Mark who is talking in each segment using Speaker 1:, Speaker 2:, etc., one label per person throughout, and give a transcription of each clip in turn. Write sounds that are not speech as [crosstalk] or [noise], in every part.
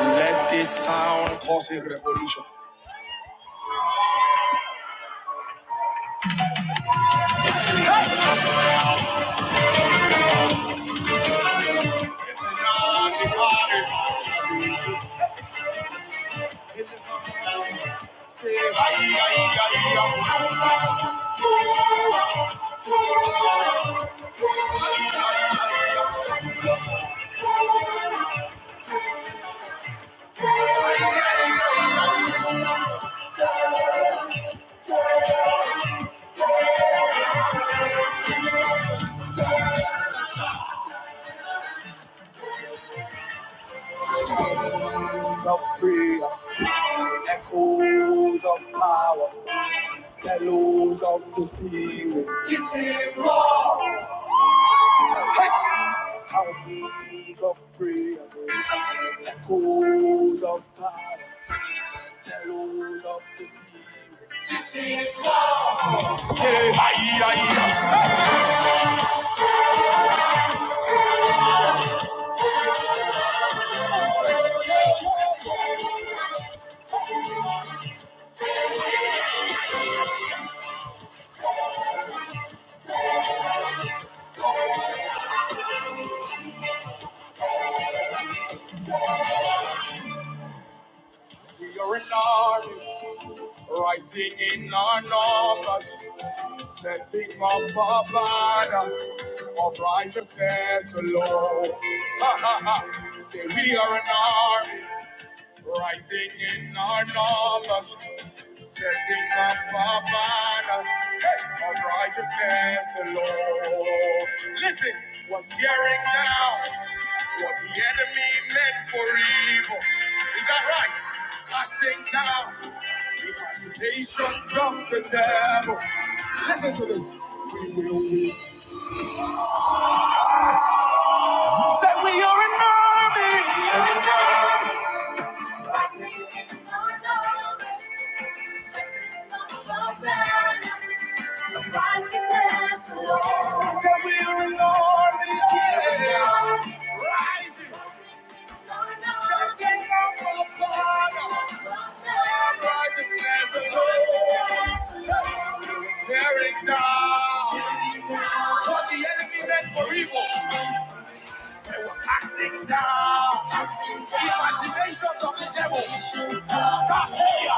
Speaker 1: Let this sound cause a revolution. Sounds of prayer, echoes of power, bellows of the spirit. This is war. Hey! Sounds of prayer, echoes of power, bellows of the spirit. This is war. Yeah, aye, aye, aye. We are an army rising in our numbers, setting up a banner of righteousness alone. [laughs] Ha ha ha! Say we are an army. Rising in our numbers, setting up our banner hey, of righteousness alone. Listen, what's tearing down what the enemy meant for evil? Is that right? Casting down the imaginations of the devil. Listen to this. We will win. Say we are an army. Rising in your love, searching on the banner of righteousness, Lord. He said we are in army again. Rising. Searching on the banner of righteousness, Lord. Tearing down what the enemy meant for evil. They were casting down, casting down imaginations of the devil. Shahaya,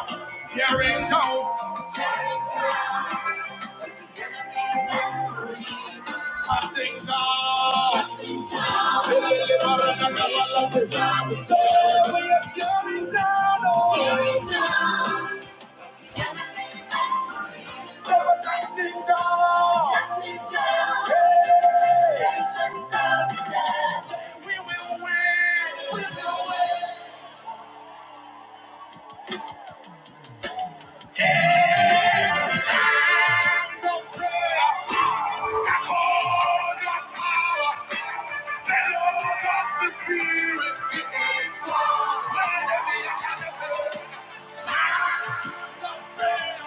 Speaker 1: tearing down, tearing down. The enemy wants to leave. Casting down, casting down. Lelele baraka kabala, we are tearing down, oh. tearing down. Seven blessings all. Hey. Say we will win. And no prayer. Because of power. The Lord of the Spirit. This is God's word. of prayer.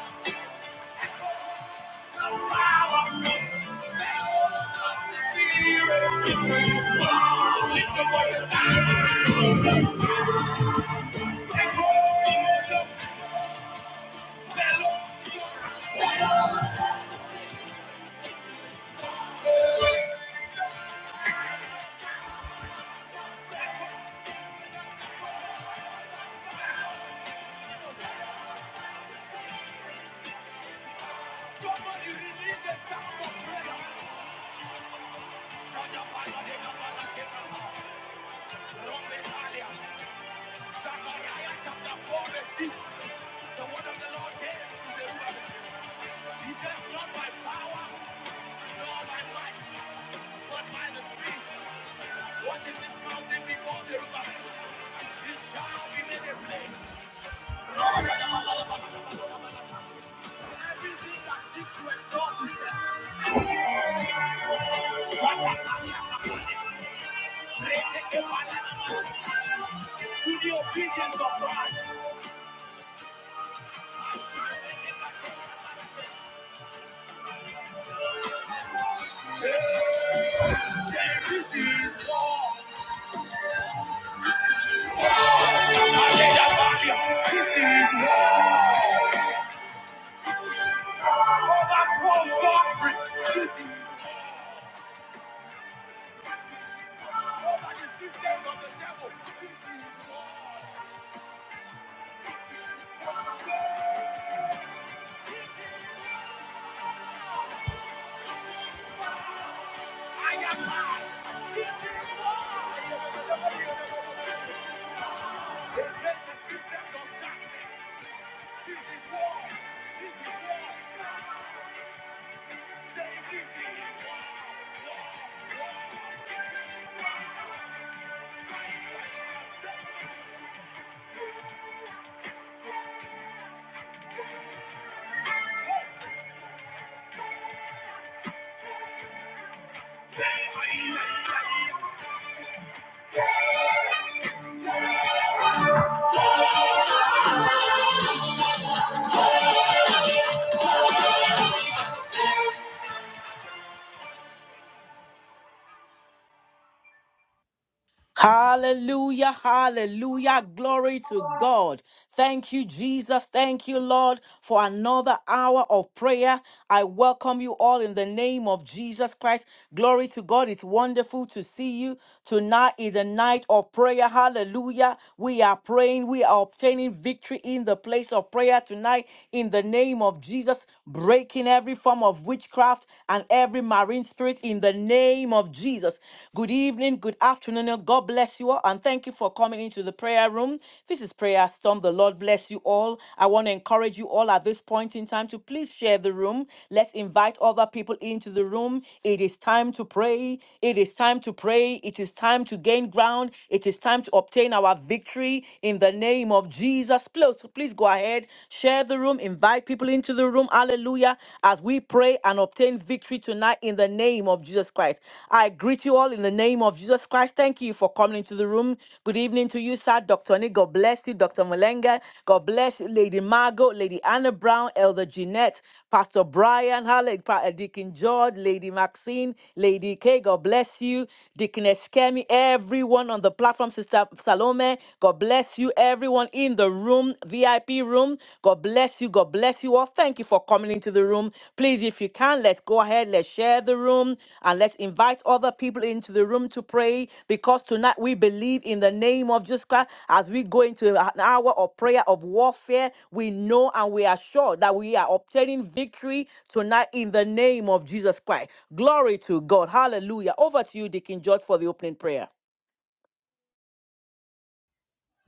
Speaker 2: Hallelujah, hallelujah. Glory to God. Thank you, Jesus. Thank you, Lord, for another hour of prayer. I welcome you all in the name of Jesus Christ. Glory to God. It's wonderful to see you. Tonight is a night of prayer. Hallelujah. We are praying. We are obtaining victory in the place of prayer tonight in the name of Jesus, breaking every form of witchcraft and every marine spirit in the name of Jesus. Good evening. Good Good afternoon. and God bless you all. And thank you for coming into the prayer room. This is Prayer Storm. The Lord bless you all. I want to encourage you all at this point in time to please share the room. Let's invite other people into the room. It is time to pray. It is time to pray. It is time to gain ground. It is time to obtain our victory in the name of Jesus. Please, please go ahead, share the room, invite people into the room. Hallelujah. As we pray, pray and obtain victory tonight in the name of Jesus Christ. I greet you all in the name of Jesus Christ. Thank you for coming into the room. Good evening to you, sir. Dr. Nick, God bless you. Dr. Malenga, God bless you. Lady Margot, Lady Anna Brown, Elder Jeanette, Pastor Brian, Halle, Pa- uh, Deacon George, Lady Maxine, Lady K, God bless you. Deacon Eskemi, everyone on the platform, Sister Salome, God bless you. Everyone in the room, VIP room. God bless you. God bless you all. Thank you for coming into the room. Please, if you can, let's go ahead. Let's share the room and let's invite other people into the room to pray because tonight we believe in the name of Jesus Christ. As we go into an hour of prayer of warfare, we know and we are sure that we are obtaining victory tonight in the name of Jesus Christ. Glory to God. Hallelujah. Over to you, Deacon George, for the opening prayer.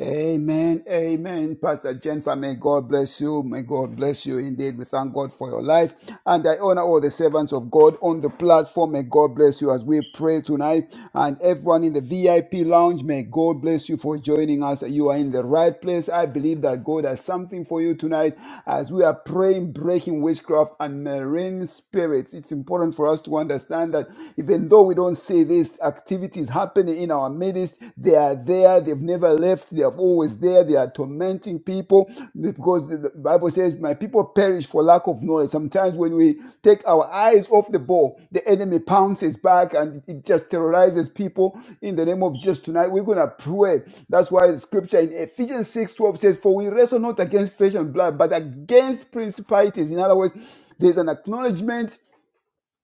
Speaker 3: Amen. Amen. Pastor Jennifer, may God bless you. May God bless you indeed. We thank God for your life. And I honor all the servants of God on the platform. May God bless you as we pray tonight. And everyone in the VIP lounge, may God bless you for joining us. You are in the right place. I believe that God has something for you tonight as we are praying, breaking witchcraft and marine spirits. It's important for us to understand that even though we don't see this activities happening in our midst. They are there. They've never left. They are always there. They are tormenting people because the the Bible says, My people perish for lack of knowledge. Sometimes when we take our eyes off the ball, the enemy pounces back and it just terrorizes people. In the name of Jesus tonight, we're going to pray. That's why the scripture in Ephesians six twelve says, For we wrestle not against flesh and blood, but against principalities. In other words, there's an acknowledgement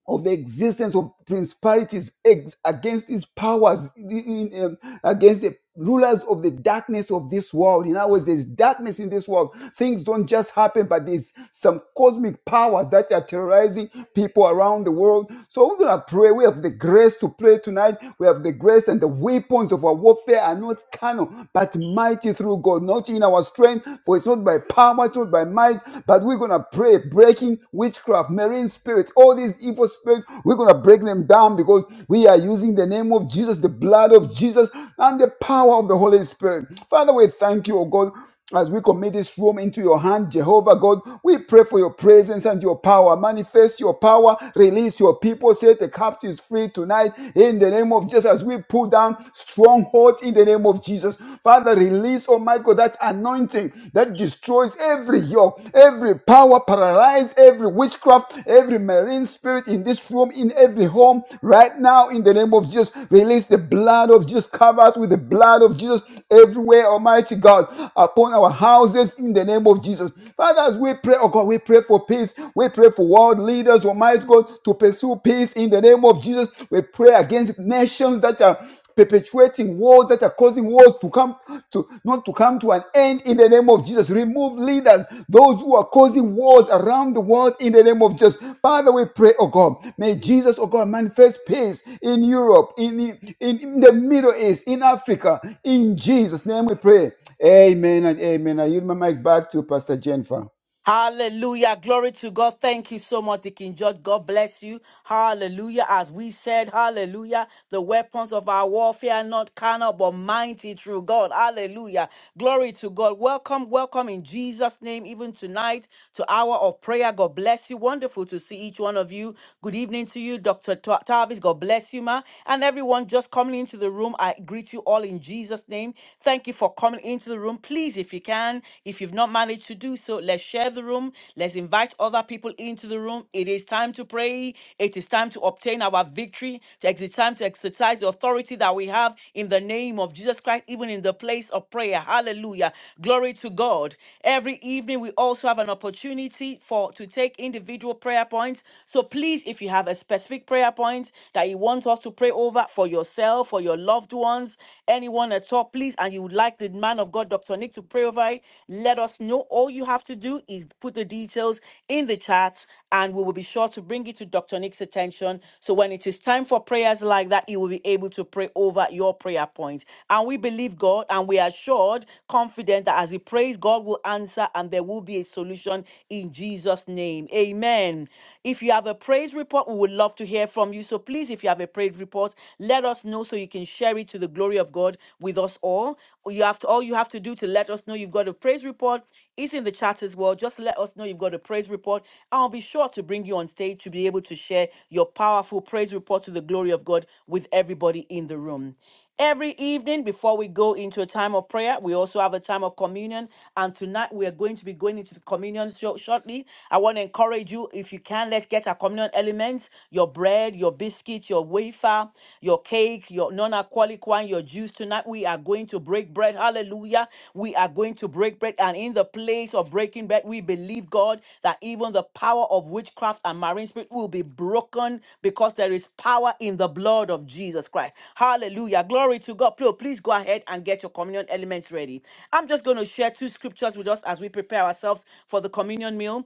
Speaker 3: of the existence of principalities ex- against these powers, in- in, um, against the rulers of the darkness of this world. In other words, there's darkness in this world. Things don't just happen, but there's some cosmic powers that are terrorizing people around the world. So we're going to pray. We have the grace to pray tonight. We have the grace and the weapons of our warfare are not carnal, but mighty through God, not in our strength, for it's not not by power, it's not by might, but we're gonna pray, breaking witchcraft, marine spirits, all these evil spirits, we're gonna break them down because we are using the name of Jesus, the blood of Jesus, and the power of the Holy Spirit. Father, we thank you, oh God. As we commit this room into your hand, Jehovah God, we pray for your presence and your power. Manifest your power, release your people, set the captives free tonight in the name of Jesus. As we we pull down strongholds in the name of Jesus. Father, release, oh my God, that anointing that destroys every yoke, every power, paralyze every witchcraft, every marine spirit in this room, in every home, right now, in the name of Jesus. Release the blood of Jesus, cover us with the blood of Jesus everywhere, Almighty God, upon our houses, in the name of Jesus. Father, as we pray, oh God, we pray for peace. We pray pray for world leaders, Almighty God, to pursue peace in the name of Jesus. We pray against nations that are perpetuating wars that are causing wars to come to not to come to an end in the name of Jesus. Remove leaders, those who are causing wars around the world in the name of Jesus. Father, we pray, oh God, may Jesus, oh God, manifest peace in Europe, in, in, in the Middle East, in Africa. In Jesus' name we pray. Amen and amen. I yield my mic back to Pastor Jennifer.
Speaker 2: Hallelujah. Glory to God. Thank you so much, Deacon George. God bless you. Hallelujah. As we said, hallelujah. The weapons of our warfare are not carnal, but mighty through God. Hallelujah. Glory to God. Welcome, welcome in Jesus' name, even tonight to hour of prayer. God bless you. Wonderful to see each one of you. Good evening to you, Dr. Ta- Tavis. God bless you, ma. And everyone just coming into the room, I greet you all in Jesus' name. Thank you for coming into the room. Please please, if you can, if you've not managed to do so, let's share the room. Let's invite other people into the room. It is time to pray. It is time to obtain our victory. It is time to exercise the authority that we have in the name of Jesus Christ, even in the place of prayer. Hallelujah. Glory to God. Every evening, we also have an opportunity for to take individual prayer points. So please, if you have a specific prayer point that you want us to pray over for yourself, for your loved ones, anyone at all, please, and you would like the man of God, Dr. Nick, to pray over it, let us know. All you have to do is put the details in the chat, and we will be sure to bring it to Dr. Nick's attention. So when it is time for prayers like that, he will be able to pray over your prayer point. And we believe God, and we are assured, confident that as he prays, God will answer, and there will be a solution in Jesus' name. Amen. If you have a praise report, we would love to hear from you. So please, if you have a praise praise report. Let us know so you can share it to the glory of God with us all. You have to all you have to do to let us know you've got a praise report is in the chat as well. Just let us know you've got a praise report. I'll be sure to bring you on stage to be able to share your powerful praise report to the glory of God with everybody in the room. Every evening before we go into a time of prayer, we also have a time of communion. And tonight we are going to be going into the communion sho- shortly. I want to encourage you, if you can, let's get our communion elements your bread, your biscuit, your wafer, your cake, your non alcoholic wine, your juice. Tonight we are going to break bread. Hallelujah. We are are going to break bread. And in the place of breaking bread, we believe, God, that even the power of witchcraft and marine spirit will be broken because there is power in the blood of Jesus Christ. Hallelujah. Glory to God. Please, please go ahead and get your communion elements ready. I'm just going to share two scriptures with us as we prepare ourselves for the communion meal.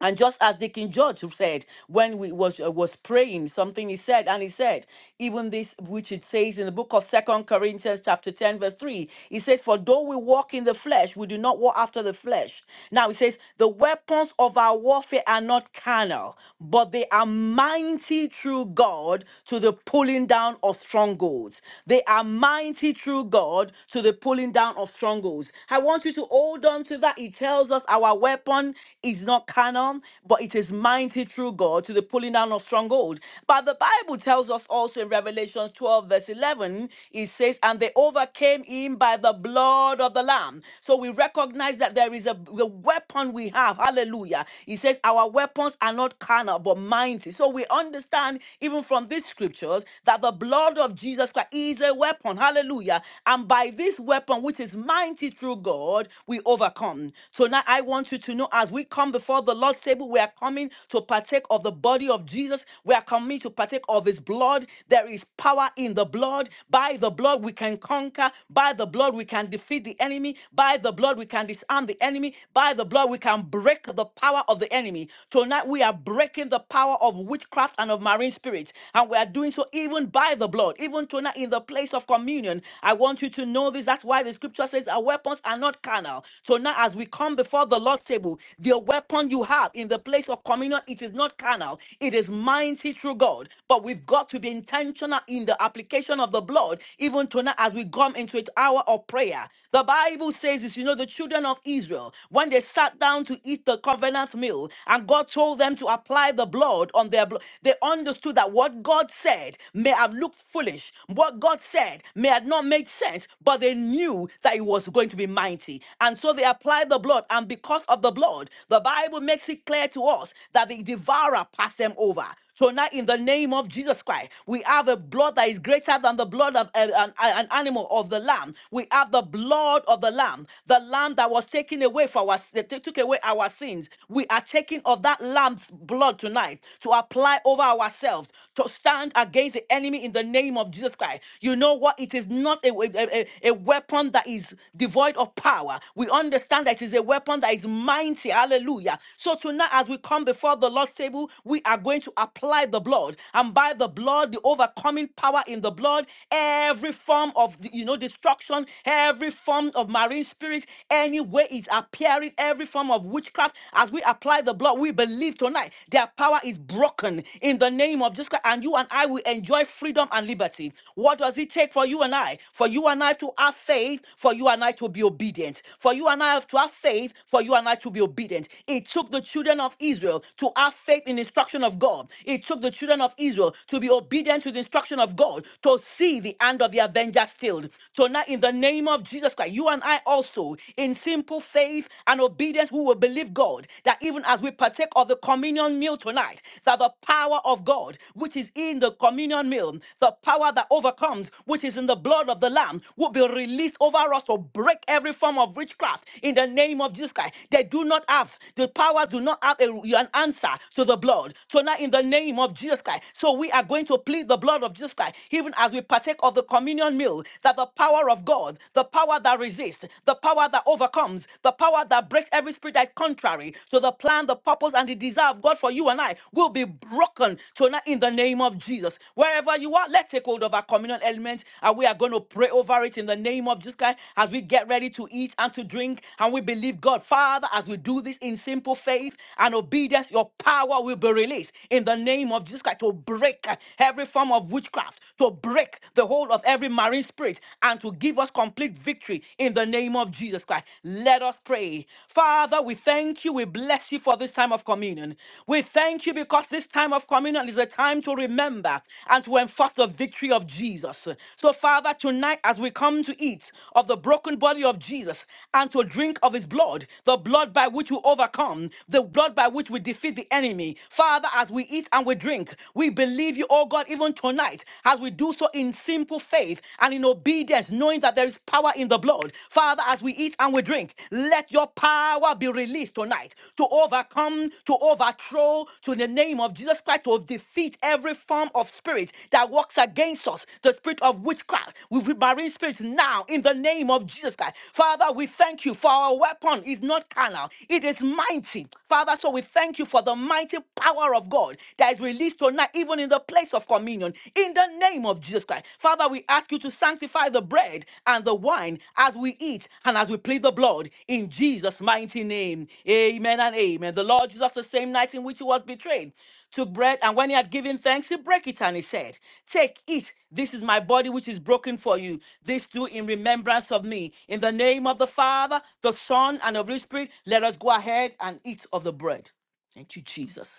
Speaker 2: And just as the King George said when we was uh, was praying, something he said, and he said, even this which it says in the book of Second Corinthians chapter ten verse three, he says, "For though we walk in the flesh, we do not walk after the flesh." Now he says, "The weapons of our warfare are not carnal, but they are mighty through God to the pulling down of strongholds. They are mighty through God to the pulling down of strongholds." I want you to hold on to that It tells tells us our weapon is not carnal, but it is mighty through God to the pulling down of stronghold. But the Bible tells us also in Revelation 12, verse 11, it says, And they overcame him by the blood of the Lamb. So we recognize that there is a, the weapon we have. Hallelujah. It says, Our weapons are not carnal, but mighty. So we understand, even from these scriptures, that the blood of Jesus Christ is a weapon. Hallelujah. And by this weapon, which is mighty, mighty through God, we overcome. So now I want you to know as we come before the Lord's table, we are coming to partake of the body of Jesus. We are coming to partake of his blood. There is power in the blood. By the blood, we can conquer. By the blood, we can defeat the enemy. By the blood, we can disarm the enemy. By the blood, we can break the power of the enemy. Tonight, we are breaking the power of witchcraft and of marine spirits. And we are doing so even by the blood, even tonight in the place of communion. I want you to know this. That's why the scripture says our weapons are not carnal. So now, as we come before the Lord's table, the weapon you have in the place of communion, it is not carnal, it is mighty through God. But we've got to be intentional in the application of the blood, even tonight as we come into an hour of prayer. The Bible says this, you know, the children of Israel, when they sat down to eat the covenant meal, and God told them to apply the blood on their blood, they understood that what God said may have looked have looked foolish. What God said may have not made sense, but they knew that it was going to be mighty. And so they applied the blood. And because of the blood, the Bible makes it clear to us that the devourer passed them over. So now, in the name of Jesus Christ, we have a blood that is greater than the blood of uh, an, uh, an animal of the lamb. We have the blood of the lamb, the lamb that was taken away for our that took away our sins. We are taking of that lamb's blood tonight to apply over our ourselves to stand against the enemy in the name of Jesus Christ. You know what? It is not a, a, a- a weapon that is devoid of power. We understand that it is a weapon that is mighty. Hallelujah. So tonight, as we come before the Lord's table, we are going to apply the blood. And by the blood, the overcoming power in the blood, every form of you know destruction, every form of marine spirits, any way it's appearing, every form of witchcraft, as we apply the blood, we believe leave tonight, their power is broken in the name of Jesus Christ. And you and I will enjoy freedom and liberty. What does it take for you and I? For you and I to have faith, for you and I to be obedient. For you and I to have faith, for you and I to be obedient. It took the children of Israel to have faith in the instruction of God. It took the children of Israel to be obedient to the instruction of God to see the hand of the avenger stilled. So now, in the name of Jesus Christ, you and I also, in simple faith and obedience, we will who will believe God that even as we partake of the communion meal tonight, that the power of God, which is in the communion meal, the power that overcomes, which is in the blood of the Lamb, will be released over us to break every form of witchcraft in the name of Jesus Christ. They do not have, the powers do not have a, an answer to the blood. So now, in the name of Jesus Christ, so we are going to plead the blood of Jesus Christ, even as we partake of the communion meal, that the power of God, the power that resists, the power power that overcomes, the power that breaks every spirit that is contrary to the plan, the purpose, and the desire of God for you and I will be broken tonight in the name of Jesus. Wherever you are, let's take hold of our communal elements and we are going to pray over it in the name of Jesus Christ as we get ready to eat and to drink. And we believe God, Father, as we do this in simple faith and obedience, your power will be released in the name of Jesus Christ to break every form of witchcraft, to break the hold of every marine spirit, and to give us complete victory in the name of Jesus Christ. Let us pray. Father, we thank you. We bless you for this time of communion. We thank you because this time of communion is a time to remember and to enforce the victory of Jesus. So, Father, tonight as we come to eat of the broken body of Jesus and to drink of his blood, the blood by which we overcome, the blood by which we defeat the enemy, Father, as we eat and we drink, we believe you, oh God, even tonight as we do so in simple faith and in obedience, knowing that there is power in the blood. Father, as we eat and we drink, let your power be released tonight to overcome, to overthrow, to in the name of Jesus Christ, to defeat every form of spirit that works against us, the spirit of witchcraft, with marine spirits now, in the name of Jesus Christ. Father, we thank you for our weapon is not carnal, it is mighty. Father, so we thank you for the mighty power of God that is released tonight, even in the in the place of communion in the name of Jesus Christ. Father, we ask you to sanctify the bread and the wine as we eat and as we plead the blood in Jesus' mighty name. Amen and amen. The Lord Jesus, the same night in which he was betrayed, took bread and when he had given thanks, he broke it and he said, Take, eat. This is my body which is broken for you. This do in remembrance of me. In the name of the Father, the Son, and of the Holy Spirit, let us go ahead and eat of the bread. Thank you, Jesus.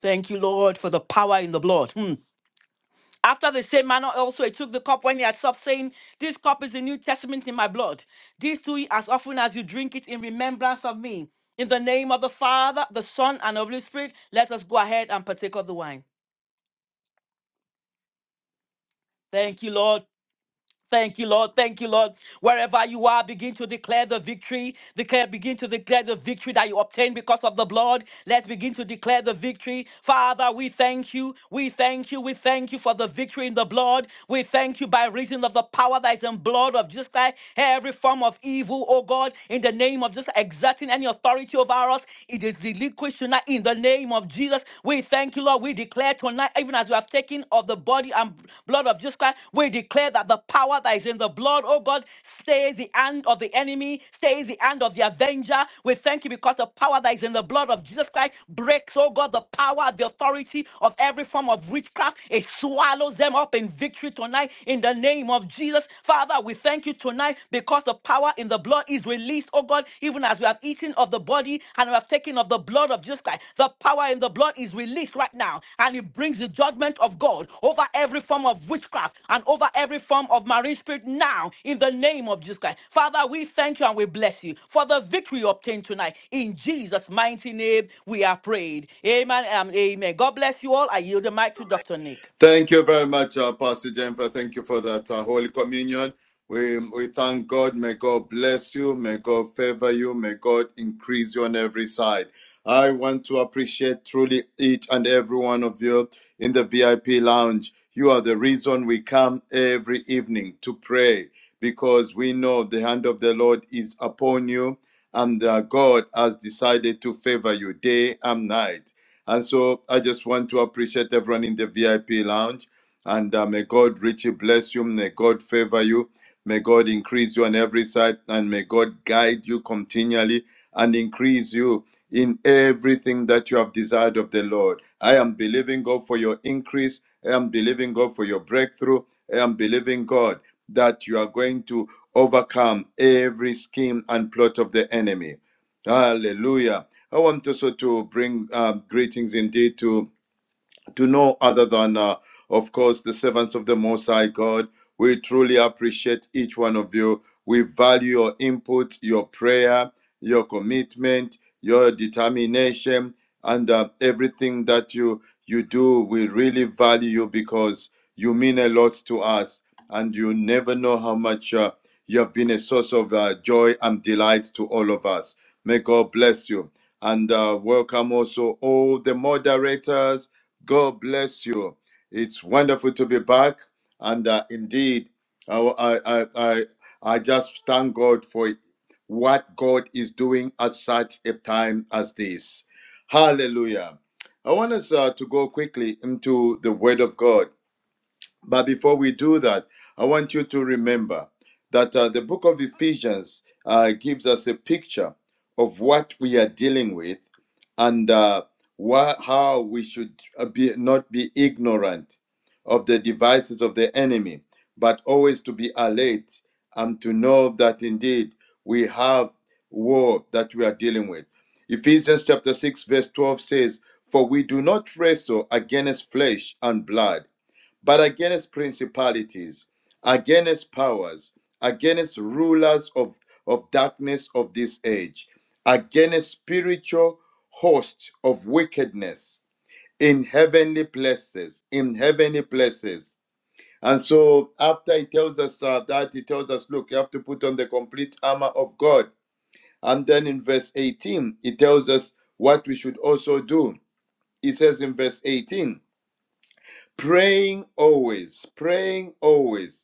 Speaker 2: Thank you, Lord, for the power in the blood. Hmm. After the same manner, also he took the cup when he had supped, saying, This cup is the New Testament in my blood. This do ye as often as you drink it in remembrance of me. In the name of the Father, the Son, and of the Holy Spirit, let us go ahead and partake of the wine. Thank you, Lord. Thank you, Lord. Thank you, Lord. Wherever you are, begin to declare the victory. Declare, begin to declare the victory that you obtained because of the blood. Let's begin to declare the victory. Father, we thank you. We thank you. We thank you for the victory in the blood. We thank you by reason of the power that is in blood of Jesus Christ. every form of evil, oh God, in the name of just exerting any authority over us. It is relinquished tonight in the name of Jesus. Jesus. We thank you, Lord. We declare tonight, even as we have taken of the body and blood of Jesus Christ, we declare that the power that is in the blood, oh God, stays the hand of the enemy, stays the hand of the avenger. We thank you because the power that is in the blood of Jesus Christ breaks, oh God, the power, the authority of every form of witchcraft. It swallows them up in victory tonight in the name of Jesus. Father, we thank you tonight because the power in the in the blood is released, oh God, even as we have eaten of the body and we have taken of the blood of Jesus Christ. The power in the blood is released right now, and it brings the judgment of God over every form of witchcraft and over every form of marine spirit now in the name of Jesus Christ. Father, we thank you and we bless you for the victory obtained tonight. In Jesus' mighty name, we are prayed. Amen and amen. God bless you all. I yield the mic to Dr. Nick.
Speaker 4: Thank you very much, uh, Pastor Jennifer. Thank you for that uh, Holy Communion. We, we thank God. May God bless you. May God favor you. May God increase you on every side. I want to appreciate truly each and every one of you in the VIP lounge. You are the reason we come every evening to pray because we know the hand of the Lord is upon you and uh, God has decided to favor you day and night. And so I just want to appreciate everyone in the VIP lounge. And uh, may God richly bless you. May God favor you. May God increase you on every side. And may God guide you continually and increase you in everything that you have desired of the Lord. I am believing God for your increase. I am believing God for your breakthrough. I am believing God that you are going to overcome every scheme and plot of the enemy. Hallelujah. I want also to bring um, greetings indeed to to know other than, uh, of course, the servants of the Most High God. We truly appreciate each one of you. We value your input, your prayer, your commitment, your determination, and uh, everything that you you do. We really value you because you mean a lot to us, and you never know how much uh, you have been a source of uh, joy and delight to all of us. May God bless you, and uh, welcome also all the moderators God bless you. It's wonderful to be back, and uh, indeed, I, I I I I just thank God for what God is doing at such a time as this. Hallelujah. I want us uh, to go quickly into the Word of God. But before we do that, I want you to remember that uh, the book of Ephesians uh, gives us a picture of what we are dealing with and uh, wha- how we should uh, be, not be ignorant of the devices of the enemy, but always to be alert and to know that indeed we have war that we are dealing with. Ephesians chapter 6, verse 12 says, For we do not wrestle against flesh and blood but against principalities, against powers, against rulers of, of darkness of this age, against spiritual hosts of wickedness in heavenly places, in heavenly places. And so after he tells us uh, that, he tells us, look, you have to put on the complete armor of God. And then in verse 18, he tells us what we should also do. He says in verse 18, praying always, praying always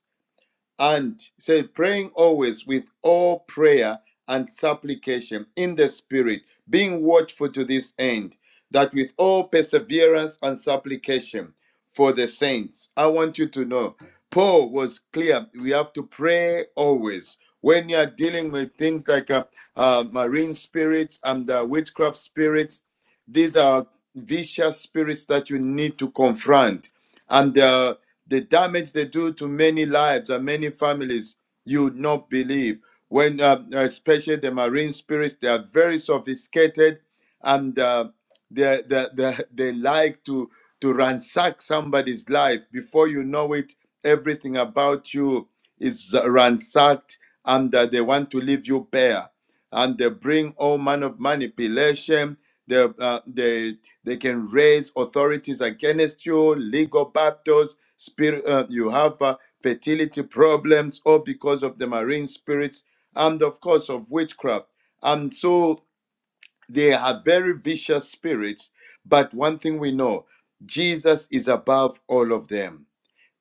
Speaker 4: and say praying always with all prayer and supplication in the spirit being watchful to this end that with all perseverance and supplication for the saints i want you to know paul was clear we have to pray always when you are dealing with things like uh, uh, marine spirits and uh, witchcraft spirits these are vicious spirits that you need to confront and uh, the damage they do to many lives and many families you would not believe when uh, especially the marine spirits they are very sophisticated and uh, they, they, they, they like to to ransack somebody's life before you know it everything about you is ransacked and uh, they want to leave you bare and they bring all manner of manipulation. They, uh, they, they can raise authorities against you, legal battles, spirit, uh, you have uh, fertility problems, all because of the marine spirits and, of course, of witchcraft. And so they are very vicious spirits. But one thing we know Jesus is above all of them.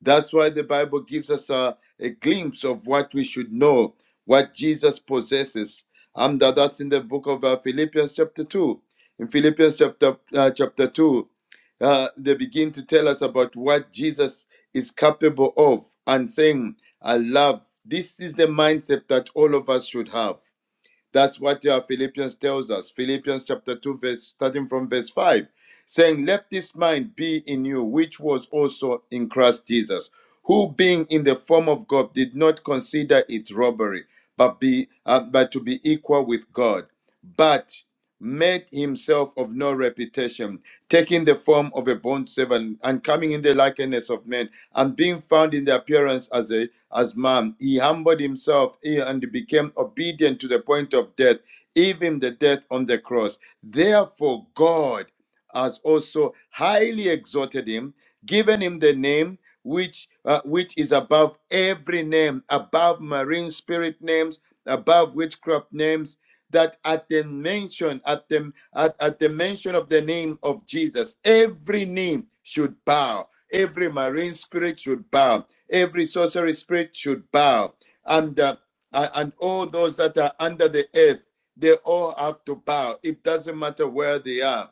Speaker 4: That's why the Bible gives us a, a glimpse of what we should know, what Jesus possesses. And that- that's in the book of uh, Philippians chapter 2. In Philippians chapter, uh, chapter 2, uh, they begin to tell us about what Jesus is capable of and saying, I love. This is the mindset that all of us should have. That's what uh, Philippians tells us. Philippians chapter 2, verse starting from verse 5, saying, Let this mind be in you, which was also in Christ Jesus, who being in the form of God did not consider it robbery, but be uh, but to be equal with God, but made himself of no reputation, taking the form of a bond servant and coming in the likeness of men and being found in the appearance as a as man he humbled himself eh, and became obedient to the point of death even the death on the cross therefore god has also highly exalted him given him the name which uh, which is above every name above marine spirit names above witchcraft names that at the mention at the at, at the mention of the name of jesus every name should bow every marine spirit should bow every sorcery spirit should bow and uh, and all those that are under the earth they all have to bow it doesn't matter where they are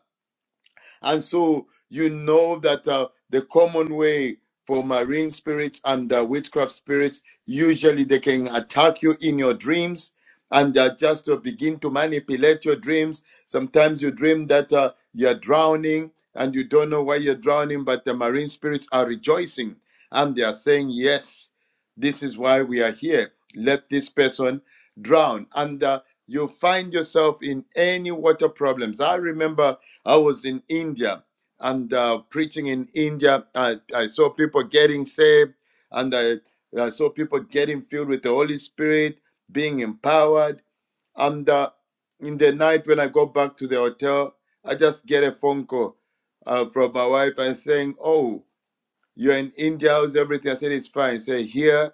Speaker 4: and so you know that uh, the common way for marine spirits and uh, witchcraft spirits, usually they can attack you in your dreams and uh, just to begin to manipulate your dreams. Sometimes you dream that uh, you're drowning and you don't know why you're drowning, but the marine spirits are rejoicing and they are saying, Yes, this is why we are here. Let this person drown. And uh, you find yourself in any water problems. I remember I was in India and uh, preaching in India. I, I saw people getting saved and I, I saw people getting filled with the Holy Spirit, being empowered. And uh, in the night, when I go back to the hotel, I just get a phone call uh, from my wife and saying, Oh, you're in India. How's everything? I said, It's fine. Say, Here.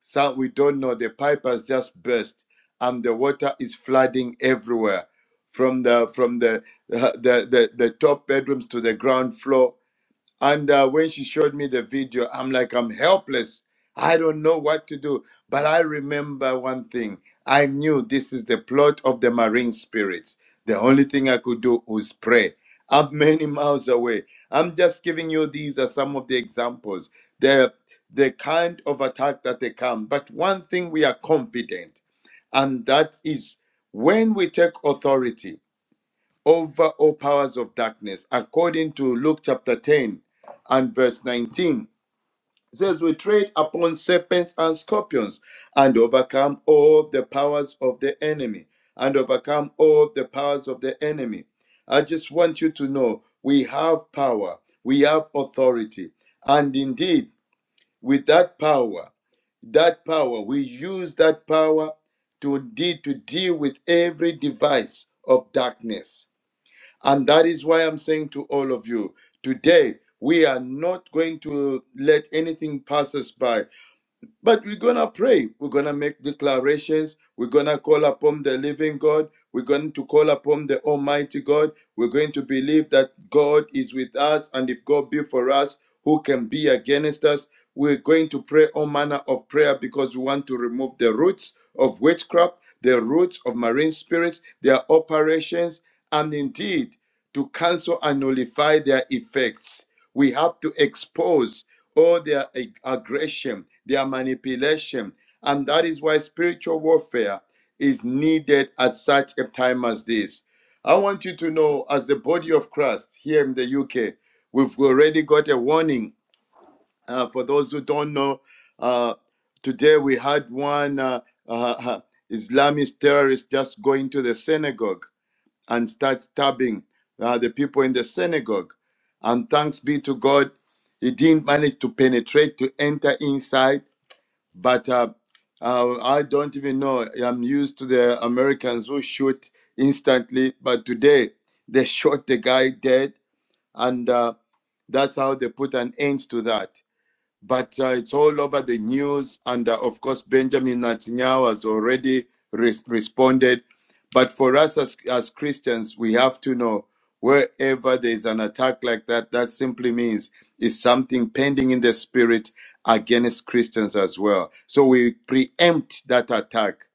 Speaker 4: So we don't know. The pipe has just burst, and the water is flooding everywhere, from the from the the the, the top bedrooms to the ground floor and uh, when she showed me the video, I'm like, I'm helpless. I don't know what to do. But I remember one thing I knew this is the plot of the marine spirits. The only thing I could do was pray. I'm [laughs] many miles away. I'm just giving you these are some of the examples. The, the kind of attack that they come. But one thing we are confident, and that is when we take authority, over all powers of darkness, according to Luke chapter 10 and verse 19. It says, We tread upon serpents and scorpions and overcome all the powers of the enemy, and overcome all the powers of the enemy. I just want you to know we have power, we have authority, and indeed, with that power, that power, we use that power to indeed to deal with every device of darkness and that is why I'm saying to all of you today, we are not going to let anything pass us by, but we're going to pray. We're going to make declarations. We're going to call upon the living God. We're going to call upon the Almighty God. We're going to believe that God is with us. And if God be for us, who can be against us? We're going to pray all manner of prayer because we want to remove the roots of witchcraft, the roots of marine spirits, their operations, and indeed, to cancel and nullify their effects. We have to expose all their aggression, their manipulation. And that is why spiritual warfare is needed at such a time as this. I want you to know, as the body of Christ here in the UK, we've already got a warning. Uh, for those who don't know, uh, today we had one uh, uh, Islamist terrorist just going to the synagogue and start stabbing uh, the people in the synagogue. And thanks be to God, he didn't manage to penetrate to enter inside. But uh, uh, I don't even know. I'm used to the Americans who shoot instantly, but today they shot the guy dead, and uh, that's how they put an end to that but uh, it's all over the news. And uh, of course, Benjamin Netanyahu has already re- responded. But for us as, as Christians, we have to know wherever there's an attack like that, that simply means it's something pending in the spirit against Christians as well. So we preempt that attack.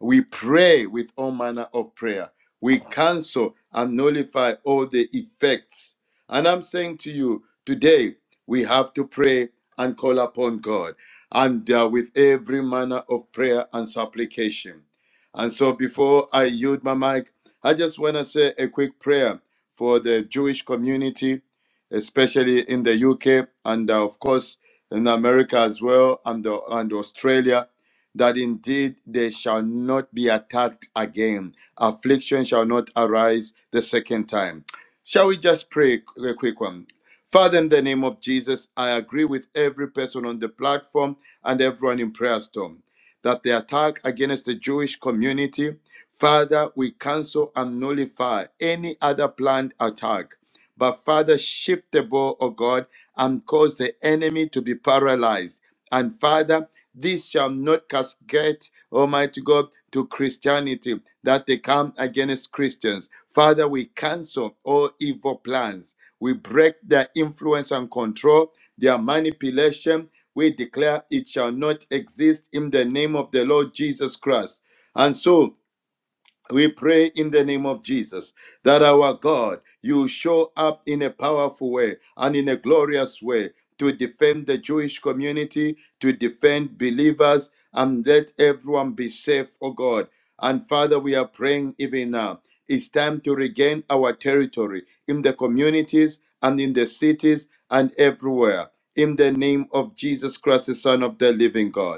Speaker 4: We pray with all manner of prayer. We cancel and nullify all the effects and I'm saying to you today, we have to pray and call upon God and uh, with every manner of prayer and supplication. And so before I yield my mic, I just want to say a quick prayer for the Jewish community, especially in the UK and uh, of course in America as well and, uh, and Australia, that indeed they shall not be attacked again. Affliction shall not arise the second time Shall we just pray a quick one? Father, in the name of Jesus, I agree with every person on the platform and everyone in Prayer Storm that the attack against the Jewish community, Father, we cancel and nullify any other planned attack. But Father, shift the ball, O God, and cause the enemy to be paralyzed and Father, this shall not cascade, Almighty God, to Christianity that they come against Christians. Father, we cancel all evil plans. We break their influence and control, their manipulation. We declare it shall not exist in the name of the Lord Jesus Christ. And so, we pray in the name of Jesus that our God, you show up in a powerful way and in a glorious way to defend the Jewish community, to defend believers, and let everyone be safe, oh God. And Father, we are praying even now. It's time to regain our territory in the communities and in the cities and everywhere. In the name of Jesus Christ, the Son of the living God.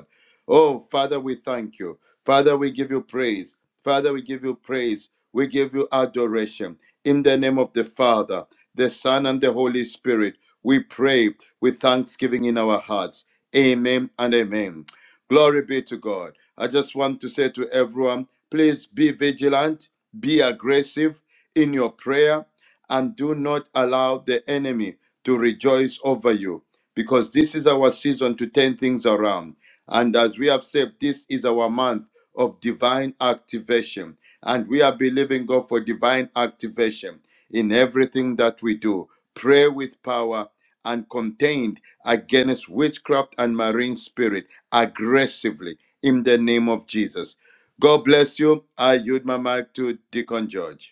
Speaker 4: Oh, Father, we thank you. Father, we give you praise. Father, we give you praise. We give you adoration. In the name of the Father, the Son, and the Holy Spirit, we pray with thanksgiving in our hearts. Amen and amen. Glory be to God. I just want to say to everyone please be vigilant, be aggressive in your prayer, and do not allow the enemy to rejoice over you because this is our season to turn things around. And as we have said, this is our month of divine activation. And we are believing God for divine activation in everything that we do. Pray with power and contained against witchcraft and marine spirit aggressively in the name of Jesus. God bless you. I yield my mic to Deacon George.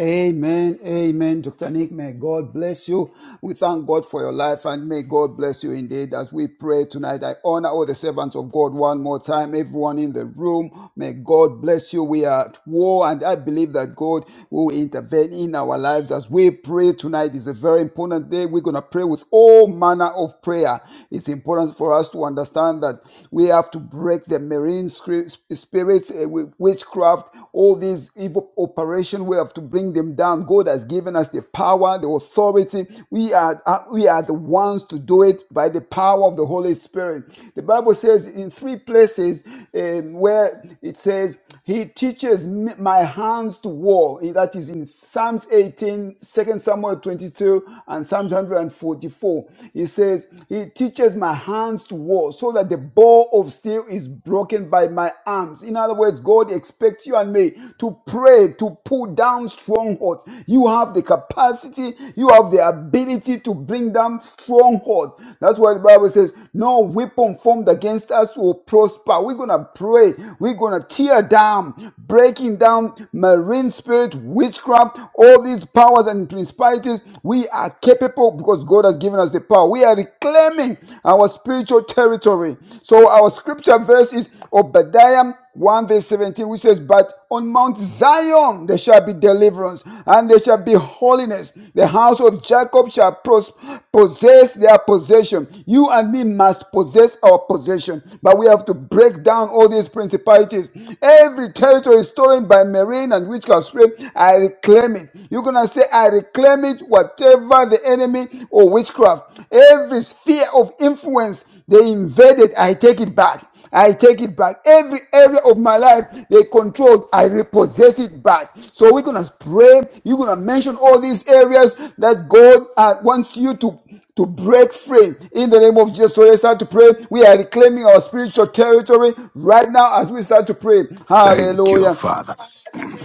Speaker 3: Amen. Amen. Dr. Nick, may God bless you. We thank God for your life and may God bless you indeed as we pray tonight. I honor all the servants of God one more time, everyone in the room. May God bless you. We are at war and I believe that God will intervene in our lives as we pray tonight. It's a very important day. We're going to pray with all manner of prayer. It's important for us to understand that we have to break the marine scri- spirits, eh, wi- witchcraft, all these evil operations situation. We have to bring them down. God has given us the power, the authority. We are uh, we are the ones to do it by the power of the Holy Spirit. The Bible says in three places um, where it says He teaches my hands to war. That is in Psalms 18, Second Samuel 22, and Psalms 144. He says He teaches my hands to war, so that the bow of steel is broken by by my arms. In other words, God expects you and me to pray, to pull down strongholds. You have the capacity, you have the ability to bring down strongholds. That's why the Bible says, No weapon formed against us will prosper. We're going to pray, we're going to tear down, breaking down marine spirit, witchcraft, all these powers and principalities. We are capable because God has given us the power. We are reclaiming claiming our spiritual territory. So our scripture verse is Obadiah 1 verse 17, which says, But on Mount Zion there shall be deliverance, and there shall be holiness. The house of Jacob shall pros- possess their possession. You and me must possess our possession, but we have to break down all these principalities. Every territory stolen by marine and witchcraft spirit, I reclaim it. You're gonna say, I reclaim claim it, whatever the enemy or witchcraft, every sphere of influence they invaded, I take it back. I take it back. Every area of my life they controlled, I repossess it back. So we're gonna pray. You're gonna mention all these areas that God uh, wants you to to break free in the name of Jesus. So let's start to pray. We are reclaiming our spiritual territory right now as we start to pray.
Speaker 5: Thank you,
Speaker 3: Hallelujah.
Speaker 5: Father.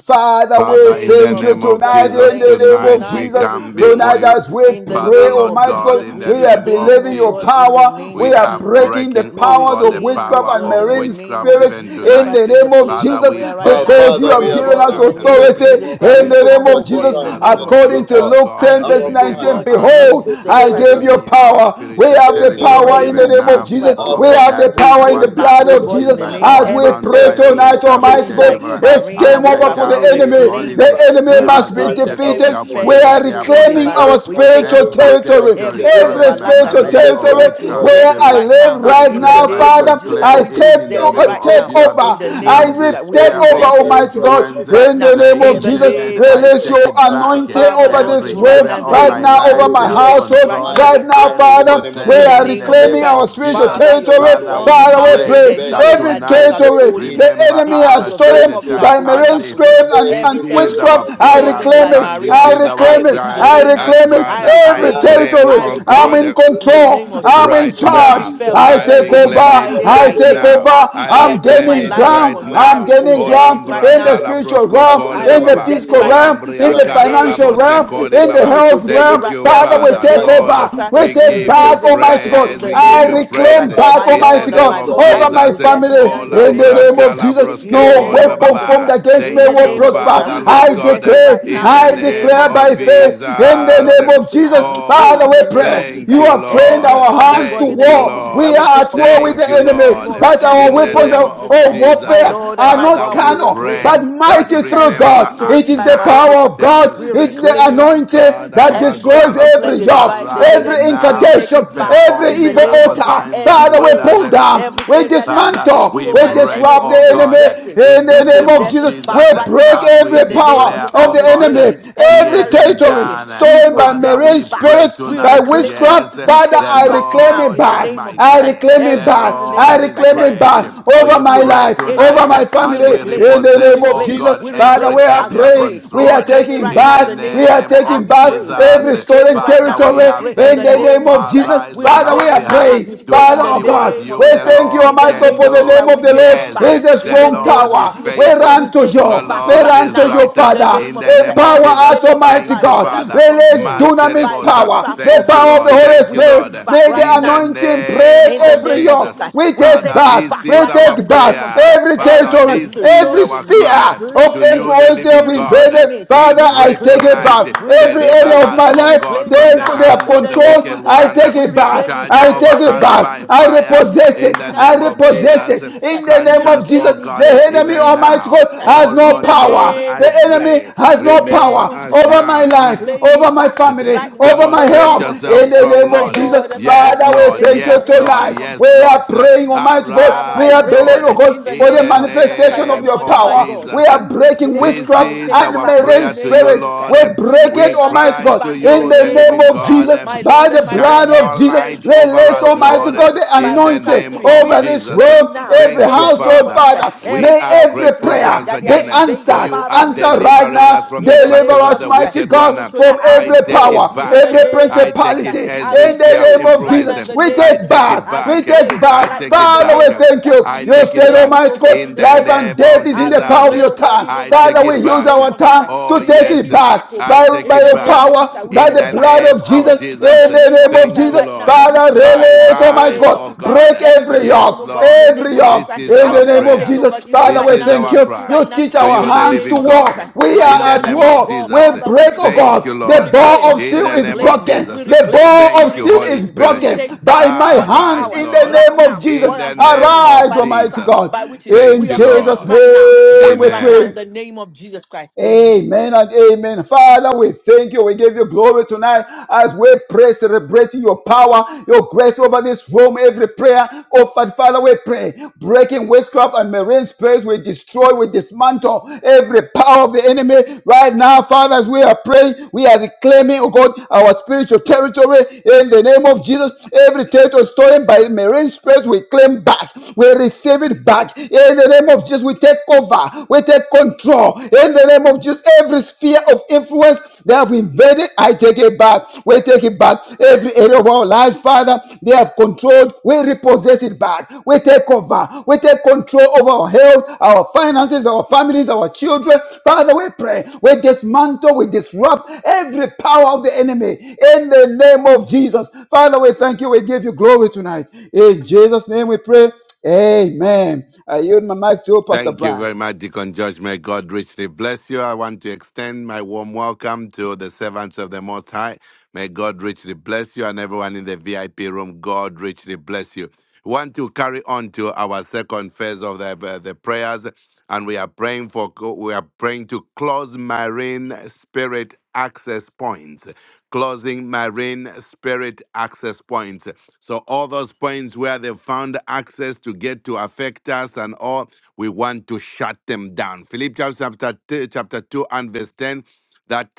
Speaker 3: Father,
Speaker 2: In the
Speaker 3: we
Speaker 5: Father, in
Speaker 2: name
Speaker 5: the
Speaker 3: thank
Speaker 2: of
Speaker 3: you
Speaker 5: name of
Speaker 2: Jesus,
Speaker 3: tonight
Speaker 2: we
Speaker 3: in
Speaker 5: Jesus,
Speaker 3: the
Speaker 2: thank you
Speaker 3: name of
Speaker 5: tonight
Speaker 2: tonight.
Speaker 5: we
Speaker 2: We
Speaker 3: Jesus.
Speaker 5: come before
Speaker 3: Tonight,
Speaker 2: reclaim.
Speaker 5: you.
Speaker 3: as we
Speaker 2: In the
Speaker 3: pray,
Speaker 5: Father,
Speaker 2: name
Speaker 5: Lord
Speaker 2: of
Speaker 3: Almighty
Speaker 5: God,
Speaker 2: Jesus,
Speaker 5: in
Speaker 3: God,
Speaker 2: we
Speaker 5: the
Speaker 3: we are
Speaker 5: name of
Speaker 2: reclaim,
Speaker 3: believing
Speaker 2: oh
Speaker 3: your
Speaker 2: God,
Speaker 5: Jesus, eh,
Speaker 2: in the
Speaker 3: power.
Speaker 2: name
Speaker 3: We
Speaker 5: we
Speaker 2: of
Speaker 3: are
Speaker 5: are
Speaker 2: Jesus Christ.
Speaker 3: breaking the
Speaker 5: breaking,
Speaker 2: We
Speaker 5: oh
Speaker 3: powers
Speaker 5: God,
Speaker 3: of
Speaker 5: the
Speaker 2: reclaim, oh
Speaker 3: witchcraft
Speaker 5: power
Speaker 3: and
Speaker 2: God,
Speaker 5: of
Speaker 2: in the
Speaker 3: marine
Speaker 2: name
Speaker 5: witchcraft
Speaker 2: of
Speaker 3: spirits
Speaker 5: even
Speaker 2: Jesus
Speaker 3: in
Speaker 2: Christ,
Speaker 5: tonight.
Speaker 3: the
Speaker 5: eh.
Speaker 2: in the
Speaker 3: name of
Speaker 2: place
Speaker 5: Father,
Speaker 2: of
Speaker 3: Jesus
Speaker 5: we
Speaker 2: prayer right
Speaker 5: pray
Speaker 4: Our
Speaker 5: that
Speaker 2: now.
Speaker 3: because you
Speaker 4: Father,
Speaker 5: break
Speaker 4: we
Speaker 3: have
Speaker 2: Oh
Speaker 4: have
Speaker 3: given
Speaker 2: God,
Speaker 3: us
Speaker 2: in
Speaker 4: come
Speaker 2: the
Speaker 5: witchcraft and
Speaker 4: in
Speaker 2: name
Speaker 4: the
Speaker 2: of
Speaker 3: authority
Speaker 5: marine
Speaker 4: name
Speaker 2: Jesus
Speaker 4: of
Speaker 2: Christ,
Speaker 3: in
Speaker 2: we
Speaker 3: the
Speaker 5: spirits. eh.
Speaker 4: Jesus
Speaker 2: come,
Speaker 3: name
Speaker 2: oh
Speaker 3: of
Speaker 4: Christ, the
Speaker 2: God,
Speaker 5: We
Speaker 3: Jesus.
Speaker 2: in the
Speaker 4: Son of
Speaker 5: ask
Speaker 2: name
Speaker 4: the
Speaker 2: of
Speaker 5: of
Speaker 2: Jesus
Speaker 3: According
Speaker 4: living
Speaker 5: you,
Speaker 3: to
Speaker 2: Christ,
Speaker 5: oh
Speaker 4: God.
Speaker 3: Luke
Speaker 5: God,
Speaker 3: 10,
Speaker 5: that
Speaker 3: verse
Speaker 4: Our
Speaker 2: against, oh
Speaker 3: 19,
Speaker 5: remember
Speaker 4: Father,
Speaker 2: God, in
Speaker 4: we
Speaker 2: the
Speaker 5: us eh,
Speaker 2: name
Speaker 4: come
Speaker 3: behold,
Speaker 2: of
Speaker 4: to
Speaker 2: Jesus
Speaker 3: I
Speaker 4: pray
Speaker 2: Christ, oh
Speaker 3: gave
Speaker 4: right
Speaker 3: you
Speaker 2: God
Speaker 5: reclaiming
Speaker 4: now
Speaker 5: our
Speaker 3: power. We
Speaker 4: in
Speaker 5: spiritual
Speaker 3: have
Speaker 4: the
Speaker 3: the
Speaker 2: in the
Speaker 4: name
Speaker 5: territory
Speaker 3: power
Speaker 4: of
Speaker 3: in
Speaker 2: name
Speaker 3: the
Speaker 2: of
Speaker 5: even
Speaker 3: name
Speaker 4: Jesus.
Speaker 3: of
Speaker 5: now
Speaker 2: Jesus
Speaker 3: Jesus.
Speaker 2: Christ,
Speaker 5: for
Speaker 2: oh
Speaker 4: Our
Speaker 3: We
Speaker 2: God.
Speaker 3: have
Speaker 4: Father,
Speaker 5: Obadiah
Speaker 3: the
Speaker 4: we
Speaker 2: We
Speaker 5: chapter
Speaker 3: power in the
Speaker 5: 1,
Speaker 2: take
Speaker 4: pray
Speaker 5: verse
Speaker 2: back,
Speaker 3: blood
Speaker 2: oh
Speaker 3: of
Speaker 2: God,
Speaker 4: right
Speaker 2: in
Speaker 5: 17.
Speaker 3: Jesus
Speaker 2: the
Speaker 5: But
Speaker 4: now,
Speaker 2: name of
Speaker 3: as
Speaker 5: on
Speaker 3: we
Speaker 2: every
Speaker 5: Mount
Speaker 3: pray
Speaker 5: Zion
Speaker 4: reclaiming
Speaker 2: territory
Speaker 5: there
Speaker 4: a
Speaker 3: tonight,
Speaker 5: shall
Speaker 3: Almighty.
Speaker 5: be
Speaker 3: Almighty
Speaker 2: stolen
Speaker 3: God,
Speaker 2: by
Speaker 4: spiritual
Speaker 5: deliverance
Speaker 4: Almighty
Speaker 3: it's
Speaker 2: marine
Speaker 4: God
Speaker 5: and
Speaker 2: and
Speaker 3: game
Speaker 5: there
Speaker 3: over
Speaker 2: witchcraft.
Speaker 3: for the
Speaker 5: shall
Speaker 2: We
Speaker 4: territory, O
Speaker 5: be
Speaker 3: enemy.
Speaker 4: God.
Speaker 2: reclaim it.
Speaker 5: holiness.
Speaker 3: The
Speaker 4: Father,
Speaker 3: enemy
Speaker 5: The
Speaker 2: We
Speaker 3: must
Speaker 5: house
Speaker 3: be
Speaker 4: Obadiah
Speaker 5: of
Speaker 2: reclaim it.
Speaker 4: chapter
Speaker 5: Jacob
Speaker 2: Every
Speaker 4: 1,
Speaker 5: shall
Speaker 3: defeated.
Speaker 4: verse
Speaker 3: We
Speaker 2: spare
Speaker 5: possess
Speaker 3: are
Speaker 5: their
Speaker 4: 17.
Speaker 2: influence,
Speaker 3: reclaiming
Speaker 2: about
Speaker 4: But
Speaker 3: our
Speaker 4: on
Speaker 5: possessions.
Speaker 2: we
Speaker 4: Mount
Speaker 2: take
Speaker 3: spiritual
Speaker 2: it
Speaker 4: Zion
Speaker 5: Every
Speaker 2: back.
Speaker 4: there shall
Speaker 3: territory.
Speaker 4: be
Speaker 5: territory
Speaker 2: Every area of
Speaker 3: Every
Speaker 5: stolen
Speaker 2: our
Speaker 4: deliverance,
Speaker 5: by
Speaker 2: life that has
Speaker 3: spiritual
Speaker 2: been
Speaker 4: and
Speaker 5: marine
Speaker 4: there
Speaker 5: or
Speaker 2: controlled, we
Speaker 4: shall be
Speaker 3: territory
Speaker 5: witchcraft
Speaker 4: holiness,
Speaker 3: where
Speaker 2: possess it
Speaker 3: I
Speaker 5: spirits,
Speaker 2: right
Speaker 4: and
Speaker 2: now.
Speaker 3: live
Speaker 4: the,
Speaker 5: I,
Speaker 3: right
Speaker 2: In
Speaker 4: and
Speaker 2: the
Speaker 4: the
Speaker 3: now,
Speaker 5: cra- I
Speaker 4: house
Speaker 2: name of
Speaker 4: of
Speaker 3: Father,
Speaker 2: Jesus Christ,
Speaker 5: proclaim
Speaker 3: I
Speaker 4: Jacob
Speaker 2: we
Speaker 5: it
Speaker 3: take
Speaker 5: in the
Speaker 4: shall
Speaker 2: possess it
Speaker 3: uh,
Speaker 5: name
Speaker 2: right
Speaker 5: of
Speaker 3: take
Speaker 4: possess
Speaker 2: now.
Speaker 4: their
Speaker 5: Jesus.
Speaker 2: In
Speaker 3: over.
Speaker 2: the name
Speaker 4: possession
Speaker 3: I
Speaker 2: of Jesus
Speaker 5: Every
Speaker 3: re-
Speaker 2: Christ, we
Speaker 3: take
Speaker 5: sphere
Speaker 3: over,
Speaker 4: every
Speaker 5: of
Speaker 2: possess it
Speaker 3: Almighty God,
Speaker 4: territory, O
Speaker 5: influence
Speaker 2: right
Speaker 4: God,
Speaker 3: in the
Speaker 2: now.
Speaker 3: name
Speaker 5: they
Speaker 2: In
Speaker 3: of
Speaker 2: the
Speaker 4: stolen
Speaker 3: Jesus.
Speaker 4: by
Speaker 5: invaded,
Speaker 2: name
Speaker 4: my
Speaker 2: of
Speaker 5: I
Speaker 2: Jesus
Speaker 4: God,
Speaker 3: Release
Speaker 2: Christ.
Speaker 5: take
Speaker 3: your
Speaker 5: it
Speaker 4: by
Speaker 5: back.
Speaker 3: anointing
Speaker 4: marine
Speaker 2: Father,
Speaker 3: over
Speaker 4: and
Speaker 2: Lord,
Speaker 3: this
Speaker 5: Every
Speaker 2: even right
Speaker 3: room
Speaker 5: area
Speaker 2: now,
Speaker 4: witchcraft
Speaker 2: in the
Speaker 5: of
Speaker 3: right
Speaker 4: spirit.
Speaker 2: name
Speaker 5: my
Speaker 2: of
Speaker 3: now,
Speaker 2: Jesus,
Speaker 4: I
Speaker 3: over
Speaker 2: we
Speaker 5: life they
Speaker 3: my
Speaker 5: have
Speaker 4: reclaim
Speaker 2: possess
Speaker 4: it.
Speaker 2: it right
Speaker 3: household
Speaker 5: controlled,
Speaker 4: I
Speaker 2: now
Speaker 3: right now,
Speaker 5: I
Speaker 4: reclaim it in the name
Speaker 3: Father.
Speaker 4: of
Speaker 3: We
Speaker 2: in
Speaker 5: repossess
Speaker 2: the
Speaker 4: Jesus.
Speaker 3: are
Speaker 5: in
Speaker 2: name
Speaker 5: the
Speaker 2: of Jesus
Speaker 5: name
Speaker 3: reclaiming
Speaker 2: Christ.
Speaker 4: Every
Speaker 3: our
Speaker 5: of
Speaker 3: spiritual
Speaker 4: sphere
Speaker 5: Jesus.
Speaker 2: Father,
Speaker 4: of
Speaker 2: you're
Speaker 3: territory.
Speaker 2: walking
Speaker 5: Father,
Speaker 2: on
Speaker 4: influence
Speaker 2: the
Speaker 5: we
Speaker 3: Father, we
Speaker 4: they
Speaker 5: pray
Speaker 2: mountain, there
Speaker 3: pray
Speaker 2: shall
Speaker 5: that
Speaker 4: invaded,
Speaker 2: be
Speaker 3: every
Speaker 2: and
Speaker 3: territory
Speaker 2: there
Speaker 4: I
Speaker 2: shall
Speaker 5: tonight, eh,
Speaker 2: be
Speaker 4: take
Speaker 3: territory the
Speaker 2: holiness.
Speaker 4: it back.
Speaker 5: remember
Speaker 2: The
Speaker 3: enemy
Speaker 5: us
Speaker 4: I
Speaker 2: house
Speaker 3: has
Speaker 5: at
Speaker 2: of
Speaker 5: such
Speaker 4: take
Speaker 5: a
Speaker 2: Jacob
Speaker 3: stolen
Speaker 4: it
Speaker 2: shall
Speaker 5: time
Speaker 3: by
Speaker 2: possess
Speaker 4: back
Speaker 5: as
Speaker 2: her
Speaker 3: marine
Speaker 5: this. eh.
Speaker 3: scream
Speaker 2: possession. So
Speaker 3: and, and
Speaker 2: every
Speaker 5: This
Speaker 4: every
Speaker 5: is
Speaker 4: area
Speaker 2: territory
Speaker 3: witchcraft.
Speaker 5: our
Speaker 4: of
Speaker 3: I
Speaker 4: my
Speaker 5: prayer
Speaker 2: stolen
Speaker 4: life,
Speaker 3: reclaim
Speaker 2: by
Speaker 3: it.
Speaker 5: and
Speaker 4: the
Speaker 2: Marina,
Speaker 5: this
Speaker 3: I
Speaker 2: which
Speaker 5: is our
Speaker 2: I
Speaker 4: control.
Speaker 3: reclaim it.
Speaker 4: I
Speaker 5: cry.
Speaker 3: I
Speaker 2: reclaim it,
Speaker 5: That
Speaker 3: reclaim it.
Speaker 4: repossess
Speaker 2: I
Speaker 4: it.
Speaker 5: Father, I
Speaker 3: Every
Speaker 4: I
Speaker 2: reclaim,
Speaker 5: claim,
Speaker 3: territory.
Speaker 2: I
Speaker 5: oh
Speaker 4: repossess it.
Speaker 3: I'm
Speaker 2: reclaim
Speaker 5: God. eh,
Speaker 3: in
Speaker 2: him in
Speaker 4: Right
Speaker 2: the
Speaker 3: control.
Speaker 2: name
Speaker 4: now,
Speaker 2: of
Speaker 4: in
Speaker 2: Jesus
Speaker 3: I'm
Speaker 4: the
Speaker 2: Christ.
Speaker 3: in
Speaker 5: right
Speaker 4: name of
Speaker 3: charge.
Speaker 2: Every
Speaker 5: now.
Speaker 2: sphere of
Speaker 4: Jesus
Speaker 3: I
Speaker 5: I
Speaker 4: Christ,
Speaker 2: influence
Speaker 3: take
Speaker 2: they've
Speaker 3: over.
Speaker 4: the
Speaker 5: reclaim
Speaker 4: Son
Speaker 5: it
Speaker 4: of
Speaker 2: invited,
Speaker 4: the
Speaker 3: I
Speaker 2: I
Speaker 5: right
Speaker 3: take
Speaker 4: living
Speaker 2: take it
Speaker 3: over.
Speaker 5: now.
Speaker 4: God,
Speaker 2: back.
Speaker 5: I
Speaker 4: I
Speaker 3: I'm
Speaker 2: Every of
Speaker 5: reclaim
Speaker 2: my
Speaker 3: gaining
Speaker 4: declare
Speaker 5: it
Speaker 2: life I
Speaker 4: right
Speaker 3: ground.
Speaker 5: right
Speaker 2: control,
Speaker 4: now,
Speaker 2: I
Speaker 3: I'm
Speaker 5: now.
Speaker 4: in
Speaker 3: gaining
Speaker 4: the
Speaker 2: repossess
Speaker 3: ground
Speaker 4: name
Speaker 2: it
Speaker 4: of
Speaker 2: right
Speaker 5: Olambra
Speaker 3: in
Speaker 2: now
Speaker 3: the
Speaker 4: Jesus,
Speaker 3: spiritual
Speaker 5: calabrosco
Speaker 4: by the
Speaker 3: realm,
Speaker 5: core
Speaker 2: I
Speaker 3: in
Speaker 4: blood
Speaker 3: the
Speaker 4: of
Speaker 5: baba.
Speaker 2: repossess it
Speaker 3: physical
Speaker 2: right
Speaker 4: Jesus,
Speaker 2: now
Speaker 3: realm, in
Speaker 5: Olambria
Speaker 2: in
Speaker 4: right
Speaker 3: the
Speaker 2: the
Speaker 4: now, in the
Speaker 2: name
Speaker 3: financial
Speaker 4: name
Speaker 2: of
Speaker 4: of
Speaker 5: calababose
Speaker 3: realm,
Speaker 4: Jesus
Speaker 2: Jesus.
Speaker 5: core
Speaker 3: in
Speaker 4: Christ,
Speaker 3: the
Speaker 4: the
Speaker 2: We
Speaker 5: baba.
Speaker 4: Son of
Speaker 3: health
Speaker 4: the
Speaker 2: repossess it
Speaker 3: realm.
Speaker 5: Thank
Speaker 4: living
Speaker 2: right
Speaker 5: you,
Speaker 2: now
Speaker 4: God,
Speaker 3: Father,
Speaker 2: in
Speaker 3: we
Speaker 2: the
Speaker 5: Father.
Speaker 3: take
Speaker 4: I
Speaker 2: name of
Speaker 5: Lord,
Speaker 4: call
Speaker 3: over.
Speaker 2: Jesus Christ.
Speaker 3: We
Speaker 4: upon
Speaker 5: we
Speaker 4: you,
Speaker 2: We
Speaker 3: take
Speaker 5: give you
Speaker 4: covenant
Speaker 3: back,
Speaker 2: repossess it right
Speaker 3: Almighty
Speaker 4: keeping
Speaker 2: now in
Speaker 5: praise.
Speaker 3: God.
Speaker 2: the
Speaker 5: We
Speaker 4: God,
Speaker 5: give
Speaker 3: I
Speaker 2: name
Speaker 5: you
Speaker 2: of Jesus
Speaker 4: Abba
Speaker 5: praise
Speaker 3: reclaim
Speaker 2: Christ.
Speaker 3: back,
Speaker 2: My
Speaker 4: Father,
Speaker 5: in the
Speaker 3: Almighty
Speaker 2: Lord
Speaker 3: God.
Speaker 2: and
Speaker 5: name
Speaker 2: my
Speaker 5: of
Speaker 3: God,
Speaker 2: God,
Speaker 4: righteous
Speaker 2: I
Speaker 3: over my
Speaker 5: Jesus.
Speaker 4: Father,
Speaker 2: repossess it
Speaker 3: family
Speaker 2: now in the
Speaker 3: in
Speaker 4: merciful
Speaker 3: the
Speaker 2: name
Speaker 5: Olambra
Speaker 2: of
Speaker 3: name
Speaker 4: Father.
Speaker 2: Jesus
Speaker 3: of
Speaker 2: Christ.
Speaker 4: We
Speaker 3: Jesus.
Speaker 2: In
Speaker 5: calabrosque
Speaker 2: the
Speaker 3: No
Speaker 4: pray
Speaker 5: core
Speaker 2: name of
Speaker 4: right
Speaker 3: weapon
Speaker 2: Jesus
Speaker 3: formed
Speaker 5: baba.
Speaker 4: now
Speaker 2: Christ.
Speaker 3: against
Speaker 4: the
Speaker 2: In
Speaker 3: me
Speaker 2: the
Speaker 5: Thank
Speaker 3: will
Speaker 5: you,
Speaker 2: name of Jesus
Speaker 3: prosper.
Speaker 4: Father,
Speaker 2: Christ.
Speaker 5: Father,
Speaker 2: We
Speaker 5: Lord
Speaker 3: I
Speaker 2: repossess it
Speaker 5: God,
Speaker 3: declare,
Speaker 2: right
Speaker 5: in
Speaker 2: now in
Speaker 5: the
Speaker 3: I
Speaker 2: the
Speaker 5: name
Speaker 2: name
Speaker 3: declare
Speaker 2: of
Speaker 5: of
Speaker 3: by
Speaker 2: Jesus
Speaker 3: faith
Speaker 2: Christ.
Speaker 3: in
Speaker 2: Father,
Speaker 3: the
Speaker 2: Lord,
Speaker 5: Jesus.
Speaker 3: name
Speaker 2: even
Speaker 3: of
Speaker 2: tonight
Speaker 3: Jesus.
Speaker 2: as we pray
Speaker 3: Father,
Speaker 2: in
Speaker 5: Oh,
Speaker 3: we
Speaker 2: the name
Speaker 3: pray.
Speaker 2: of this
Speaker 5: thank
Speaker 2: guy,
Speaker 3: You
Speaker 5: you,
Speaker 3: have trained
Speaker 2: every
Speaker 5: Lord.
Speaker 3: our
Speaker 2: form, oh
Speaker 3: hands to
Speaker 2: God, in
Speaker 5: Thank
Speaker 2: the
Speaker 5: you,
Speaker 2: name
Speaker 3: war.
Speaker 2: of this guy,
Speaker 3: We
Speaker 2: we
Speaker 5: Lord.
Speaker 3: are
Speaker 2: take
Speaker 3: at war with
Speaker 5: Thank
Speaker 3: the
Speaker 5: you,
Speaker 2: authority,
Speaker 3: enemy,
Speaker 2: even
Speaker 5: Lord.
Speaker 2: right
Speaker 3: but
Speaker 2: now, in the
Speaker 3: our
Speaker 5: In the
Speaker 3: weapons
Speaker 2: name
Speaker 5: name
Speaker 2: of
Speaker 3: of,
Speaker 2: this
Speaker 5: of
Speaker 3: of
Speaker 2: guy, my
Speaker 5: Jesus,
Speaker 3: warfare
Speaker 2: Lord and
Speaker 3: are
Speaker 2: my
Speaker 5: Father,
Speaker 3: not
Speaker 2: God, we
Speaker 5: we
Speaker 3: carnal,
Speaker 5: pray
Speaker 3: but
Speaker 2: reclaim
Speaker 5: that
Speaker 2: every
Speaker 3: mighty through
Speaker 2: territory
Speaker 5: remember
Speaker 3: God.
Speaker 5: us
Speaker 3: It
Speaker 2: stolen
Speaker 3: is
Speaker 2: by
Speaker 3: the
Speaker 2: Maria.
Speaker 5: now.
Speaker 2: We
Speaker 3: power
Speaker 2: shall
Speaker 3: of
Speaker 2: free. We
Speaker 3: God. It's
Speaker 5: Demonstrate
Speaker 3: the
Speaker 5: that
Speaker 2: reclaim
Speaker 5: you
Speaker 2: it
Speaker 5: are
Speaker 3: anointing
Speaker 5: God and
Speaker 3: that
Speaker 5: you are
Speaker 2: Every
Speaker 5: God
Speaker 2: spell
Speaker 3: destroys
Speaker 2: of
Speaker 5: alone.
Speaker 3: every
Speaker 2: influence they've
Speaker 3: yoke,
Speaker 2: invited,
Speaker 5: Arise
Speaker 2: invaded,
Speaker 3: every
Speaker 2: we
Speaker 5: now.
Speaker 2: take
Speaker 3: incantation,
Speaker 2: it back
Speaker 3: every
Speaker 2: in
Speaker 5: Perform
Speaker 2: the
Speaker 3: evil altar
Speaker 2: name
Speaker 5: miracle
Speaker 2: of Jesus. Christ.
Speaker 3: altar.
Speaker 5: signs
Speaker 2: Every
Speaker 5: and
Speaker 3: Father, we
Speaker 5: wonders.
Speaker 3: pull
Speaker 2: area,
Speaker 3: down,
Speaker 2: every
Speaker 3: we
Speaker 2: area that has been
Speaker 5: Father,
Speaker 3: dismantle,
Speaker 5: we
Speaker 2: controlled
Speaker 3: we
Speaker 2: by the
Speaker 5: break,
Speaker 2: enemy,
Speaker 3: disrupt
Speaker 2: we
Speaker 5: oh
Speaker 3: the
Speaker 5: God, eh,
Speaker 2: possess
Speaker 3: enemy
Speaker 2: it.
Speaker 3: in
Speaker 5: in
Speaker 2: We
Speaker 5: the
Speaker 3: the
Speaker 5: name
Speaker 3: name of
Speaker 5: of
Speaker 2: possess
Speaker 3: Jesus.
Speaker 2: it back
Speaker 3: We
Speaker 5: Jesus, eh,
Speaker 2: right
Speaker 3: break
Speaker 2: now
Speaker 5: as we
Speaker 2: in
Speaker 3: every
Speaker 2: the name
Speaker 3: power
Speaker 2: of
Speaker 5: declare,
Speaker 2: Jesus
Speaker 3: of
Speaker 2: as
Speaker 5: oh
Speaker 3: the
Speaker 2: we
Speaker 5: God, eh,
Speaker 2: pray.
Speaker 3: enemy,
Speaker 2: Every
Speaker 5: tear
Speaker 3: every
Speaker 2: territory
Speaker 5: them
Speaker 3: territory
Speaker 2: taken,
Speaker 5: down. eh.
Speaker 2: we
Speaker 3: stolen by
Speaker 5: Father,
Speaker 2: possess
Speaker 3: marine
Speaker 5: we
Speaker 2: it back.
Speaker 5: pray
Speaker 3: spirits,
Speaker 2: We
Speaker 3: by
Speaker 5: tonight,
Speaker 2: reclaim it.
Speaker 5: yes,
Speaker 3: witchcraft.
Speaker 5: eh,
Speaker 2: We
Speaker 3: Father,
Speaker 2: take
Speaker 5: the
Speaker 2: it
Speaker 3: I
Speaker 2: back
Speaker 3: reclaim
Speaker 2: now
Speaker 3: it
Speaker 5: Lord
Speaker 2: in the
Speaker 5: is
Speaker 3: back.
Speaker 2: name of Jesus
Speaker 3: I
Speaker 2: Christ.
Speaker 5: mighty,
Speaker 3: reclaim it
Speaker 5: the
Speaker 2: Every
Speaker 3: back.
Speaker 2: in the name of
Speaker 5: Lord
Speaker 3: I
Speaker 2: Jesus
Speaker 5: is
Speaker 2: Christ
Speaker 3: reclaim it
Speaker 5: great.
Speaker 3: back
Speaker 2: territory or
Speaker 3: over
Speaker 5: We
Speaker 3: my
Speaker 5: pray
Speaker 2: influence,
Speaker 3: life,
Speaker 2: area of
Speaker 3: over
Speaker 2: our
Speaker 5: tonight eh,
Speaker 3: my
Speaker 2: life, we
Speaker 5: as
Speaker 3: family.
Speaker 5: we
Speaker 2: reclaim,
Speaker 3: In the
Speaker 2: we
Speaker 5: repossess,
Speaker 3: name of
Speaker 5: oh
Speaker 2: reclaim,
Speaker 5: God,
Speaker 3: Jesus,
Speaker 2: we
Speaker 3: Father,
Speaker 5: every
Speaker 3: we
Speaker 2: reclaim
Speaker 3: are
Speaker 2: as we
Speaker 5: area
Speaker 3: praying.
Speaker 2: pray. We
Speaker 3: We are
Speaker 5: controlled eh,
Speaker 2: reclaim it
Speaker 3: taking
Speaker 2: right
Speaker 5: in
Speaker 2: now in
Speaker 5: the
Speaker 2: the
Speaker 3: back.
Speaker 2: name
Speaker 3: We
Speaker 2: of
Speaker 3: are
Speaker 2: Jesus
Speaker 5: name
Speaker 2: Christ as
Speaker 3: taking
Speaker 2: we
Speaker 5: of
Speaker 3: back
Speaker 2: pray. We
Speaker 5: Jesus.
Speaker 3: every
Speaker 5: eh.
Speaker 2: reclaim it
Speaker 3: stolen
Speaker 2: right now
Speaker 5: Father,
Speaker 2: as
Speaker 5: we
Speaker 2: we
Speaker 3: territory.
Speaker 5: are
Speaker 2: pray in
Speaker 3: In
Speaker 2: the
Speaker 3: the
Speaker 5: thankful.
Speaker 3: name of
Speaker 2: name of
Speaker 3: of
Speaker 2: Jesus Christ.
Speaker 3: Jesus.
Speaker 5: Arise
Speaker 2: We
Speaker 5: on
Speaker 3: Father,
Speaker 5: our
Speaker 3: we
Speaker 2: reclaim it
Speaker 3: are
Speaker 2: now
Speaker 5: behalf
Speaker 3: praying.
Speaker 2: as we pray
Speaker 5: do
Speaker 2: in
Speaker 3: Father,
Speaker 2: the
Speaker 3: oh
Speaker 5: only what
Speaker 2: name
Speaker 3: God,
Speaker 2: of
Speaker 3: we
Speaker 5: you,
Speaker 2: Jesus
Speaker 5: the
Speaker 2: Christ.
Speaker 3: thank you,
Speaker 2: In
Speaker 5: Lord,
Speaker 2: the
Speaker 3: Almighty God,
Speaker 5: can
Speaker 2: name
Speaker 3: for
Speaker 2: of
Speaker 3: the
Speaker 2: Jesus
Speaker 5: do.
Speaker 3: name
Speaker 2: Christ,
Speaker 3: of
Speaker 2: we
Speaker 3: the
Speaker 2: take it
Speaker 3: Lord
Speaker 5: Yes,
Speaker 3: He
Speaker 2: back.
Speaker 3: is a
Speaker 2: In
Speaker 5: the
Speaker 2: the
Speaker 3: strong
Speaker 2: name
Speaker 5: Lord
Speaker 2: of
Speaker 3: tower.
Speaker 5: is
Speaker 2: Jesus
Speaker 3: We
Speaker 2: Christ,
Speaker 5: faithful.
Speaker 2: we
Speaker 3: run to
Speaker 2: take
Speaker 5: The
Speaker 2: it
Speaker 3: you.
Speaker 2: back
Speaker 3: We
Speaker 5: Lord
Speaker 2: right
Speaker 3: run
Speaker 5: is
Speaker 3: to
Speaker 2: now.
Speaker 3: you,
Speaker 2: In
Speaker 5: righteous.
Speaker 2: the
Speaker 3: Father.
Speaker 2: name
Speaker 5: In
Speaker 2: of
Speaker 5: the
Speaker 2: Jesus Christ,
Speaker 5: name of
Speaker 3: Empower
Speaker 2: every
Speaker 3: us,
Speaker 5: Jesus,
Speaker 2: area of our
Speaker 3: Almighty
Speaker 5: thank
Speaker 2: life,
Speaker 5: you,
Speaker 2: oh
Speaker 3: God.
Speaker 2: God, has been
Speaker 5: Father.
Speaker 3: Release
Speaker 2: controlled
Speaker 3: dunamis
Speaker 2: by the
Speaker 5: Maserebosa.
Speaker 3: power,
Speaker 2: witchcraft or
Speaker 3: the
Speaker 5: Thank you,
Speaker 2: marine
Speaker 3: power of the
Speaker 5: Lord.
Speaker 2: spirit.
Speaker 3: Holy
Speaker 5: Thank
Speaker 2: We
Speaker 5: you,
Speaker 2: take
Speaker 5: Lord.
Speaker 2: it
Speaker 3: Spirit.
Speaker 2: back
Speaker 3: May the
Speaker 2: right
Speaker 5: In the
Speaker 2: now.
Speaker 3: anointing
Speaker 5: name
Speaker 3: break
Speaker 2: In the
Speaker 5: of
Speaker 3: every
Speaker 2: name of this
Speaker 3: yoke.
Speaker 5: Jesus.
Speaker 2: guy,
Speaker 3: We
Speaker 2: we
Speaker 3: take
Speaker 2: take
Speaker 5: Father,
Speaker 2: it
Speaker 3: back,
Speaker 5: this
Speaker 2: back
Speaker 3: we
Speaker 5: is
Speaker 2: right now.
Speaker 5: our
Speaker 3: take
Speaker 2: In the
Speaker 3: back
Speaker 2: name of this
Speaker 5: prayer.
Speaker 2: guy,
Speaker 3: every
Speaker 2: every
Speaker 5: Father,
Speaker 3: territory,
Speaker 5: this
Speaker 2: territory
Speaker 5: is
Speaker 3: every
Speaker 5: our
Speaker 2: stolen, we
Speaker 3: sphere
Speaker 5: cry
Speaker 3: of
Speaker 5: to
Speaker 2: reclaim
Speaker 5: you,
Speaker 2: it.
Speaker 5: the
Speaker 3: influence they
Speaker 2: We
Speaker 3: have
Speaker 5: living God.
Speaker 2: reclaim
Speaker 3: invaded.
Speaker 2: it.
Speaker 5: We
Speaker 3: Father,
Speaker 2: We
Speaker 3: I
Speaker 5: pray
Speaker 3: take
Speaker 2: reclaim
Speaker 3: it
Speaker 2: it.
Speaker 3: back.
Speaker 5: tonight,
Speaker 2: We
Speaker 3: Every
Speaker 2: reclaim
Speaker 5: deliver
Speaker 3: area
Speaker 2: it.
Speaker 3: of
Speaker 5: us,
Speaker 3: my
Speaker 2: We
Speaker 5: O
Speaker 3: life, the
Speaker 5: God,
Speaker 2: reclaim it
Speaker 5: from
Speaker 3: they,
Speaker 5: the
Speaker 3: they
Speaker 2: now.
Speaker 3: have
Speaker 5: hand
Speaker 2: In
Speaker 5: of
Speaker 2: the
Speaker 5: the
Speaker 3: control.
Speaker 2: name
Speaker 5: wicked
Speaker 2: of this
Speaker 3: I
Speaker 2: guy,
Speaker 5: one.
Speaker 3: take
Speaker 2: we
Speaker 3: it back.
Speaker 2: reclaim it
Speaker 5: Charge
Speaker 3: I
Speaker 2: now. In
Speaker 3: take
Speaker 5: over
Speaker 2: the
Speaker 3: it
Speaker 5: us
Speaker 2: name
Speaker 3: back.
Speaker 2: of
Speaker 5: by
Speaker 2: Jesus
Speaker 3: I
Speaker 2: Christ, we
Speaker 5: fire
Speaker 3: repossess it.
Speaker 5: in
Speaker 2: reclaim it
Speaker 5: the
Speaker 2: now.
Speaker 3: I
Speaker 5: name
Speaker 2: In the
Speaker 5: of
Speaker 2: name
Speaker 3: repossess
Speaker 2: of
Speaker 5: Jesus.
Speaker 3: it.
Speaker 2: Jesus Christ,
Speaker 3: In the
Speaker 5: Grant
Speaker 2: we
Speaker 3: name of
Speaker 5: us, oh
Speaker 2: reclaim
Speaker 3: Jesus,
Speaker 2: it,
Speaker 3: the
Speaker 5: God,
Speaker 2: Joe. In the
Speaker 3: enemy,
Speaker 5: even
Speaker 2: name of
Speaker 3: Almighty
Speaker 5: now.
Speaker 2: Jesus
Speaker 3: God,
Speaker 2: Christ,
Speaker 5: Oh
Speaker 3: has no
Speaker 2: in the
Speaker 5: Lord
Speaker 3: power.
Speaker 5: God,
Speaker 2: name
Speaker 5: I
Speaker 3: The
Speaker 2: of Jesus Christ,
Speaker 3: enemy
Speaker 5: pray.
Speaker 2: in
Speaker 3: has
Speaker 2: the
Speaker 3: no
Speaker 2: name
Speaker 3: power
Speaker 5: Remember
Speaker 2: of Jesus
Speaker 5: us
Speaker 2: Christ,
Speaker 3: over my
Speaker 5: now.
Speaker 2: we
Speaker 5: Mm.
Speaker 3: life,
Speaker 2: reclaim
Speaker 3: over
Speaker 2: it
Speaker 3: my
Speaker 2: back.
Speaker 3: family,
Speaker 2: Right now,
Speaker 3: over
Speaker 2: in
Speaker 3: my
Speaker 2: the
Speaker 5: Demonstrate
Speaker 2: name
Speaker 3: health.
Speaker 2: of
Speaker 5: yourself
Speaker 2: Jesus
Speaker 3: In the
Speaker 2: Christ,
Speaker 5: strong,
Speaker 3: name
Speaker 2: my
Speaker 3: of
Speaker 5: Lord.
Speaker 3: Jesus,
Speaker 2: Lord and my God,
Speaker 3: Father,
Speaker 5: Yes,
Speaker 2: we
Speaker 3: we
Speaker 5: Lord.
Speaker 2: reclaim it
Speaker 3: thank
Speaker 2: now
Speaker 3: you
Speaker 5: Yes,
Speaker 2: in the
Speaker 5: Lord.
Speaker 3: tonight.
Speaker 2: name of
Speaker 3: We
Speaker 5: Yes,
Speaker 2: Jesus Christ.
Speaker 5: Lord.
Speaker 3: are praying, Almighty God.
Speaker 2: Father,
Speaker 3: We
Speaker 2: I
Speaker 5: Arise,
Speaker 3: are
Speaker 2: pray, oh God,
Speaker 3: believing, oh
Speaker 5: Lord,
Speaker 2: in
Speaker 3: God,
Speaker 2: the
Speaker 3: for
Speaker 5: in
Speaker 3: the
Speaker 5: the
Speaker 2: name of Jesus Christ,
Speaker 3: manifestation
Speaker 2: my
Speaker 3: of
Speaker 5: name
Speaker 3: your
Speaker 2: Lord and
Speaker 5: of
Speaker 2: my
Speaker 3: power.
Speaker 2: God,
Speaker 3: We
Speaker 5: Jesus.
Speaker 2: we
Speaker 3: are
Speaker 2: will
Speaker 3: breaking
Speaker 2: reclaim it
Speaker 5: This
Speaker 2: and we
Speaker 3: witchcraft
Speaker 5: is
Speaker 2: take it
Speaker 3: and
Speaker 5: our
Speaker 2: back in the
Speaker 3: marine
Speaker 5: prayer to
Speaker 2: name
Speaker 5: you,
Speaker 2: of Jesus
Speaker 3: spirits. We
Speaker 5: Lord.
Speaker 2: Christ.
Speaker 3: are
Speaker 2: We
Speaker 3: breaking
Speaker 5: We
Speaker 3: wicked,
Speaker 2: reclaim and take
Speaker 3: Almighty
Speaker 5: cry
Speaker 2: it
Speaker 3: God.
Speaker 5: to
Speaker 2: back in the
Speaker 3: In
Speaker 5: you, the
Speaker 3: the
Speaker 2: name of
Speaker 3: name
Speaker 5: living
Speaker 2: Jesus
Speaker 3: of
Speaker 2: Christ.
Speaker 5: God.
Speaker 3: Jesus,
Speaker 2: My
Speaker 3: by
Speaker 2: Lord and
Speaker 3: the
Speaker 2: my God,
Speaker 3: blood
Speaker 5: Shine your
Speaker 3: of
Speaker 2: every
Speaker 3: Jesus,
Speaker 5: light
Speaker 2: territory
Speaker 5: over
Speaker 3: release,
Speaker 5: us,
Speaker 2: stolen, oh
Speaker 3: Almighty
Speaker 5: Lord,
Speaker 3: God,
Speaker 2: God,
Speaker 3: the
Speaker 2: by
Speaker 5: in the
Speaker 2: witchcraft
Speaker 3: anointing
Speaker 5: name
Speaker 2: spirit,
Speaker 5: of
Speaker 2: we
Speaker 3: over this
Speaker 5: Jesus.
Speaker 2: reclaim
Speaker 3: room,
Speaker 2: it now
Speaker 3: every
Speaker 5: Thank
Speaker 2: in
Speaker 5: you,
Speaker 2: the name
Speaker 3: household,
Speaker 2: of
Speaker 5: Father.
Speaker 2: Jesus.
Speaker 3: Father.
Speaker 2: Christ. Every
Speaker 5: We
Speaker 3: May
Speaker 5: are
Speaker 2: self
Speaker 3: every
Speaker 5: grateful
Speaker 2: influence
Speaker 3: prayer
Speaker 5: once
Speaker 2: that they
Speaker 3: be
Speaker 2: have
Speaker 5: again for
Speaker 2: invaded,
Speaker 3: answered.
Speaker 5: you
Speaker 2: Father,
Speaker 5: are
Speaker 2: we
Speaker 3: Answer
Speaker 2: take
Speaker 3: right
Speaker 2: it
Speaker 5: delivering
Speaker 2: back
Speaker 5: us
Speaker 3: now.
Speaker 5: from
Speaker 2: in
Speaker 5: the
Speaker 2: the
Speaker 3: Deliver
Speaker 5: clutches
Speaker 2: name
Speaker 5: of
Speaker 3: us,
Speaker 2: of
Speaker 5: the
Speaker 2: Jesus. Christ.
Speaker 3: mighty
Speaker 5: wicked
Speaker 3: God,
Speaker 5: one.
Speaker 2: Even tonight,
Speaker 3: from
Speaker 2: as we
Speaker 5: I
Speaker 3: every
Speaker 5: take
Speaker 2: pray,
Speaker 5: it
Speaker 3: power,
Speaker 2: in
Speaker 5: back.
Speaker 2: the
Speaker 3: every
Speaker 2: name
Speaker 5: I
Speaker 2: of Jesus,
Speaker 5: take
Speaker 2: Christ,
Speaker 5: it
Speaker 3: principality.
Speaker 2: as
Speaker 5: every
Speaker 2: we
Speaker 3: In the
Speaker 5: sphere of
Speaker 2: pray
Speaker 3: name of
Speaker 2: right
Speaker 5: influence.
Speaker 2: now, in
Speaker 3: Jesus,
Speaker 2: the
Speaker 3: we
Speaker 2: name of
Speaker 5: I
Speaker 3: take
Speaker 2: Jesus,
Speaker 5: take
Speaker 2: Christ,
Speaker 3: back.
Speaker 5: it
Speaker 2: as we
Speaker 3: We
Speaker 5: back.
Speaker 3: take
Speaker 2: pray
Speaker 5: I
Speaker 3: back.
Speaker 2: right
Speaker 5: take
Speaker 2: now, in
Speaker 5: it
Speaker 2: the
Speaker 3: Father, we
Speaker 5: back.
Speaker 2: name of Jesus,
Speaker 3: thank
Speaker 2: Christ,
Speaker 3: you.
Speaker 5: I
Speaker 2: we
Speaker 3: You
Speaker 5: take it
Speaker 3: said,
Speaker 2: reclaim
Speaker 5: back.
Speaker 2: it, oh
Speaker 3: Almighty
Speaker 2: God, in
Speaker 5: In
Speaker 3: God,
Speaker 2: the
Speaker 5: the
Speaker 3: life
Speaker 2: name of
Speaker 3: and
Speaker 2: Jesus,
Speaker 5: name
Speaker 2: Christ.
Speaker 3: death
Speaker 5: of
Speaker 3: is in
Speaker 2: as
Speaker 3: the
Speaker 2: we
Speaker 5: Jesus,
Speaker 3: power of
Speaker 2: pray,
Speaker 3: your
Speaker 2: oh God,
Speaker 3: tongue.
Speaker 2: even
Speaker 5: I
Speaker 2: right
Speaker 5: take
Speaker 2: now,
Speaker 3: Father, we
Speaker 5: it
Speaker 2: in the
Speaker 3: use
Speaker 5: back.
Speaker 2: name
Speaker 3: our
Speaker 2: of Jesus, Christ,
Speaker 3: tongue
Speaker 5: Oh,
Speaker 3: to
Speaker 2: we
Speaker 3: take
Speaker 2: take
Speaker 5: yes,
Speaker 3: it
Speaker 2: it back,
Speaker 3: back
Speaker 2: oh God,
Speaker 5: I
Speaker 3: by,
Speaker 5: take
Speaker 2: in
Speaker 3: by
Speaker 5: it
Speaker 2: the
Speaker 3: the
Speaker 2: name
Speaker 5: back.
Speaker 2: of Jesus,
Speaker 3: power,
Speaker 2: Christ, we
Speaker 3: by
Speaker 5: In
Speaker 3: the
Speaker 2: take
Speaker 5: the
Speaker 2: back
Speaker 3: blood
Speaker 2: what is
Speaker 5: name
Speaker 3: of
Speaker 5: of
Speaker 2: ours
Speaker 3: Jesus,
Speaker 2: in
Speaker 5: Jesus,
Speaker 3: in
Speaker 2: the name
Speaker 3: the name
Speaker 2: of this
Speaker 3: of
Speaker 5: thank
Speaker 2: time,
Speaker 5: you,
Speaker 2: right
Speaker 3: Jesus.
Speaker 2: now, as
Speaker 5: Lord.
Speaker 2: we
Speaker 3: Father,
Speaker 2: pray right
Speaker 5: I
Speaker 2: now, in
Speaker 3: release,
Speaker 2: the
Speaker 3: Almighty
Speaker 5: rise,
Speaker 2: name of
Speaker 5: oh
Speaker 3: God,
Speaker 2: this time,
Speaker 3: break
Speaker 5: God.
Speaker 2: let it be
Speaker 3: every
Speaker 5: Yes,
Speaker 2: broken,
Speaker 3: yoke,
Speaker 2: oh God, in the
Speaker 5: Lord.
Speaker 3: every
Speaker 2: name of this
Speaker 3: yoke,
Speaker 5: This
Speaker 2: time,
Speaker 5: is
Speaker 3: in
Speaker 2: as
Speaker 5: our
Speaker 3: the
Speaker 2: we
Speaker 3: name of
Speaker 2: obtain,
Speaker 5: prayer.
Speaker 2: oh
Speaker 3: Jesus.
Speaker 2: God, even
Speaker 3: Father,
Speaker 5: This
Speaker 2: right
Speaker 3: we
Speaker 5: is
Speaker 2: now, the
Speaker 3: thank
Speaker 5: our
Speaker 3: you.
Speaker 2: victory
Speaker 5: cry
Speaker 3: You
Speaker 2: right now,
Speaker 3: teach
Speaker 5: to
Speaker 2: in
Speaker 3: our
Speaker 5: you,
Speaker 2: the
Speaker 5: the
Speaker 3: hands to
Speaker 2: name
Speaker 5: living
Speaker 2: of Jesus
Speaker 3: war.
Speaker 5: God.
Speaker 2: Christ.
Speaker 3: We
Speaker 2: My
Speaker 5: In
Speaker 3: are
Speaker 5: the
Speaker 3: at
Speaker 2: Lord and
Speaker 5: name
Speaker 2: my
Speaker 5: of
Speaker 3: war.
Speaker 2: God,
Speaker 3: We
Speaker 5: Jesus.
Speaker 2: Father, we
Speaker 3: break, oh
Speaker 5: Thank
Speaker 2: reclaim,
Speaker 5: you,
Speaker 3: God.
Speaker 2: we
Speaker 3: The
Speaker 5: Lord.
Speaker 3: bow
Speaker 2: reclaim,
Speaker 3: of
Speaker 5: In
Speaker 2: we
Speaker 3: steel
Speaker 5: the
Speaker 3: is
Speaker 5: name of
Speaker 2: reclaim,
Speaker 3: broken.
Speaker 2: we
Speaker 5: Jesus.
Speaker 3: The
Speaker 2: reclaim,
Speaker 3: bow
Speaker 2: we
Speaker 3: of
Speaker 5: Thank you,
Speaker 3: steel
Speaker 5: Holy
Speaker 3: is
Speaker 2: reclaim, we
Speaker 5: Spirit.
Speaker 3: broken
Speaker 2: take
Speaker 3: by
Speaker 2: back
Speaker 3: my
Speaker 2: what is
Speaker 3: hands
Speaker 5: Arise,
Speaker 3: in
Speaker 2: ours
Speaker 3: the
Speaker 5: Lord.
Speaker 2: right
Speaker 3: name of
Speaker 2: now,
Speaker 3: Jesus.
Speaker 5: In
Speaker 2: what has
Speaker 5: the
Speaker 2: been
Speaker 5: name
Speaker 2: stolen
Speaker 5: of
Speaker 3: Arise,
Speaker 2: by
Speaker 3: Almighty
Speaker 2: witchcraft,
Speaker 5: Jesus.
Speaker 3: God.
Speaker 2: by witches.
Speaker 3: In
Speaker 5: Thank
Speaker 2: We
Speaker 5: you,
Speaker 2: obtain it
Speaker 3: Jesus'
Speaker 5: Lord.
Speaker 2: right now,
Speaker 3: name
Speaker 2: back
Speaker 3: we
Speaker 2: right now, in
Speaker 3: pray.
Speaker 5: Amen.
Speaker 2: the name of Jesus Christ. Amen.
Speaker 3: Amen and amen. Father, we thank you. We give you glory tonight as we pray, celebrating your power, your grace over this room. Every prayer offered, Father, we pray. Breaking witchcraft and marine spirits, we destroy, we dismantle every power of the enemy. Right now, Father, as we are praying, we are reclaiming, oh God, our spiritual territory in the name of Jesus. Every territory stolen by marine spirits, we claim back. We receive it back in the name of Jesus we take over, we take control in the name of Jesus. Every sphere of influence they have invaded, I take it back. We take it back. Every area of our lives, Father, they have controlled. We repossess it back. We take over. We take control over our health, our finances, our families, our children. Father, we pray. We dismantle, we disrupt every power of the enemy in the name of Jesus. Father, we thank you. We give you glory tonight. In Jesus' name we pray. Amen. I yield my mic to Pastor
Speaker 5: Thank you
Speaker 3: Brian.
Speaker 5: very much, Deacon George. May God richly bless you. I want to extend my warm welcome to the servants of the Most High. May God richly bless you and everyone in the VIP room. God richly bless you. We want to carry on to our second phase of the, uh, the prayers. and we are praying for co- we are praying to close marine spirit access points closing marine spirit access points so all those points where they found access to get to affect us and all we want to shut them down philippians chapter 2, chapter 2 and verse 10 that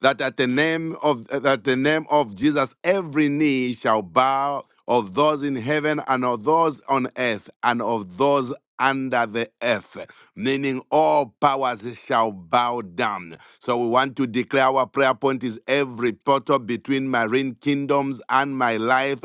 Speaker 5: that at the name of uh, that the name of Jesus every knee shall bow of those in heaven and of those on earth and of those under the earth, meaning all powers shall bow down. So we want to declare our prayer point is every portal between marine kingdoms and my life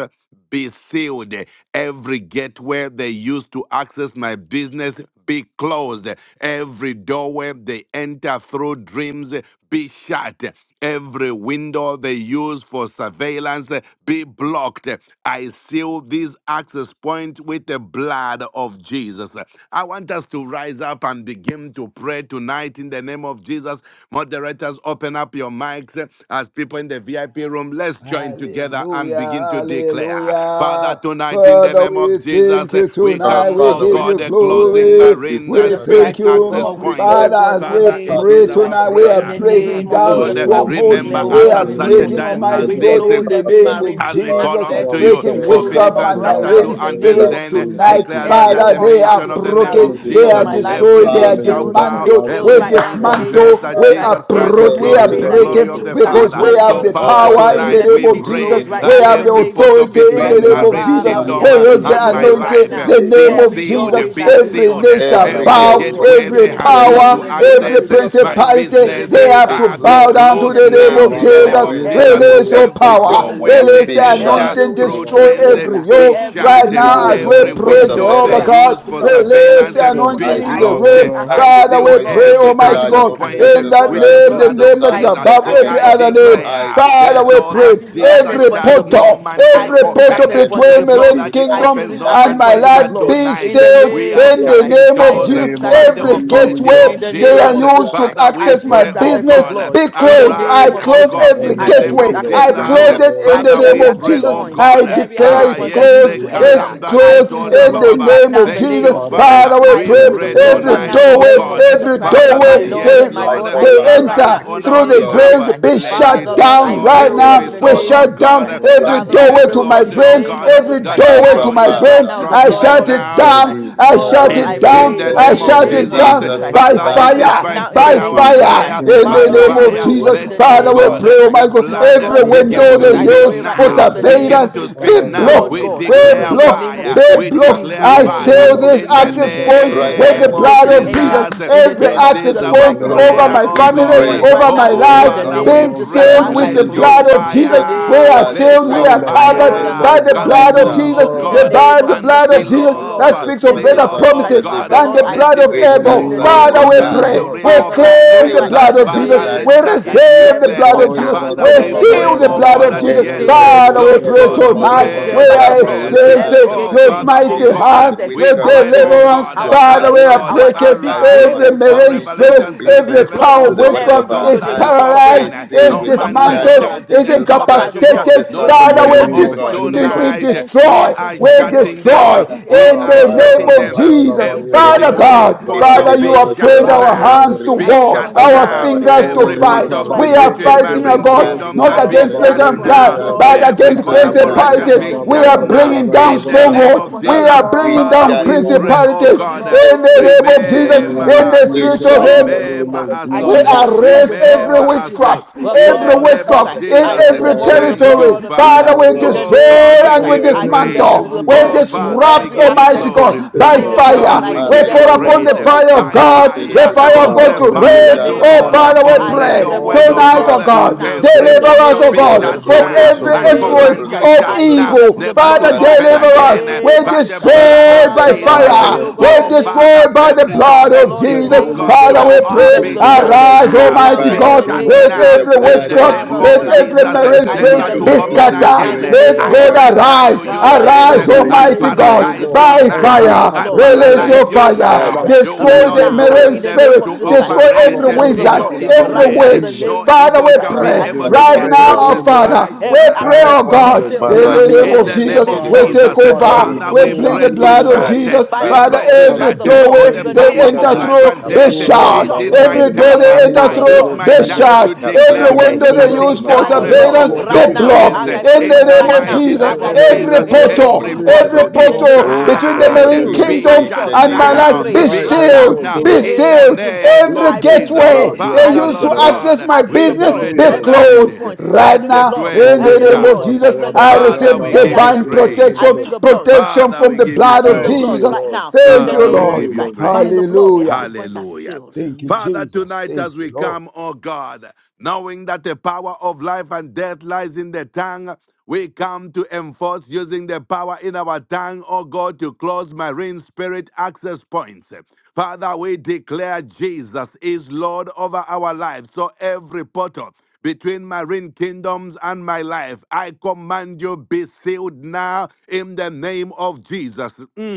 Speaker 5: be sealed sealed. Every gateway they use to access my business be closed. Every doorway they enter through dreams be shut. Every window they use for surveillance be blocked. I seal these access points with the blood of Jesus. I want us to rise up and begin to pray pray tonight in the name of Jesus. Moderators, open up your mics eh, as people in the VIP room. Let's join together and
Speaker 3: Hallelujah,
Speaker 5: begin to declare. Father,
Speaker 3: hallelujah.
Speaker 5: tonight in the
Speaker 3: Father,
Speaker 5: name
Speaker 3: we
Speaker 5: of
Speaker 3: thank
Speaker 5: Jesus, eh,
Speaker 3: you
Speaker 5: we
Speaker 4: our
Speaker 3: tonight.
Speaker 5: come,
Speaker 3: We
Speaker 5: oh
Speaker 4: Father,
Speaker 3: give
Speaker 4: we
Speaker 3: you
Speaker 5: God, eh,
Speaker 4: thank you in the
Speaker 5: closing
Speaker 4: name of
Speaker 3: glory.
Speaker 5: marine
Speaker 4: Jesus
Speaker 5: eh,
Speaker 3: We
Speaker 2: Jesus
Speaker 4: Christ, the Son
Speaker 3: thank
Speaker 5: spirit
Speaker 2: Christ, oh
Speaker 3: you,
Speaker 4: of the
Speaker 5: access
Speaker 2: God, we
Speaker 4: living
Speaker 5: points.
Speaker 2: pray,
Speaker 5: eh.
Speaker 2: oh
Speaker 4: God.
Speaker 3: Father,
Speaker 2: God,
Speaker 3: as
Speaker 2: in the
Speaker 3: we
Speaker 4: Our
Speaker 5: Father,
Speaker 2: name
Speaker 5: it
Speaker 2: of
Speaker 4: Father,
Speaker 3: pray
Speaker 5: is
Speaker 2: Jesus
Speaker 4: we
Speaker 5: our
Speaker 2: Christ.
Speaker 3: tonight.
Speaker 4: pray
Speaker 3: We are
Speaker 4: right
Speaker 2: In
Speaker 5: prayer.
Speaker 2: the
Speaker 4: now,
Speaker 6: In
Speaker 3: breaking
Speaker 5: Not
Speaker 2: name of
Speaker 6: the
Speaker 3: down
Speaker 5: Lord,
Speaker 2: Jesus
Speaker 4: calling
Speaker 5: eh,
Speaker 6: name
Speaker 2: Christ,
Speaker 6: of
Speaker 2: we
Speaker 4: upon your
Speaker 3: strongholds.
Speaker 2: declare,
Speaker 5: remember
Speaker 4: name
Speaker 2: oh
Speaker 6: Jesus,
Speaker 3: We
Speaker 5: us
Speaker 4: in
Speaker 2: God,
Speaker 3: are
Speaker 2: in
Speaker 5: at
Speaker 6: in
Speaker 4: the
Speaker 2: the
Speaker 6: the
Speaker 5: such
Speaker 2: name
Speaker 4: name
Speaker 5: a
Speaker 2: of
Speaker 6: name
Speaker 4: of
Speaker 3: breaking,
Speaker 6: of
Speaker 2: Jesus
Speaker 5: time
Speaker 2: Christ,
Speaker 5: as
Speaker 4: Jesus
Speaker 3: Almighty
Speaker 2: we
Speaker 6: Jesus.
Speaker 4: Christ,
Speaker 3: God,
Speaker 5: this.
Speaker 4: the
Speaker 3: in
Speaker 2: close
Speaker 5: eh,
Speaker 4: Son
Speaker 3: the
Speaker 4: of
Speaker 2: every
Speaker 4: the
Speaker 3: name
Speaker 2: marine
Speaker 3: of
Speaker 4: living
Speaker 5: as
Speaker 2: spirit
Speaker 5: we
Speaker 4: God.
Speaker 5: call
Speaker 3: Jesus,
Speaker 6: Father,
Speaker 2: access.
Speaker 5: unto
Speaker 4: We
Speaker 6: we
Speaker 5: you.
Speaker 2: We
Speaker 3: breaking
Speaker 6: thank
Speaker 4: pray,
Speaker 6: you,
Speaker 5: For
Speaker 2: close
Speaker 6: Lord, that
Speaker 2: them
Speaker 3: witchcraft
Speaker 4: Abba
Speaker 2: up
Speaker 5: Philippians
Speaker 3: and
Speaker 6: even
Speaker 2: right
Speaker 6: right
Speaker 5: chapter
Speaker 2: now
Speaker 4: Father,
Speaker 3: marine
Speaker 5: 2
Speaker 6: now,
Speaker 2: in the
Speaker 5: and
Speaker 6: Lord,
Speaker 5: verse
Speaker 6: you
Speaker 2: name
Speaker 4: right
Speaker 6: are
Speaker 3: spirits
Speaker 2: of
Speaker 4: now
Speaker 5: 10
Speaker 4: in
Speaker 2: Jesus
Speaker 6: doing
Speaker 4: the
Speaker 2: Christ.
Speaker 3: tonight.
Speaker 4: name of
Speaker 5: declares
Speaker 6: something,
Speaker 5: that
Speaker 2: Every
Speaker 5: at
Speaker 4: Jesus
Speaker 3: Father,
Speaker 6: Lord.
Speaker 5: the
Speaker 3: they
Speaker 4: Christ,
Speaker 2: portal
Speaker 4: the
Speaker 3: are
Speaker 5: mention of
Speaker 4: Son
Speaker 5: the
Speaker 4: of
Speaker 2: between
Speaker 5: name
Speaker 4: the
Speaker 6: You
Speaker 3: broken.
Speaker 2: marine
Speaker 5: of
Speaker 6: have
Speaker 4: living
Speaker 3: They
Speaker 2: kingdoms of
Speaker 3: are
Speaker 5: Jesus,
Speaker 6: destroyed
Speaker 4: God.
Speaker 2: my
Speaker 6: the
Speaker 2: life
Speaker 6: works
Speaker 5: every
Speaker 3: destroyed.
Speaker 6: of
Speaker 3: They
Speaker 2: be
Speaker 6: the
Speaker 3: are
Speaker 5: knee
Speaker 6: enemy
Speaker 4: Father,
Speaker 5: shall
Speaker 2: sealed,
Speaker 6: over my
Speaker 5: bow,
Speaker 4: we
Speaker 2: be
Speaker 6: life,
Speaker 3: dismantled.
Speaker 2: sealed
Speaker 3: We
Speaker 6: over
Speaker 5: every
Speaker 6: my
Speaker 2: right
Speaker 4: declare,
Speaker 2: now in
Speaker 5: tongue
Speaker 2: the name
Speaker 6: family.
Speaker 4: Almighty
Speaker 5: confess
Speaker 2: of
Speaker 3: dismantle.
Speaker 5: that
Speaker 2: Jesus
Speaker 3: We
Speaker 2: Christ.
Speaker 4: Father,
Speaker 3: are
Speaker 5: Jesus Christ
Speaker 2: Every
Speaker 6: You are
Speaker 3: brought.
Speaker 5: is
Speaker 3: We
Speaker 6: bringing
Speaker 5: Lord
Speaker 4: every
Speaker 3: are
Speaker 5: to
Speaker 2: gateway
Speaker 6: us
Speaker 5: the
Speaker 2: that the
Speaker 4: every
Speaker 6: over
Speaker 5: glory
Speaker 3: breaking
Speaker 6: to
Speaker 2: enemy
Speaker 5: of
Speaker 6: a
Speaker 5: the
Speaker 2: used
Speaker 4: portal
Speaker 2: to access
Speaker 6: place,
Speaker 3: because
Speaker 5: Father.
Speaker 2: my
Speaker 3: we
Speaker 6: oh
Speaker 4: between,
Speaker 3: have
Speaker 2: be-
Speaker 5: So,
Speaker 3: the
Speaker 6: God,
Speaker 3: power
Speaker 4: oh
Speaker 5: Father,
Speaker 2: blood
Speaker 4: God,
Speaker 6: oh
Speaker 3: power in
Speaker 4: every
Speaker 6: Lord,
Speaker 3: the
Speaker 5: tonight
Speaker 2: business
Speaker 6: the
Speaker 3: name
Speaker 5: we
Speaker 4: portal
Speaker 2: be
Speaker 3: of
Speaker 6: place of
Speaker 3: Jesus.
Speaker 5: pray
Speaker 2: closed
Speaker 4: between
Speaker 2: right
Speaker 3: We
Speaker 6: goodness.
Speaker 5: that
Speaker 2: now in
Speaker 4: marine
Speaker 3: have
Speaker 2: the
Speaker 3: the
Speaker 5: every
Speaker 2: name of
Speaker 4: kingdoms
Speaker 5: portal
Speaker 2: Jesus
Speaker 3: authority
Speaker 6: In
Speaker 3: in
Speaker 6: the
Speaker 3: the
Speaker 4: and,
Speaker 5: between
Speaker 2: Christ.
Speaker 3: name
Speaker 6: name
Speaker 4: and
Speaker 3: of
Speaker 6: of
Speaker 4: my
Speaker 5: Marine
Speaker 2: Father,
Speaker 3: Jesus.
Speaker 4: life
Speaker 2: we
Speaker 3: We
Speaker 2: are
Speaker 5: Kingdom
Speaker 6: Jesus,
Speaker 5: uh,
Speaker 3: use
Speaker 6: we
Speaker 2: praying,
Speaker 3: the
Speaker 4: be
Speaker 2: oh
Speaker 6: are
Speaker 5: and
Speaker 2: God,
Speaker 5: my
Speaker 6: more
Speaker 2: even
Speaker 4: sealed
Speaker 6: than
Speaker 2: right
Speaker 5: life,
Speaker 3: anointing,
Speaker 5: uh,
Speaker 2: now.
Speaker 3: the
Speaker 4: with
Speaker 6: conquerors.
Speaker 5: be
Speaker 3: name
Speaker 4: Almighty
Speaker 3: of
Speaker 2: Every
Speaker 4: God
Speaker 3: Jesus.
Speaker 4: be
Speaker 5: sealed,
Speaker 2: doorway
Speaker 5: be
Speaker 2: that's been
Speaker 4: sealed.
Speaker 3: Every
Speaker 5: sealed.
Speaker 2: shut.
Speaker 3: knee
Speaker 2: True
Speaker 3: shall
Speaker 4: Every
Speaker 5: Every
Speaker 2: dreams,
Speaker 3: bow,
Speaker 2: oh
Speaker 4: gateway
Speaker 2: God,
Speaker 6: Alabareke
Speaker 2: in
Speaker 5: gateway
Speaker 2: the
Speaker 5: they
Speaker 3: every
Speaker 2: name, be
Speaker 5: have
Speaker 4: they
Speaker 5: used
Speaker 2: shot
Speaker 3: power,
Speaker 2: in
Speaker 5: to
Speaker 6: tendererererere,
Speaker 4: use
Speaker 2: the
Speaker 4: to
Speaker 2: name of
Speaker 3: every
Speaker 2: the
Speaker 5: access
Speaker 2: short
Speaker 4: access
Speaker 2: true
Speaker 4: my
Speaker 5: my
Speaker 2: dream,
Speaker 6: tenderererere.
Speaker 3: principality,
Speaker 2: in the
Speaker 4: business
Speaker 5: business,
Speaker 3: they
Speaker 5: I
Speaker 2: name
Speaker 3: have
Speaker 4: be
Speaker 2: of
Speaker 3: to
Speaker 2: this
Speaker 5: be
Speaker 2: guy,
Speaker 3: bow
Speaker 4: closed.
Speaker 3: down
Speaker 2: in
Speaker 3: to
Speaker 2: the
Speaker 5: closed
Speaker 3: the name
Speaker 2: name
Speaker 5: now
Speaker 2: of
Speaker 3: of
Speaker 4: Every
Speaker 5: in
Speaker 2: this
Speaker 5: the
Speaker 2: guy.
Speaker 5: name
Speaker 3: Jesus.
Speaker 5: of
Speaker 4: doorway
Speaker 6: Radabayeke
Speaker 5: Jesus.
Speaker 2: Every
Speaker 4: they
Speaker 3: Release
Speaker 4: enter
Speaker 2: way,
Speaker 3: your
Speaker 6: nerebo,
Speaker 5: Every
Speaker 4: through
Speaker 2: every way
Speaker 3: power,
Speaker 2: be
Speaker 4: dreams
Speaker 5: doorway
Speaker 2: blocked.
Speaker 5: they
Speaker 3: release
Speaker 6: zentaradabayeke
Speaker 3: the
Speaker 4: be
Speaker 2: Every
Speaker 6: nerebo,
Speaker 5: enter
Speaker 4: shut.
Speaker 3: anointing,
Speaker 2: doorway they
Speaker 5: through
Speaker 3: destroy
Speaker 2: go to
Speaker 6: zentaradabayeke.
Speaker 4: Every
Speaker 5: dreams, uh,
Speaker 3: every
Speaker 2: enter,
Speaker 4: window
Speaker 5: be
Speaker 3: yoke
Speaker 2: every
Speaker 4: they
Speaker 5: shut.
Speaker 3: right
Speaker 2: way that they
Speaker 3: now
Speaker 6: Our
Speaker 3: as
Speaker 2: use
Speaker 4: use
Speaker 3: we
Speaker 2: for
Speaker 5: Every
Speaker 6: Lord,
Speaker 2: every
Speaker 6: we
Speaker 4: for
Speaker 3: pray,
Speaker 2: type
Speaker 6: give
Speaker 2: of
Speaker 6: you
Speaker 5: window they
Speaker 3: Jehovah
Speaker 4: surveillance,
Speaker 6: thanks.
Speaker 2: surveillance, be
Speaker 5: use
Speaker 3: God.
Speaker 5: for
Speaker 4: they
Speaker 2: blocked.
Speaker 4: block.
Speaker 3: Release
Speaker 2: in
Speaker 5: surveillance,
Speaker 2: the
Speaker 5: uh,
Speaker 3: the
Speaker 2: name
Speaker 6: Son
Speaker 2: of
Speaker 5: be
Speaker 2: this.
Speaker 3: anointing
Speaker 4: I
Speaker 6: like
Speaker 3: in
Speaker 2: I
Speaker 3: the
Speaker 4: seal
Speaker 6: no
Speaker 2: seal
Speaker 5: blocked.
Speaker 2: this
Speaker 3: room,
Speaker 4: these
Speaker 6: other.
Speaker 2: access
Speaker 5: I
Speaker 4: access
Speaker 2: point
Speaker 3: Father.
Speaker 2: to the
Speaker 5: seal
Speaker 3: We
Speaker 4: points
Speaker 3: pray,
Speaker 2: blood.
Speaker 4: with the
Speaker 5: every
Speaker 2: I
Speaker 3: Almighty
Speaker 6: Son
Speaker 4: blood
Speaker 2: seal
Speaker 5: access
Speaker 2: this
Speaker 6: like
Speaker 3: God,
Speaker 4: of
Speaker 2: access
Speaker 5: points
Speaker 6: no
Speaker 2: to
Speaker 5: eh,
Speaker 3: in
Speaker 2: the
Speaker 4: Jesus
Speaker 2: floor
Speaker 3: that
Speaker 5: with
Speaker 2: into
Speaker 5: the
Speaker 2: the
Speaker 4: Christ,
Speaker 3: name, the
Speaker 2: blood.
Speaker 5: blood
Speaker 4: the
Speaker 3: name
Speaker 5: of
Speaker 3: that is
Speaker 4: Son
Speaker 2: I
Speaker 4: of
Speaker 2: seal
Speaker 5: Jesus.
Speaker 4: the
Speaker 2: this
Speaker 3: above
Speaker 5: For
Speaker 2: access
Speaker 3: every
Speaker 4: living
Speaker 5: I
Speaker 2: point
Speaker 4: God.
Speaker 2: to
Speaker 3: other
Speaker 2: the blood.
Speaker 3: name.
Speaker 4: I
Speaker 5: declare the
Speaker 3: Father,
Speaker 4: declare
Speaker 3: we
Speaker 5: door
Speaker 4: it.
Speaker 2: I
Speaker 3: pray
Speaker 5: that
Speaker 2: seal this
Speaker 4: I
Speaker 5: Jesus
Speaker 2: access
Speaker 3: every
Speaker 2: point with
Speaker 5: shuts,
Speaker 2: the
Speaker 4: pronounce
Speaker 5: no
Speaker 4: it.
Speaker 2: blood.
Speaker 3: portal,
Speaker 5: man can
Speaker 2: I
Speaker 3: every
Speaker 2: seal
Speaker 4: Right
Speaker 2: this
Speaker 4: now, in
Speaker 3: portal
Speaker 5: open.
Speaker 2: access
Speaker 5: eh.
Speaker 4: the
Speaker 2: point with
Speaker 4: name
Speaker 5: The
Speaker 3: between
Speaker 2: the
Speaker 4: of
Speaker 5: door
Speaker 2: blood.
Speaker 3: marine
Speaker 4: Jesus,
Speaker 5: that he
Speaker 2: I
Speaker 3: kingdoms
Speaker 2: seal
Speaker 5: opens,
Speaker 2: this
Speaker 5: no
Speaker 4: the
Speaker 3: and
Speaker 2: access
Speaker 5: man
Speaker 3: my
Speaker 2: point
Speaker 5: can
Speaker 2: with the
Speaker 4: Father,
Speaker 5: shut
Speaker 3: life
Speaker 2: blood.
Speaker 3: be
Speaker 4: every
Speaker 2: In
Speaker 5: tonight. eh.
Speaker 2: the
Speaker 3: sealed
Speaker 4: portal
Speaker 5: We
Speaker 4: be
Speaker 2: name
Speaker 5: are
Speaker 2: of
Speaker 3: in
Speaker 2: Jesus
Speaker 3: the
Speaker 2: Christ,
Speaker 4: closed,
Speaker 5: shutting
Speaker 3: name
Speaker 6: other.
Speaker 2: I
Speaker 3: of
Speaker 6: In
Speaker 5: doors
Speaker 6: the
Speaker 5: eh,
Speaker 2: seal
Speaker 3: Jesus.
Speaker 2: this
Speaker 4: every
Speaker 6: name of
Speaker 5: by
Speaker 2: access
Speaker 5: the
Speaker 2: with
Speaker 4: portal
Speaker 3: Every
Speaker 2: the
Speaker 4: be
Speaker 2: blood.
Speaker 5: authority
Speaker 3: gateway
Speaker 4: sealed
Speaker 6: Jesus.
Speaker 2: In
Speaker 5: of
Speaker 2: the
Speaker 3: they
Speaker 4: with
Speaker 3: are
Speaker 2: name
Speaker 4: the
Speaker 5: Jesus.
Speaker 2: of
Speaker 5: eh.
Speaker 2: Jesus
Speaker 3: used
Speaker 4: blood
Speaker 3: to
Speaker 4: of
Speaker 2: Christ,
Speaker 5: Father, we
Speaker 2: I
Speaker 3: access
Speaker 2: seal
Speaker 4: Jesus
Speaker 3: my
Speaker 5: pray,
Speaker 2: this
Speaker 5: oh
Speaker 4: Christ,
Speaker 2: access with the
Speaker 3: business
Speaker 5: God, eh,
Speaker 2: blood.
Speaker 3: be
Speaker 4: Son
Speaker 2: In the
Speaker 4: of
Speaker 3: closed.
Speaker 4: the
Speaker 3: I
Speaker 2: name
Speaker 5: arise,
Speaker 2: of
Speaker 5: oh
Speaker 4: living
Speaker 2: Jesus
Speaker 3: close
Speaker 4: God.
Speaker 5: God,
Speaker 2: Christ,
Speaker 5: in
Speaker 3: every
Speaker 5: the
Speaker 2: I
Speaker 6: Every
Speaker 4: I
Speaker 2: seal
Speaker 5: name
Speaker 2: this
Speaker 3: gateway.
Speaker 6: virtue
Speaker 5: of
Speaker 4: pray
Speaker 6: that
Speaker 2: access
Speaker 3: I
Speaker 2: with the
Speaker 4: right
Speaker 3: close
Speaker 4: now.
Speaker 6: Jesus
Speaker 5: Jesus.
Speaker 2: blood.
Speaker 3: it
Speaker 6: was,
Speaker 3: in
Speaker 2: I
Speaker 6: I
Speaker 3: the
Speaker 5: Father,
Speaker 2: seal
Speaker 3: name
Speaker 6: thank
Speaker 5: we
Speaker 2: every
Speaker 6: my
Speaker 3: of
Speaker 5: pray,
Speaker 2: access
Speaker 3: Jesus.
Speaker 5: oh
Speaker 6: family.
Speaker 2: point,
Speaker 3: I
Speaker 5: God.
Speaker 4: Marika
Speaker 5: uh,
Speaker 2: every
Speaker 6: I
Speaker 3: declare
Speaker 2: access
Speaker 5: Ah,
Speaker 3: it's
Speaker 2: point
Speaker 6: thank
Speaker 2: they're
Speaker 5: yes,
Speaker 6: you,
Speaker 2: using
Speaker 3: closed.
Speaker 5: eh,
Speaker 2: to
Speaker 6: for Jesus.
Speaker 2: enter.
Speaker 3: It's
Speaker 6: I
Speaker 5: Kalamba
Speaker 2: I
Speaker 6: thank
Speaker 3: closed
Speaker 6: you,
Speaker 2: seal with
Speaker 5: Ketor
Speaker 2: the
Speaker 5: ba,
Speaker 3: in
Speaker 5: ba,
Speaker 6: God.
Speaker 5: ba,
Speaker 3: the
Speaker 2: blood
Speaker 5: ba.
Speaker 2: right
Speaker 3: name
Speaker 2: now in
Speaker 3: of
Speaker 2: the
Speaker 5: Thank
Speaker 2: name
Speaker 5: you,
Speaker 3: Jesus.
Speaker 2: of Jesus
Speaker 6: Father,
Speaker 5: Father.
Speaker 2: Christ.
Speaker 3: Father, we
Speaker 6: every
Speaker 2: I
Speaker 5: We
Speaker 3: pray
Speaker 2: seal
Speaker 6: virtue,
Speaker 2: with the
Speaker 5: pray
Speaker 4: I
Speaker 2: blood
Speaker 6: Holy
Speaker 3: every
Speaker 2: right
Speaker 6: Lord,
Speaker 2: now
Speaker 5: tonight,
Speaker 2: in the
Speaker 4: call
Speaker 5: oh
Speaker 2: name
Speaker 3: doorway,
Speaker 2: of
Speaker 6: Lord,
Speaker 4: upon
Speaker 5: God.
Speaker 6: that
Speaker 5: uh,
Speaker 4: you,
Speaker 2: Jesus
Speaker 3: every
Speaker 4: the
Speaker 6: is
Speaker 2: Christ,
Speaker 6: of
Speaker 4: King
Speaker 6: the Father,
Speaker 5: Father,
Speaker 4: of
Speaker 6: Holy
Speaker 2: my
Speaker 5: that
Speaker 3: doorway
Speaker 4: Kings.
Speaker 6: Ghost,
Speaker 5: yes,
Speaker 2: Lord
Speaker 6: in the
Speaker 2: and
Speaker 3: they
Speaker 2: my
Speaker 6: name
Speaker 4: I
Speaker 5: Lord,
Speaker 6: of
Speaker 2: God,
Speaker 5: uh,
Speaker 2: I
Speaker 4: call
Speaker 3: they
Speaker 2: see it
Speaker 6: Jesus.
Speaker 4: upon
Speaker 2: right
Speaker 4: you,
Speaker 5: arise
Speaker 2: now
Speaker 4: the
Speaker 3: enter
Speaker 2: in
Speaker 5: on
Speaker 4: King
Speaker 2: the
Speaker 4: of
Speaker 5: our
Speaker 3: through the
Speaker 2: name of
Speaker 5: behalf.
Speaker 4: Glory.
Speaker 2: Jesus
Speaker 5: uh,
Speaker 3: dreams,
Speaker 2: Christ.
Speaker 3: be
Speaker 4: I
Speaker 5: Let
Speaker 4: call
Speaker 5: it
Speaker 3: shut
Speaker 2: Father,
Speaker 5: be
Speaker 2: Lord,
Speaker 4: upon
Speaker 2: I
Speaker 3: down
Speaker 4: you,
Speaker 5: so.
Speaker 4: the
Speaker 2: pray,
Speaker 3: right
Speaker 5: Let
Speaker 2: oh
Speaker 4: Lord
Speaker 5: it
Speaker 4: of
Speaker 2: God,
Speaker 6: Every
Speaker 5: be
Speaker 2: in
Speaker 3: now.
Speaker 2: the
Speaker 3: We
Speaker 5: so,
Speaker 4: Lords.
Speaker 2: name
Speaker 5: oh
Speaker 2: of
Speaker 3: shut
Speaker 2: Jesus
Speaker 3: down
Speaker 4: I
Speaker 5: God. uh,
Speaker 2: Christ.
Speaker 4: call
Speaker 3: every
Speaker 5: That
Speaker 4: upon
Speaker 2: Father, I
Speaker 4: you,
Speaker 3: doorway
Speaker 5: yes,
Speaker 4: the
Speaker 2: pray,
Speaker 3: to
Speaker 2: oh
Speaker 3: my
Speaker 2: God,
Speaker 5: Lord,
Speaker 2: in the
Speaker 4: Ancient
Speaker 5: oh
Speaker 4: of
Speaker 3: dreams,
Speaker 2: name
Speaker 5: God,
Speaker 2: of
Speaker 4: Days.
Speaker 5: uh,
Speaker 3: every
Speaker 2: Jesus
Speaker 5: that
Speaker 2: Christ.
Speaker 5: you
Speaker 3: doorway
Speaker 2: I
Speaker 4: Abba,
Speaker 3: to
Speaker 5: show
Speaker 2: see
Speaker 3: my
Speaker 2: them right
Speaker 3: dreams.
Speaker 5: yourself
Speaker 4: Father,
Speaker 2: now, the
Speaker 5: strong
Speaker 3: I
Speaker 4: I
Speaker 5: even
Speaker 3: shut
Speaker 2: blood of
Speaker 3: it
Speaker 4: call
Speaker 5: now
Speaker 2: Jesus
Speaker 3: down,
Speaker 2: Christ.
Speaker 4: upon you
Speaker 3: I
Speaker 2: Lord
Speaker 6: door,
Speaker 3: shut
Speaker 2: God,
Speaker 4: now
Speaker 5: in,
Speaker 3: it
Speaker 2: I
Speaker 6: will,
Speaker 4: in
Speaker 5: in
Speaker 2: pray,
Speaker 3: down,
Speaker 5: the
Speaker 4: the
Speaker 6: God,
Speaker 2: God,
Speaker 3: I
Speaker 2: in
Speaker 5: name
Speaker 6: and
Speaker 2: the
Speaker 4: name
Speaker 5: of
Speaker 3: shut
Speaker 4: of
Speaker 2: name
Speaker 3: it
Speaker 6: enemy,
Speaker 2: of
Speaker 6: Jesus,
Speaker 5: Jesus, eh,
Speaker 2: Jesus
Speaker 3: down
Speaker 4: Jesus,
Speaker 6: Lord,
Speaker 2: Christ.
Speaker 3: by
Speaker 5: Father,
Speaker 6: God.
Speaker 2: I
Speaker 4: by
Speaker 5: this
Speaker 2: see it
Speaker 4: the
Speaker 5: is
Speaker 2: right
Speaker 5: by
Speaker 4: blood
Speaker 3: fire,
Speaker 2: now in
Speaker 4: of
Speaker 2: the
Speaker 5: prayer,
Speaker 3: by
Speaker 2: name
Speaker 5: our
Speaker 2: of
Speaker 6: Thank
Speaker 2: Jesus
Speaker 4: Jesus,
Speaker 6: you,
Speaker 3: fire
Speaker 5: prayer
Speaker 2: Christ.
Speaker 6: thank
Speaker 3: in
Speaker 6: you,
Speaker 5: by
Speaker 3: the
Speaker 2: Father,
Speaker 4: right
Speaker 2: I
Speaker 6: God,
Speaker 3: name of
Speaker 6: my
Speaker 2: pray,
Speaker 5: fire.
Speaker 4: now.
Speaker 2: oh God,
Speaker 3: Jesus.
Speaker 6: home,
Speaker 2: in
Speaker 5: Let,
Speaker 6: my
Speaker 2: the
Speaker 5: oh
Speaker 4: My
Speaker 3: Father,
Speaker 2: name
Speaker 3: we
Speaker 2: of
Speaker 5: God,
Speaker 3: pray,
Speaker 6: family.
Speaker 4: God,
Speaker 5: eh,
Speaker 2: Jesus
Speaker 3: oh
Speaker 2: Christ.
Speaker 3: my
Speaker 5: the
Speaker 3: God,
Speaker 2: Lord
Speaker 5: blood eh,
Speaker 3: every
Speaker 2: God, in
Speaker 6: Those
Speaker 2: the name
Speaker 5: begin
Speaker 2: of
Speaker 3: window
Speaker 5: to
Speaker 3: they
Speaker 2: Jesus, I
Speaker 6: doorways
Speaker 5: speak
Speaker 3: use
Speaker 6: are
Speaker 2: pray right
Speaker 3: for
Speaker 2: now
Speaker 5: now.
Speaker 6: closed
Speaker 2: in the
Speaker 6: and
Speaker 2: name
Speaker 6: locked
Speaker 5: Begin
Speaker 3: surveillance
Speaker 2: of
Speaker 5: to
Speaker 2: Jesus Christ.
Speaker 3: be
Speaker 5: speak
Speaker 6: forever in the
Speaker 5: now.
Speaker 2: Lord
Speaker 6: name
Speaker 3: blocked
Speaker 5: We
Speaker 6: of
Speaker 2: God, I
Speaker 3: we're
Speaker 6: Jesus.
Speaker 2: pray
Speaker 5: declare
Speaker 2: in the
Speaker 3: blocked.
Speaker 2: name of
Speaker 5: fire.
Speaker 3: Be
Speaker 2: Jesus Christ.
Speaker 5: We
Speaker 2: Be
Speaker 3: blocked.
Speaker 5: declare
Speaker 6: In
Speaker 3: I
Speaker 4: Mm.
Speaker 6: the
Speaker 2: blocked in the
Speaker 5: fire
Speaker 6: name
Speaker 3: seal
Speaker 2: name
Speaker 6: of
Speaker 2: of
Speaker 3: these
Speaker 2: Jesus
Speaker 5: in the
Speaker 2: Christ
Speaker 3: access
Speaker 6: Jesus.
Speaker 3: points
Speaker 6: In the
Speaker 4: Right
Speaker 3: with
Speaker 4: now, in
Speaker 6: name
Speaker 2: every
Speaker 5: name
Speaker 3: the
Speaker 4: the
Speaker 6: of
Speaker 5: of
Speaker 2: place
Speaker 4: name
Speaker 3: blood
Speaker 2: they've
Speaker 4: of
Speaker 3: of
Speaker 5: Jesus.
Speaker 6: Jesus.
Speaker 3: Jesus.
Speaker 4: Jesus
Speaker 2: entered
Speaker 5: eh,
Speaker 4: Christ,
Speaker 2: in
Speaker 4: the
Speaker 2: the
Speaker 3: Every
Speaker 2: name
Speaker 4: Son
Speaker 5: This
Speaker 4: of
Speaker 2: of
Speaker 4: the
Speaker 3: access
Speaker 5: is
Speaker 2: Jesus
Speaker 6: In the
Speaker 5: our
Speaker 4: Living
Speaker 3: point
Speaker 2: Christ,
Speaker 4: God,
Speaker 2: Lord
Speaker 6: name
Speaker 2: God,
Speaker 3: over
Speaker 6: of
Speaker 5: prayer,
Speaker 2: let
Speaker 3: my
Speaker 2: it
Speaker 5: oh
Speaker 2: be
Speaker 4: we
Speaker 3: family,
Speaker 5: God. eh,
Speaker 2: destroyed
Speaker 4: pray,
Speaker 2: right
Speaker 6: Jesus.
Speaker 3: over my
Speaker 2: now
Speaker 5: Oh
Speaker 6: In
Speaker 4: oh
Speaker 2: in
Speaker 3: life,
Speaker 2: the
Speaker 6: the
Speaker 5: Father,
Speaker 4: God,
Speaker 2: name
Speaker 6: name
Speaker 5: we
Speaker 2: of
Speaker 3: being
Speaker 2: Jesus
Speaker 6: of
Speaker 5: pray.
Speaker 2: Christ.
Speaker 4: right
Speaker 3: sealed
Speaker 2: As
Speaker 4: now,
Speaker 3: with
Speaker 4: in
Speaker 2: I
Speaker 3: the
Speaker 4: the
Speaker 5: Let
Speaker 4: name
Speaker 6: Jesus.
Speaker 5: your
Speaker 2: pray,
Speaker 4: of
Speaker 3: blood of
Speaker 2: in the
Speaker 4: Jesus,
Speaker 3: Jesus. We
Speaker 5: fire,
Speaker 3: are
Speaker 2: name
Speaker 4: by
Speaker 2: of
Speaker 4: the
Speaker 2: Jesus
Speaker 5: let
Speaker 3: sealed. We
Speaker 2: Christ,
Speaker 5: your
Speaker 4: blood
Speaker 6: In
Speaker 3: are
Speaker 4: of
Speaker 6: the
Speaker 2: my Lord
Speaker 3: covered
Speaker 4: Jesus,
Speaker 2: and
Speaker 6: name
Speaker 5: fire
Speaker 2: my
Speaker 3: by
Speaker 6: of
Speaker 3: the
Speaker 2: God,
Speaker 5: come
Speaker 2: I
Speaker 4: right
Speaker 3: blood of
Speaker 5: forth,
Speaker 4: now,
Speaker 2: pray
Speaker 3: Jesus.
Speaker 5: oh
Speaker 2: in
Speaker 6: Jesus.
Speaker 2: the
Speaker 3: The,
Speaker 5: God. God,
Speaker 2: name
Speaker 3: blood,
Speaker 5: uh,
Speaker 2: of
Speaker 3: the
Speaker 4: Father,
Speaker 5: and
Speaker 4: in
Speaker 2: Jesus
Speaker 3: blood
Speaker 4: the
Speaker 3: of
Speaker 2: Christ.
Speaker 5: seal
Speaker 4: name
Speaker 3: Jesus
Speaker 2: Yes,
Speaker 4: of
Speaker 5: off,
Speaker 3: that
Speaker 2: Lord,
Speaker 5: uh,
Speaker 4: Jesus
Speaker 3: speaks
Speaker 2: let
Speaker 3: of
Speaker 2: the
Speaker 4: Christ,
Speaker 5: seal
Speaker 4: the
Speaker 2: name
Speaker 3: better
Speaker 2: of
Speaker 5: off,
Speaker 4: Son
Speaker 2: Jesus
Speaker 4: of
Speaker 5: oh
Speaker 2: Christ,
Speaker 4: the
Speaker 3: promises
Speaker 5: God,
Speaker 2: Father,
Speaker 5: uh,
Speaker 4: Living
Speaker 3: than
Speaker 2: Lord,
Speaker 3: the
Speaker 4: God,
Speaker 2: I
Speaker 5: let
Speaker 3: blood of
Speaker 5: it be
Speaker 4: we
Speaker 2: seal
Speaker 6: The
Speaker 2: in
Speaker 5: too
Speaker 3: Abel.
Speaker 2: the
Speaker 6: name
Speaker 4: cancel
Speaker 5: hard
Speaker 6: of
Speaker 2: name of
Speaker 3: Father,
Speaker 5: for
Speaker 3: we
Speaker 2: Jesus
Speaker 4: nullify,
Speaker 5: them
Speaker 2: Christ.
Speaker 3: pray.
Speaker 5: to
Speaker 6: Jesus.
Speaker 3: We
Speaker 4: we,
Speaker 2: Father,
Speaker 4: we
Speaker 2: I
Speaker 5: reopen.
Speaker 3: claim
Speaker 2: pray
Speaker 5: uh,
Speaker 3: the
Speaker 4: seal
Speaker 2: right
Speaker 4: them
Speaker 5: That
Speaker 2: now
Speaker 3: blood
Speaker 2: in the
Speaker 4: with
Speaker 3: of
Speaker 4: the
Speaker 3: Jesus.
Speaker 5: Father,
Speaker 2: name
Speaker 4: blood,
Speaker 3: We
Speaker 2: of
Speaker 5: render
Speaker 2: Jesus
Speaker 4: we
Speaker 2: Christ.
Speaker 5: it
Speaker 4: seal
Speaker 3: receive the
Speaker 4: the
Speaker 2: Every
Speaker 5: useless.
Speaker 3: blood
Speaker 5: Uh,
Speaker 3: of
Speaker 6: Oh
Speaker 2: potter
Speaker 4: portals
Speaker 6: yeah,
Speaker 3: Jesus.
Speaker 6: da
Speaker 4: with
Speaker 3: We
Speaker 6: da
Speaker 5: Father,
Speaker 4: the
Speaker 2: in the
Speaker 6: da
Speaker 5: we
Speaker 6: da
Speaker 4: blood
Speaker 2: name
Speaker 6: da
Speaker 2: of
Speaker 4: of
Speaker 3: seal
Speaker 5: pray,
Speaker 6: da
Speaker 3: the
Speaker 2: Jesus
Speaker 6: da
Speaker 5: oh
Speaker 4: Jesus
Speaker 3: blood
Speaker 2: Christ
Speaker 6: da
Speaker 5: God,
Speaker 3: of
Speaker 6: da.
Speaker 5: that
Speaker 2: be
Speaker 3: Jesus.
Speaker 6: Don't
Speaker 4: every
Speaker 5: yes,
Speaker 6: tell
Speaker 5: uh,
Speaker 2: sealed,
Speaker 6: them, oh,
Speaker 3: Father,
Speaker 4: portal,
Speaker 3: we
Speaker 2: be
Speaker 6: sister,
Speaker 5: Lord
Speaker 3: pray
Speaker 6: da,
Speaker 4: every
Speaker 5: God
Speaker 6: da,
Speaker 2: sealed,
Speaker 5: of
Speaker 6: da,
Speaker 3: tonight.
Speaker 2: be
Speaker 4: portal
Speaker 3: We
Speaker 6: da,
Speaker 2: sealed
Speaker 5: grace
Speaker 6: da,
Speaker 2: by
Speaker 6: da, da,
Speaker 2: the
Speaker 3: are
Speaker 4: that
Speaker 5: and
Speaker 4: is
Speaker 2: blood.
Speaker 4: I'm
Speaker 5: mercy,
Speaker 6: da.
Speaker 4: allows
Speaker 2: Every
Speaker 4: the
Speaker 3: experiencing
Speaker 5: oh
Speaker 3: your
Speaker 2: gateway
Speaker 4: marine
Speaker 5: Father,
Speaker 2: they
Speaker 5: oh
Speaker 3: mighty
Speaker 2: use to
Speaker 4: spirits
Speaker 5: God,
Speaker 4: and
Speaker 5: uh,
Speaker 3: hand,
Speaker 4: the
Speaker 2: access
Speaker 5: we
Speaker 3: your
Speaker 4: witchcraft
Speaker 2: our
Speaker 5: pray, oh
Speaker 4: spirits
Speaker 2: business,
Speaker 3: deliverance.
Speaker 5: God,
Speaker 4: to
Speaker 5: uh,
Speaker 2: our
Speaker 4: have
Speaker 3: Father,
Speaker 5: that
Speaker 3: we
Speaker 2: careers,
Speaker 4: access
Speaker 3: are
Speaker 5: Lord, uh,
Speaker 4: to
Speaker 2: our
Speaker 4: my
Speaker 3: breaking
Speaker 2: job, be
Speaker 4: life, to
Speaker 5: arise
Speaker 4: my
Speaker 5: uh,
Speaker 3: every
Speaker 2: closed,
Speaker 5: for
Speaker 3: marine
Speaker 2: be
Speaker 4: family, to
Speaker 3: spirit,
Speaker 4: the
Speaker 5: Revelation
Speaker 2: closed,
Speaker 5: 3
Speaker 2: be
Speaker 3: every
Speaker 4: business,
Speaker 5: 7,
Speaker 3: power
Speaker 5: oh
Speaker 2: closed.
Speaker 4: to
Speaker 3: of
Speaker 4: the
Speaker 5: God,
Speaker 4: work
Speaker 5: the
Speaker 2: Every
Speaker 4: of
Speaker 3: witchcraft
Speaker 4: our
Speaker 5: door
Speaker 2: window
Speaker 3: is
Speaker 2: they
Speaker 5: that
Speaker 2: use
Speaker 5: you
Speaker 4: hands,
Speaker 2: for
Speaker 4: be
Speaker 3: paralyzed,
Speaker 5: open,
Speaker 2: surveillance,
Speaker 5: uh,
Speaker 2: be
Speaker 3: is
Speaker 4: sealed
Speaker 5: no
Speaker 4: with the
Speaker 2: blocked
Speaker 5: man
Speaker 2: by
Speaker 5: can
Speaker 2: the
Speaker 4: blood of
Speaker 2: blood,
Speaker 3: dismantled,
Speaker 5: shut, the
Speaker 3: is
Speaker 2: be
Speaker 4: Jesus
Speaker 5: door
Speaker 2: blocked by
Speaker 5: that
Speaker 4: Christ,
Speaker 2: the
Speaker 5: you shut,
Speaker 2: blood.
Speaker 4: the
Speaker 3: incapacitated.
Speaker 5: no
Speaker 2: We
Speaker 4: Son of
Speaker 6: In
Speaker 5: man
Speaker 2: seal
Speaker 5: can
Speaker 6: the
Speaker 3: Father,
Speaker 4: the
Speaker 2: the
Speaker 5: broken
Speaker 3: we,
Speaker 6: name
Speaker 4: Living
Speaker 2: access
Speaker 5: up
Speaker 6: of
Speaker 3: dis-
Speaker 2: point
Speaker 4: God.
Speaker 2: with the
Speaker 6: Jesus.
Speaker 3: we
Speaker 4: My
Speaker 2: blood.
Speaker 5: tonight.
Speaker 2: We
Speaker 4: Father,
Speaker 2: seal
Speaker 4: I
Speaker 2: the
Speaker 5: We
Speaker 3: destroy,
Speaker 2: access
Speaker 5: are
Speaker 4: pray
Speaker 3: we
Speaker 2: point with the blood.
Speaker 5: shutting
Speaker 4: right
Speaker 5: them.
Speaker 2: We
Speaker 3: destroy
Speaker 2: seal
Speaker 4: now.
Speaker 2: the
Speaker 6: In
Speaker 5: We
Speaker 2: access
Speaker 3: in
Speaker 6: the
Speaker 2: point
Speaker 5: are
Speaker 2: with
Speaker 3: the
Speaker 2: the blood.
Speaker 3: name
Speaker 5: shutting
Speaker 4: Marika
Speaker 3: of
Speaker 5: them.
Speaker 6: name
Speaker 3: Jesus.
Speaker 2: We seal
Speaker 5: Every
Speaker 2: the
Speaker 4: parakandere
Speaker 3: Father
Speaker 2: access point with
Speaker 5: demonic
Speaker 2: the
Speaker 3: God,
Speaker 2: blood of
Speaker 5: portal
Speaker 3: Father,
Speaker 4: brokosikendere
Speaker 2: Jesus
Speaker 3: you
Speaker 5: be
Speaker 3: have
Speaker 2: Christ.
Speaker 5: shut
Speaker 3: trained
Speaker 4: brokotoroba.
Speaker 2: Father,
Speaker 3: our
Speaker 2: I
Speaker 5: now.
Speaker 3: hands
Speaker 2: seal
Speaker 3: to
Speaker 2: the
Speaker 5: Be
Speaker 4: Rika
Speaker 2: access
Speaker 3: war,
Speaker 5: shut
Speaker 2: point
Speaker 4: papa
Speaker 2: with the
Speaker 3: our
Speaker 5: now.
Speaker 4: papa
Speaker 2: blood of
Speaker 3: fingers
Speaker 2: Jesus
Speaker 4: rakam
Speaker 3: to
Speaker 2: Christ.
Speaker 5: Every
Speaker 4: dere
Speaker 3: fight.
Speaker 2: Even
Speaker 5: portal
Speaker 2: right
Speaker 5: be-
Speaker 3: We
Speaker 2: now,
Speaker 3: are
Speaker 2: in the
Speaker 5: between my
Speaker 3: fighting,
Speaker 2: name
Speaker 3: oh
Speaker 2: of
Speaker 5: range
Speaker 2: Jesus
Speaker 3: God,
Speaker 2: Christ,
Speaker 5: kingdoms uh,
Speaker 3: not
Speaker 2: I
Speaker 4: Marikam,
Speaker 5: be
Speaker 2: seal
Speaker 3: against
Speaker 4: dere
Speaker 2: the
Speaker 3: flesh
Speaker 5: shut
Speaker 2: access
Speaker 3: and
Speaker 2: point with
Speaker 4: breakup
Speaker 2: the
Speaker 5: now.
Speaker 3: blood,
Speaker 2: blood
Speaker 3: but
Speaker 4: Baba.
Speaker 2: of Jesus
Speaker 5: Every
Speaker 2: Christ.
Speaker 3: against
Speaker 2: Even
Speaker 4: Father,
Speaker 2: right
Speaker 4: in
Speaker 2: now,
Speaker 5: collaboration
Speaker 4: the
Speaker 3: principalities.
Speaker 2: in
Speaker 5: be
Speaker 2: the
Speaker 4: name of
Speaker 3: We
Speaker 2: name
Speaker 5: shut
Speaker 3: are
Speaker 2: of
Speaker 4: Jesus,
Speaker 2: Jesus
Speaker 5: now.
Speaker 4: we
Speaker 2: Christ,
Speaker 3: bringing
Speaker 2: I
Speaker 3: down
Speaker 4: bring
Speaker 5: In the
Speaker 2: seal the
Speaker 4: down,
Speaker 5: name
Speaker 3: strongholds.
Speaker 2: access
Speaker 4: oh
Speaker 5: of
Speaker 2: point
Speaker 3: We
Speaker 2: to
Speaker 4: God.
Speaker 2: the
Speaker 5: Jesus,
Speaker 3: are
Speaker 4: We
Speaker 3: bringing
Speaker 2: blood
Speaker 5: Father,
Speaker 3: down
Speaker 2: of
Speaker 4: shut,
Speaker 5: we
Speaker 2: Jesus Christ.
Speaker 5: pray,
Speaker 4: Almighty
Speaker 5: oh
Speaker 2: With
Speaker 3: principalities
Speaker 2: the
Speaker 4: God,
Speaker 5: God, uh,
Speaker 2: blood
Speaker 3: in the
Speaker 2: blood
Speaker 4: every
Speaker 2: of Jesus
Speaker 3: name
Speaker 2: Christ.
Speaker 3: of
Speaker 2: I
Speaker 3: Jesus
Speaker 2: seal
Speaker 5: remember
Speaker 4: portal.
Speaker 2: the
Speaker 3: in
Speaker 6: of
Speaker 2: access
Speaker 3: the
Speaker 5: us. uh,
Speaker 2: from
Speaker 4: We
Speaker 2: the
Speaker 6: Jesus,
Speaker 3: spiritual
Speaker 4: shut
Speaker 6: in
Speaker 2: blood
Speaker 3: realm.
Speaker 6: the
Speaker 2: of
Speaker 4: every
Speaker 2: Jesus
Speaker 6: name
Speaker 5: Remember
Speaker 2: Christ.
Speaker 6: of
Speaker 5: us,
Speaker 2: I
Speaker 3: We
Speaker 4: portal.
Speaker 5: Lord.
Speaker 2: seal the
Speaker 5: uh,
Speaker 6: Jesus,
Speaker 2: access from
Speaker 4: Right
Speaker 3: arrest
Speaker 2: the
Speaker 4: in the
Speaker 3: every
Speaker 2: blood
Speaker 5: Remember
Speaker 2: of
Speaker 5: us,
Speaker 4: name
Speaker 2: Jesus
Speaker 4: of
Speaker 2: Christ.
Speaker 5: Lord
Speaker 3: witchcraft,
Speaker 2: The
Speaker 5: in
Speaker 4: Jesus,
Speaker 3: every
Speaker 5: the
Speaker 2: blood of
Speaker 5: name
Speaker 2: Jesus
Speaker 4: by
Speaker 3: witchcraft
Speaker 5: of
Speaker 2: Christ.
Speaker 4: the
Speaker 3: in
Speaker 2: I
Speaker 4: blood
Speaker 5: Jesus.
Speaker 4: of
Speaker 2: seal
Speaker 3: every
Speaker 2: them all with
Speaker 6: Father,
Speaker 2: the
Speaker 4: Jesus,
Speaker 5: Thank
Speaker 6: every
Speaker 3: territory.
Speaker 5: you,
Speaker 2: blood of Jesus
Speaker 4: we
Speaker 2: Christ.
Speaker 5: Father.
Speaker 3: Father, we
Speaker 2: In
Speaker 4: pray
Speaker 6: Father,
Speaker 2: the
Speaker 3: destroy
Speaker 5: Oh
Speaker 2: name
Speaker 4: and
Speaker 2: of
Speaker 5: God,
Speaker 2: Jesus
Speaker 5: we
Speaker 3: and
Speaker 6: when
Speaker 2: Christ,
Speaker 3: we
Speaker 5: give
Speaker 6: the
Speaker 4: declare
Speaker 5: you
Speaker 2: I seal
Speaker 6: enemy
Speaker 5: praise.
Speaker 4: in
Speaker 2: them all
Speaker 4: the
Speaker 2: with the
Speaker 3: dismantle. We
Speaker 6: uses,
Speaker 4: name of
Speaker 6: oh
Speaker 5: Oh
Speaker 2: blood.
Speaker 6: God,
Speaker 4: Jesus
Speaker 5: Father, we
Speaker 3: disrupt
Speaker 2: Every
Speaker 4: Christ,
Speaker 5: give
Speaker 4: the
Speaker 5: you
Speaker 2: access
Speaker 3: Almighty
Speaker 6: to
Speaker 4: Son of the
Speaker 5: glory.
Speaker 2: point,
Speaker 3: God
Speaker 6: penetrate
Speaker 3: by
Speaker 4: Living
Speaker 2: with
Speaker 6: my
Speaker 2: the
Speaker 5: Oh
Speaker 4: God.
Speaker 2: blood.
Speaker 5: God,
Speaker 2: I
Speaker 6: family,
Speaker 5: we
Speaker 3: fire.
Speaker 6: my
Speaker 2: seal
Speaker 3: We
Speaker 5: give
Speaker 2: them
Speaker 5: you
Speaker 2: up
Speaker 3: call
Speaker 4: Maricam
Speaker 2: with the
Speaker 4: dere
Speaker 3: upon
Speaker 6: finance,
Speaker 3: the
Speaker 5: praise
Speaker 2: blood.
Speaker 6: my
Speaker 3: fire
Speaker 4: breakup
Speaker 3: of
Speaker 5: by
Speaker 6: business,
Speaker 3: God,
Speaker 4: dere
Speaker 3: the
Speaker 5: fire.
Speaker 2: Right
Speaker 4: breakup
Speaker 2: now,
Speaker 3: fire
Speaker 2: the
Speaker 3: of
Speaker 5: Cause
Speaker 4: taraba.
Speaker 6: Lord,
Speaker 3: God
Speaker 5: the
Speaker 2: blood
Speaker 3: to
Speaker 6: pardon
Speaker 2: in
Speaker 6: me.
Speaker 2: the
Speaker 5: fire
Speaker 3: reign.
Speaker 5: to
Speaker 2: name
Speaker 4: Amdara
Speaker 2: of
Speaker 3: Oh,
Speaker 2: Jesus
Speaker 5: fall
Speaker 6: Father,
Speaker 2: Christ.
Speaker 3: Father, we
Speaker 4: maricam
Speaker 6: seal
Speaker 5: upon
Speaker 2: I
Speaker 5: the
Speaker 6: those
Speaker 2: seal
Speaker 3: pray
Speaker 2: them
Speaker 4: dere
Speaker 6: doors,
Speaker 2: all
Speaker 5: doorways,
Speaker 2: with
Speaker 5: oh
Speaker 2: the
Speaker 6: oh
Speaker 4: breakup
Speaker 3: Tonight, oh
Speaker 6: God,
Speaker 2: blood
Speaker 5: God.
Speaker 2: right
Speaker 3: God,
Speaker 6: seal
Speaker 2: now
Speaker 6: those
Speaker 4: Baba.
Speaker 5: Every
Speaker 2: in
Speaker 6: holes
Speaker 3: deliver
Speaker 2: the
Speaker 3: us,
Speaker 5: portal
Speaker 3: oh
Speaker 2: name
Speaker 5: be
Speaker 2: of
Speaker 6: with
Speaker 4: Dere
Speaker 6: the
Speaker 3: God,
Speaker 5: shut
Speaker 2: Jesus
Speaker 3: from
Speaker 6: blood
Speaker 2: Christ.
Speaker 4: broko
Speaker 5: now.
Speaker 6: of
Speaker 2: In
Speaker 3: every
Speaker 2: the
Speaker 4: soko
Speaker 5: I
Speaker 2: name
Speaker 4: dere
Speaker 2: of
Speaker 6: Jesus.
Speaker 3: influence
Speaker 2: Jesus
Speaker 5: command
Speaker 4: broko
Speaker 2: Christ,
Speaker 5: you
Speaker 3: of
Speaker 5: shut
Speaker 2: I seal
Speaker 5: now,
Speaker 4: baba.
Speaker 2: them with
Speaker 3: evil.
Speaker 2: the
Speaker 5: never to
Speaker 3: Father,
Speaker 2: blood right
Speaker 5: open
Speaker 3: deliver
Speaker 2: now
Speaker 4: Marikam
Speaker 2: in the
Speaker 4: dere
Speaker 3: us.
Speaker 5: again
Speaker 4: broko
Speaker 2: name
Speaker 3: We're
Speaker 2: of
Speaker 5: by
Speaker 2: Jesus
Speaker 5: the
Speaker 2: Christ.
Speaker 5: blood
Speaker 4: Father, in
Speaker 5: of
Speaker 3: destroyed
Speaker 4: the
Speaker 3: by
Speaker 2: Father, Lord,
Speaker 4: name
Speaker 2: I
Speaker 5: Jesus.
Speaker 6: Ah,
Speaker 4: of
Speaker 2: pray, oh
Speaker 6: yes,
Speaker 3: fire.
Speaker 2: God, in
Speaker 6: Lord.
Speaker 3: We're
Speaker 2: the
Speaker 5: Oh
Speaker 4: Jesus, O
Speaker 2: name
Speaker 4: God.
Speaker 2: of
Speaker 5: Father,
Speaker 3: destroyed
Speaker 2: Jesus
Speaker 3: by
Speaker 2: Christ.
Speaker 3: the
Speaker 5: every
Speaker 3: blood
Speaker 4: Father,
Speaker 2: Father,
Speaker 3: of
Speaker 4: we
Speaker 2: Lord, in
Speaker 5: tormenting,
Speaker 6: Let
Speaker 2: the
Speaker 6: the
Speaker 3: Jesus.
Speaker 4: seal
Speaker 5: oh
Speaker 2: name
Speaker 4: the
Speaker 6: only
Speaker 2: of
Speaker 5: God,
Speaker 2: Jesus
Speaker 6: door
Speaker 3: Father,
Speaker 2: Christ,
Speaker 3: we
Speaker 5: door
Speaker 6: that
Speaker 4: photo
Speaker 2: I
Speaker 6: is
Speaker 2: seal
Speaker 5: ah,
Speaker 2: them
Speaker 4: with
Speaker 6: open
Speaker 3: pray,
Speaker 2: with
Speaker 6: is
Speaker 5: be
Speaker 2: the
Speaker 6: the
Speaker 5: shut
Speaker 6: door
Speaker 2: blood
Speaker 4: fire,
Speaker 6: that
Speaker 3: arise,
Speaker 6: you
Speaker 4: with
Speaker 2: right
Speaker 6: have
Speaker 5: now
Speaker 2: now,
Speaker 3: Almighty
Speaker 6: opened,
Speaker 2: Lord,
Speaker 5: be
Speaker 2: in
Speaker 3: God.
Speaker 4: fire,
Speaker 2: the
Speaker 5: shut
Speaker 2: name
Speaker 6: Jehovah,
Speaker 4: and
Speaker 3: Let
Speaker 2: of
Speaker 4: with
Speaker 5: now
Speaker 4: the
Speaker 2: Jesus
Speaker 3: every
Speaker 2: Christ.
Speaker 6: the
Speaker 5: in
Speaker 4: blood
Speaker 5: the
Speaker 4: of
Speaker 6: door of
Speaker 5: name
Speaker 3: witchcraft,
Speaker 2: Father,
Speaker 3: let
Speaker 2: Lord,
Speaker 5: of
Speaker 4: Jesus,
Speaker 2: I
Speaker 6: blessings.
Speaker 3: every
Speaker 5: Jesus,
Speaker 2: pray.
Speaker 4: and
Speaker 5: eh,
Speaker 4: with
Speaker 3: marine
Speaker 6: That's
Speaker 4: the
Speaker 2: I
Speaker 6: the only
Speaker 2: speak
Speaker 5: never
Speaker 3: spirit
Speaker 4: fire
Speaker 2: them
Speaker 4: of
Speaker 6: thing
Speaker 2: with
Speaker 5: to
Speaker 3: be
Speaker 2: the
Speaker 4: the
Speaker 6: that should
Speaker 5: open
Speaker 2: blood
Speaker 4: Holy
Speaker 6: be
Speaker 2: right now
Speaker 6: open,
Speaker 2: in
Speaker 5: again.
Speaker 3: scattered.
Speaker 4: Spirit,
Speaker 2: the
Speaker 5: eh.
Speaker 6: Lord, for
Speaker 3: Let
Speaker 6: my
Speaker 4: with
Speaker 2: name
Speaker 5: I
Speaker 2: of
Speaker 4: the
Speaker 3: God
Speaker 6: life.
Speaker 2: Jesus Christ.
Speaker 5: render
Speaker 3: arise,
Speaker 4: anointing
Speaker 5: you
Speaker 4: of the
Speaker 2: Father, I
Speaker 4: Holy
Speaker 2: pray,
Speaker 5: useless.
Speaker 2: oh
Speaker 6: Every
Speaker 5: eh.
Speaker 3: arise,
Speaker 2: God, in
Speaker 4: Spirit,
Speaker 2: the
Speaker 5: I
Speaker 3: Almighty
Speaker 2: name of
Speaker 6: leakages,
Speaker 4: right
Speaker 6: oh
Speaker 4: now,
Speaker 3: God,
Speaker 2: Jesus
Speaker 5: paralyze
Speaker 6: God,
Speaker 5: you
Speaker 2: Christ,
Speaker 3: by
Speaker 2: I
Speaker 4: in
Speaker 2: seal
Speaker 4: the
Speaker 2: them
Speaker 5: now.
Speaker 6: every
Speaker 2: with the
Speaker 4: name
Speaker 3: fire
Speaker 4: of
Speaker 6: part
Speaker 5: I
Speaker 3: fire.
Speaker 6: of
Speaker 2: blood
Speaker 6: the
Speaker 3: Release
Speaker 2: in
Speaker 4: Jesus,
Speaker 6: enemy.
Speaker 2: the
Speaker 3: your
Speaker 5: paralyze you
Speaker 2: name of
Speaker 4: by
Speaker 3: fire.
Speaker 2: Jesus
Speaker 5: now.
Speaker 6: Father,
Speaker 4: the
Speaker 2: Christ.
Speaker 5: You
Speaker 3: Destroy
Speaker 4: blood
Speaker 5: will
Speaker 6: seal
Speaker 4: of
Speaker 2: Right
Speaker 6: it,
Speaker 5: not
Speaker 3: the
Speaker 6: oh
Speaker 2: now,
Speaker 6: God,
Speaker 3: marine
Speaker 2: in
Speaker 6: and
Speaker 5: stand
Speaker 2: the
Speaker 5: eh,
Speaker 2: name of
Speaker 5: to
Speaker 3: spirit.
Speaker 2: Jesus
Speaker 6: oh
Speaker 2: Christ,
Speaker 4: Jesus,
Speaker 3: Destroy
Speaker 6: God,
Speaker 2: I
Speaker 4: and
Speaker 6: block
Speaker 5: operate
Speaker 3: every
Speaker 2: seal
Speaker 5: eh,
Speaker 2: them with the
Speaker 5: in
Speaker 3: wizard,
Speaker 5: your
Speaker 6: it
Speaker 2: blood.
Speaker 4: declare.
Speaker 6: up in
Speaker 5: evil
Speaker 6: the name
Speaker 3: every
Speaker 2: Right
Speaker 6: of
Speaker 2: now,
Speaker 5: ways.
Speaker 2: in
Speaker 5: eh.
Speaker 2: the
Speaker 3: witch.
Speaker 6: Jesus.
Speaker 5: No
Speaker 2: name of
Speaker 3: Father,
Speaker 2: Jesus
Speaker 5: evil
Speaker 3: we
Speaker 2: Christ,
Speaker 5: shall be
Speaker 6: You
Speaker 3: pray
Speaker 6: are
Speaker 2: I
Speaker 6: the
Speaker 5: able
Speaker 2: seal
Speaker 5: to
Speaker 2: them with
Speaker 3: right
Speaker 4: Marikatara
Speaker 2: the
Speaker 5: get
Speaker 3: now,
Speaker 6: refiner,
Speaker 2: blood
Speaker 3: oh
Speaker 6: oh
Speaker 2: of
Speaker 5: access
Speaker 2: Jesus
Speaker 6: God.
Speaker 2: Christ.
Speaker 5: right
Speaker 3: Father.
Speaker 4: brokotikatara
Speaker 3: We
Speaker 2: Every
Speaker 3: pray,
Speaker 5: now.
Speaker 6: I
Speaker 2: access
Speaker 3: oh
Speaker 4: brokotoraba.
Speaker 2: point be
Speaker 6: am
Speaker 3: God,
Speaker 6: the
Speaker 5: Not
Speaker 2: sealed,
Speaker 3: in
Speaker 6: clay,
Speaker 5: now.
Speaker 3: the
Speaker 2: be
Speaker 6: you
Speaker 3: name
Speaker 6: are
Speaker 5: In
Speaker 3: of
Speaker 6: the
Speaker 5: the
Speaker 2: sealed,
Speaker 5: name
Speaker 3: Jesus.
Speaker 2: be
Speaker 5: of
Speaker 6: potter.
Speaker 4: Marakasikitiri
Speaker 3: We
Speaker 2: shut,
Speaker 3: take
Speaker 5: Jesus,
Speaker 2: be
Speaker 5: eh.
Speaker 6: Father,
Speaker 2: closed,
Speaker 3: over.
Speaker 5: Father,
Speaker 4: brokotokotoraba.
Speaker 3: We
Speaker 2: be
Speaker 5: we
Speaker 3: bleed
Speaker 6: remove
Speaker 3: the
Speaker 2: shut,
Speaker 5: pray
Speaker 6: me,
Speaker 5: to
Speaker 2: be
Speaker 3: blood
Speaker 6: O
Speaker 3: of
Speaker 6: God,
Speaker 5: shut.
Speaker 2: closed
Speaker 4: Imaria
Speaker 5: eh,
Speaker 3: Jesus.
Speaker 2: by
Speaker 5: We
Speaker 2: the
Speaker 4: paria
Speaker 3: Father,
Speaker 5: pray
Speaker 2: blood,
Speaker 5: to
Speaker 4: tere
Speaker 6: and
Speaker 3: every
Speaker 2: by
Speaker 5: shut
Speaker 2: the
Speaker 5: eh,
Speaker 6: fix
Speaker 4: bariam.
Speaker 2: blood,
Speaker 5: for
Speaker 2: in
Speaker 5: the
Speaker 3: doorway
Speaker 2: the
Speaker 6: everything
Speaker 3: they
Speaker 2: name of
Speaker 5: power
Speaker 2: Jesus
Speaker 6: that
Speaker 3: enter
Speaker 5: of
Speaker 2: Christ.
Speaker 6: needs
Speaker 5: life life
Speaker 3: through,
Speaker 2: Be
Speaker 6: to
Speaker 5: and
Speaker 6: fix,
Speaker 3: be
Speaker 2: sealed,
Speaker 6: O
Speaker 5: death
Speaker 2: be
Speaker 6: God,
Speaker 4: Marikapapapara
Speaker 6: in
Speaker 3: shut.
Speaker 5: is
Speaker 6: my
Speaker 2: shut,
Speaker 5: in
Speaker 6: life
Speaker 5: my
Speaker 2: be
Speaker 6: and
Speaker 3: Every
Speaker 6: in my
Speaker 3: door
Speaker 5: tongue.
Speaker 2: blocked
Speaker 3: they
Speaker 4: brokotikata.
Speaker 6: family
Speaker 3: enter
Speaker 2: by
Speaker 5: I
Speaker 6: that
Speaker 2: the
Speaker 6: don't
Speaker 5: use
Speaker 3: through,
Speaker 2: blood,
Speaker 6: want
Speaker 5: my
Speaker 3: be
Speaker 2: be
Speaker 6: Jesus,
Speaker 5: tongue
Speaker 2: sealed
Speaker 5: to
Speaker 3: shut.
Speaker 2: be
Speaker 3: Every
Speaker 5: declare
Speaker 6: in
Speaker 2: shut,
Speaker 6: my
Speaker 5: a
Speaker 4: Marikaterika
Speaker 2: be
Speaker 3: window they
Speaker 6: business,
Speaker 2: closed
Speaker 3: use
Speaker 6: in
Speaker 5: shutting
Speaker 6: my
Speaker 3: for
Speaker 2: by
Speaker 5: down
Speaker 2: the
Speaker 6: career.
Speaker 2: blood
Speaker 3: surveillance,
Speaker 4: katoroko
Speaker 5: of
Speaker 6: Lord,
Speaker 3: be
Speaker 2: right
Speaker 6: fix
Speaker 2: now
Speaker 6: it,
Speaker 4: paraka.
Speaker 6: O
Speaker 5: doorways
Speaker 3: blocked
Speaker 2: as
Speaker 3: in
Speaker 2: I
Speaker 6: God.
Speaker 2: pray,
Speaker 5: in the
Speaker 3: the
Speaker 2: right
Speaker 3: name of
Speaker 2: now
Speaker 5: mighty
Speaker 3: Jesus.
Speaker 5: name
Speaker 2: as
Speaker 4: Marikatara
Speaker 6: The
Speaker 2: I
Speaker 5: of
Speaker 6: enemy,
Speaker 2: pray,
Speaker 3: Every
Speaker 6: O
Speaker 5: Jesus.
Speaker 2: in the
Speaker 6: God, has
Speaker 2: name of
Speaker 5: Every
Speaker 3: portal,
Speaker 4: brikasikem
Speaker 2: Jesus
Speaker 6: stolen
Speaker 4: tere
Speaker 2: Christ,
Speaker 6: is
Speaker 3: every
Speaker 5: portal
Speaker 4: baba.
Speaker 2: be in
Speaker 5: is
Speaker 2: the
Speaker 6: enough
Speaker 2: name of
Speaker 3: portal
Speaker 6: and
Speaker 2: Jesus
Speaker 6: they
Speaker 4: Oh
Speaker 2: Christ,
Speaker 3: between the
Speaker 2: be
Speaker 4: God,
Speaker 6: cannot
Speaker 5: shut.
Speaker 3: marine
Speaker 4: we
Speaker 2: sealed
Speaker 6: anymore.
Speaker 5: Be
Speaker 2: and
Speaker 4: pray
Speaker 3: kingdoms
Speaker 4: in
Speaker 5: shut
Speaker 2: shut
Speaker 4: the
Speaker 3: and
Speaker 2: as
Speaker 4: name
Speaker 3: my
Speaker 4: of
Speaker 2: I
Speaker 6: From
Speaker 3: life,
Speaker 5: now.
Speaker 2: pray,
Speaker 3: be
Speaker 6: tonight
Speaker 5: Be
Speaker 4: Jesus.
Speaker 2: right now
Speaker 5: shut
Speaker 3: sealed,
Speaker 6: henceforth,
Speaker 5: now
Speaker 6: O
Speaker 2: in the
Speaker 3: be
Speaker 6: God,
Speaker 5: in
Speaker 2: name
Speaker 5: the
Speaker 2: of
Speaker 3: sealed.
Speaker 2: Jesus Christ.
Speaker 5: name
Speaker 6: let
Speaker 3: Every
Speaker 5: of
Speaker 2: I
Speaker 6: your
Speaker 2: plead the
Speaker 5: Jesus.
Speaker 6: power
Speaker 2: blood,
Speaker 3: gateway
Speaker 6: be at
Speaker 3: they
Speaker 2: I
Speaker 5: Father,
Speaker 6: work
Speaker 3: use
Speaker 2: plead
Speaker 6: in
Speaker 2: the
Speaker 3: to
Speaker 6: my
Speaker 5: Lord
Speaker 2: blood,
Speaker 6: life.
Speaker 3: access
Speaker 5: God,
Speaker 3: my
Speaker 2: I plead
Speaker 5: we
Speaker 2: the
Speaker 6: In the
Speaker 3: business,
Speaker 2: blood,
Speaker 5: pray
Speaker 3: be
Speaker 6: name of
Speaker 2: every
Speaker 5: tonight.
Speaker 2: access
Speaker 3: closed
Speaker 2: point,
Speaker 6: Jesus.
Speaker 2: I
Speaker 3: right
Speaker 5: Let
Speaker 2: plead the
Speaker 5: the
Speaker 3: now
Speaker 2: blood,
Speaker 5: doors
Speaker 3: in
Speaker 5: be
Speaker 3: the
Speaker 2: every
Speaker 3: name of
Speaker 5: shut.
Speaker 2: blood,
Speaker 3: Jesus.
Speaker 2: in the name
Speaker 3: I
Speaker 2: of Jesus Christ,
Speaker 5: Father,
Speaker 3: receive
Speaker 5: we
Speaker 2: every
Speaker 5: give you
Speaker 3: divine
Speaker 2: access point,
Speaker 5: praise.
Speaker 2: I
Speaker 3: protection,
Speaker 2: plead the blood.
Speaker 3: protection
Speaker 5: Father,
Speaker 3: from
Speaker 5: we
Speaker 3: the
Speaker 5: give you
Speaker 2: I
Speaker 3: blood
Speaker 2: plead
Speaker 3: of
Speaker 2: the
Speaker 6: Thank
Speaker 2: blood
Speaker 6: you,
Speaker 5: glory.
Speaker 3: Jesus.
Speaker 2: right
Speaker 6: Lord.
Speaker 2: now in
Speaker 6: In
Speaker 3: Thank
Speaker 2: the
Speaker 6: the
Speaker 3: you,
Speaker 5: Father, we
Speaker 2: name of
Speaker 3: Lord.
Speaker 2: Jesus
Speaker 5: give
Speaker 6: name
Speaker 5: you
Speaker 6: of
Speaker 2: Christ. By the
Speaker 6: Jesus.
Speaker 5: praise.
Speaker 2: blood, the
Speaker 3: Hallelujah.
Speaker 2: access points are
Speaker 5: Hallelujah.
Speaker 2: sealed
Speaker 3: Thank you,
Speaker 5: Father,
Speaker 3: Jesus.
Speaker 5: tonight as
Speaker 3: Thank
Speaker 5: we
Speaker 3: you, Lord.
Speaker 5: come, oh God, knowing that the power of life and death lies in the tongue, we come to enforce using the power in our tongue, oh God, to close marine spirit access points. Father, we declare Jesus is Lord over our lives. So every portal between marine kingdoms and my life, I command you be sealed now in the name of Jesus. Mm.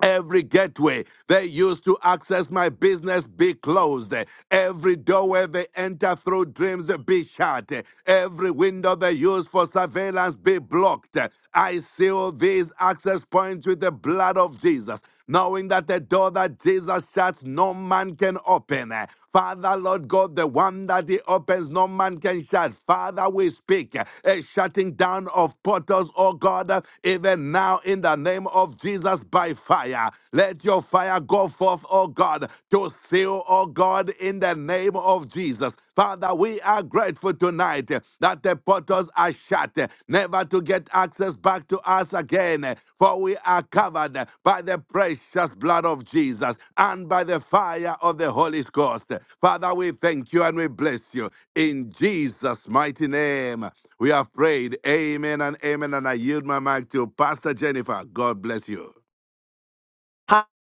Speaker 5: Every gateway they use to access my business be closed. Every doorway they enter through dreams be shut. Every window they use for surveillance be blocked. I seal these access points with the blood of Jesus, knowing that the door that Jesus shuts, no man can open. Father, Lord God, the one that He opens, no man can shut. Father, we speak a shutting down of portals, oh God, even now in the name of Jesus by by fire. Let your fire go forth, oh God, to seal, oh God, in the name of Jesus. Father, we are grateful tonight eh, that the portals are shut, eh, never to get access back to us again, eh, for we are covered eh, by the precious blood of Jesus and by the fire of the Holy Ghost. Eh, Father, we thank you and we bless you. In Jesus' mighty name, we have prayed. Amen and amen. And I yield my mic to Pastor Jennifer. God bless you.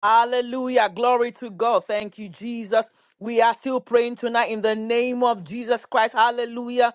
Speaker 2: Hallelujah. Glory to God. Thank you, Jesus. We are still praying tonight in the name of Jesus Christ. Hallelujah.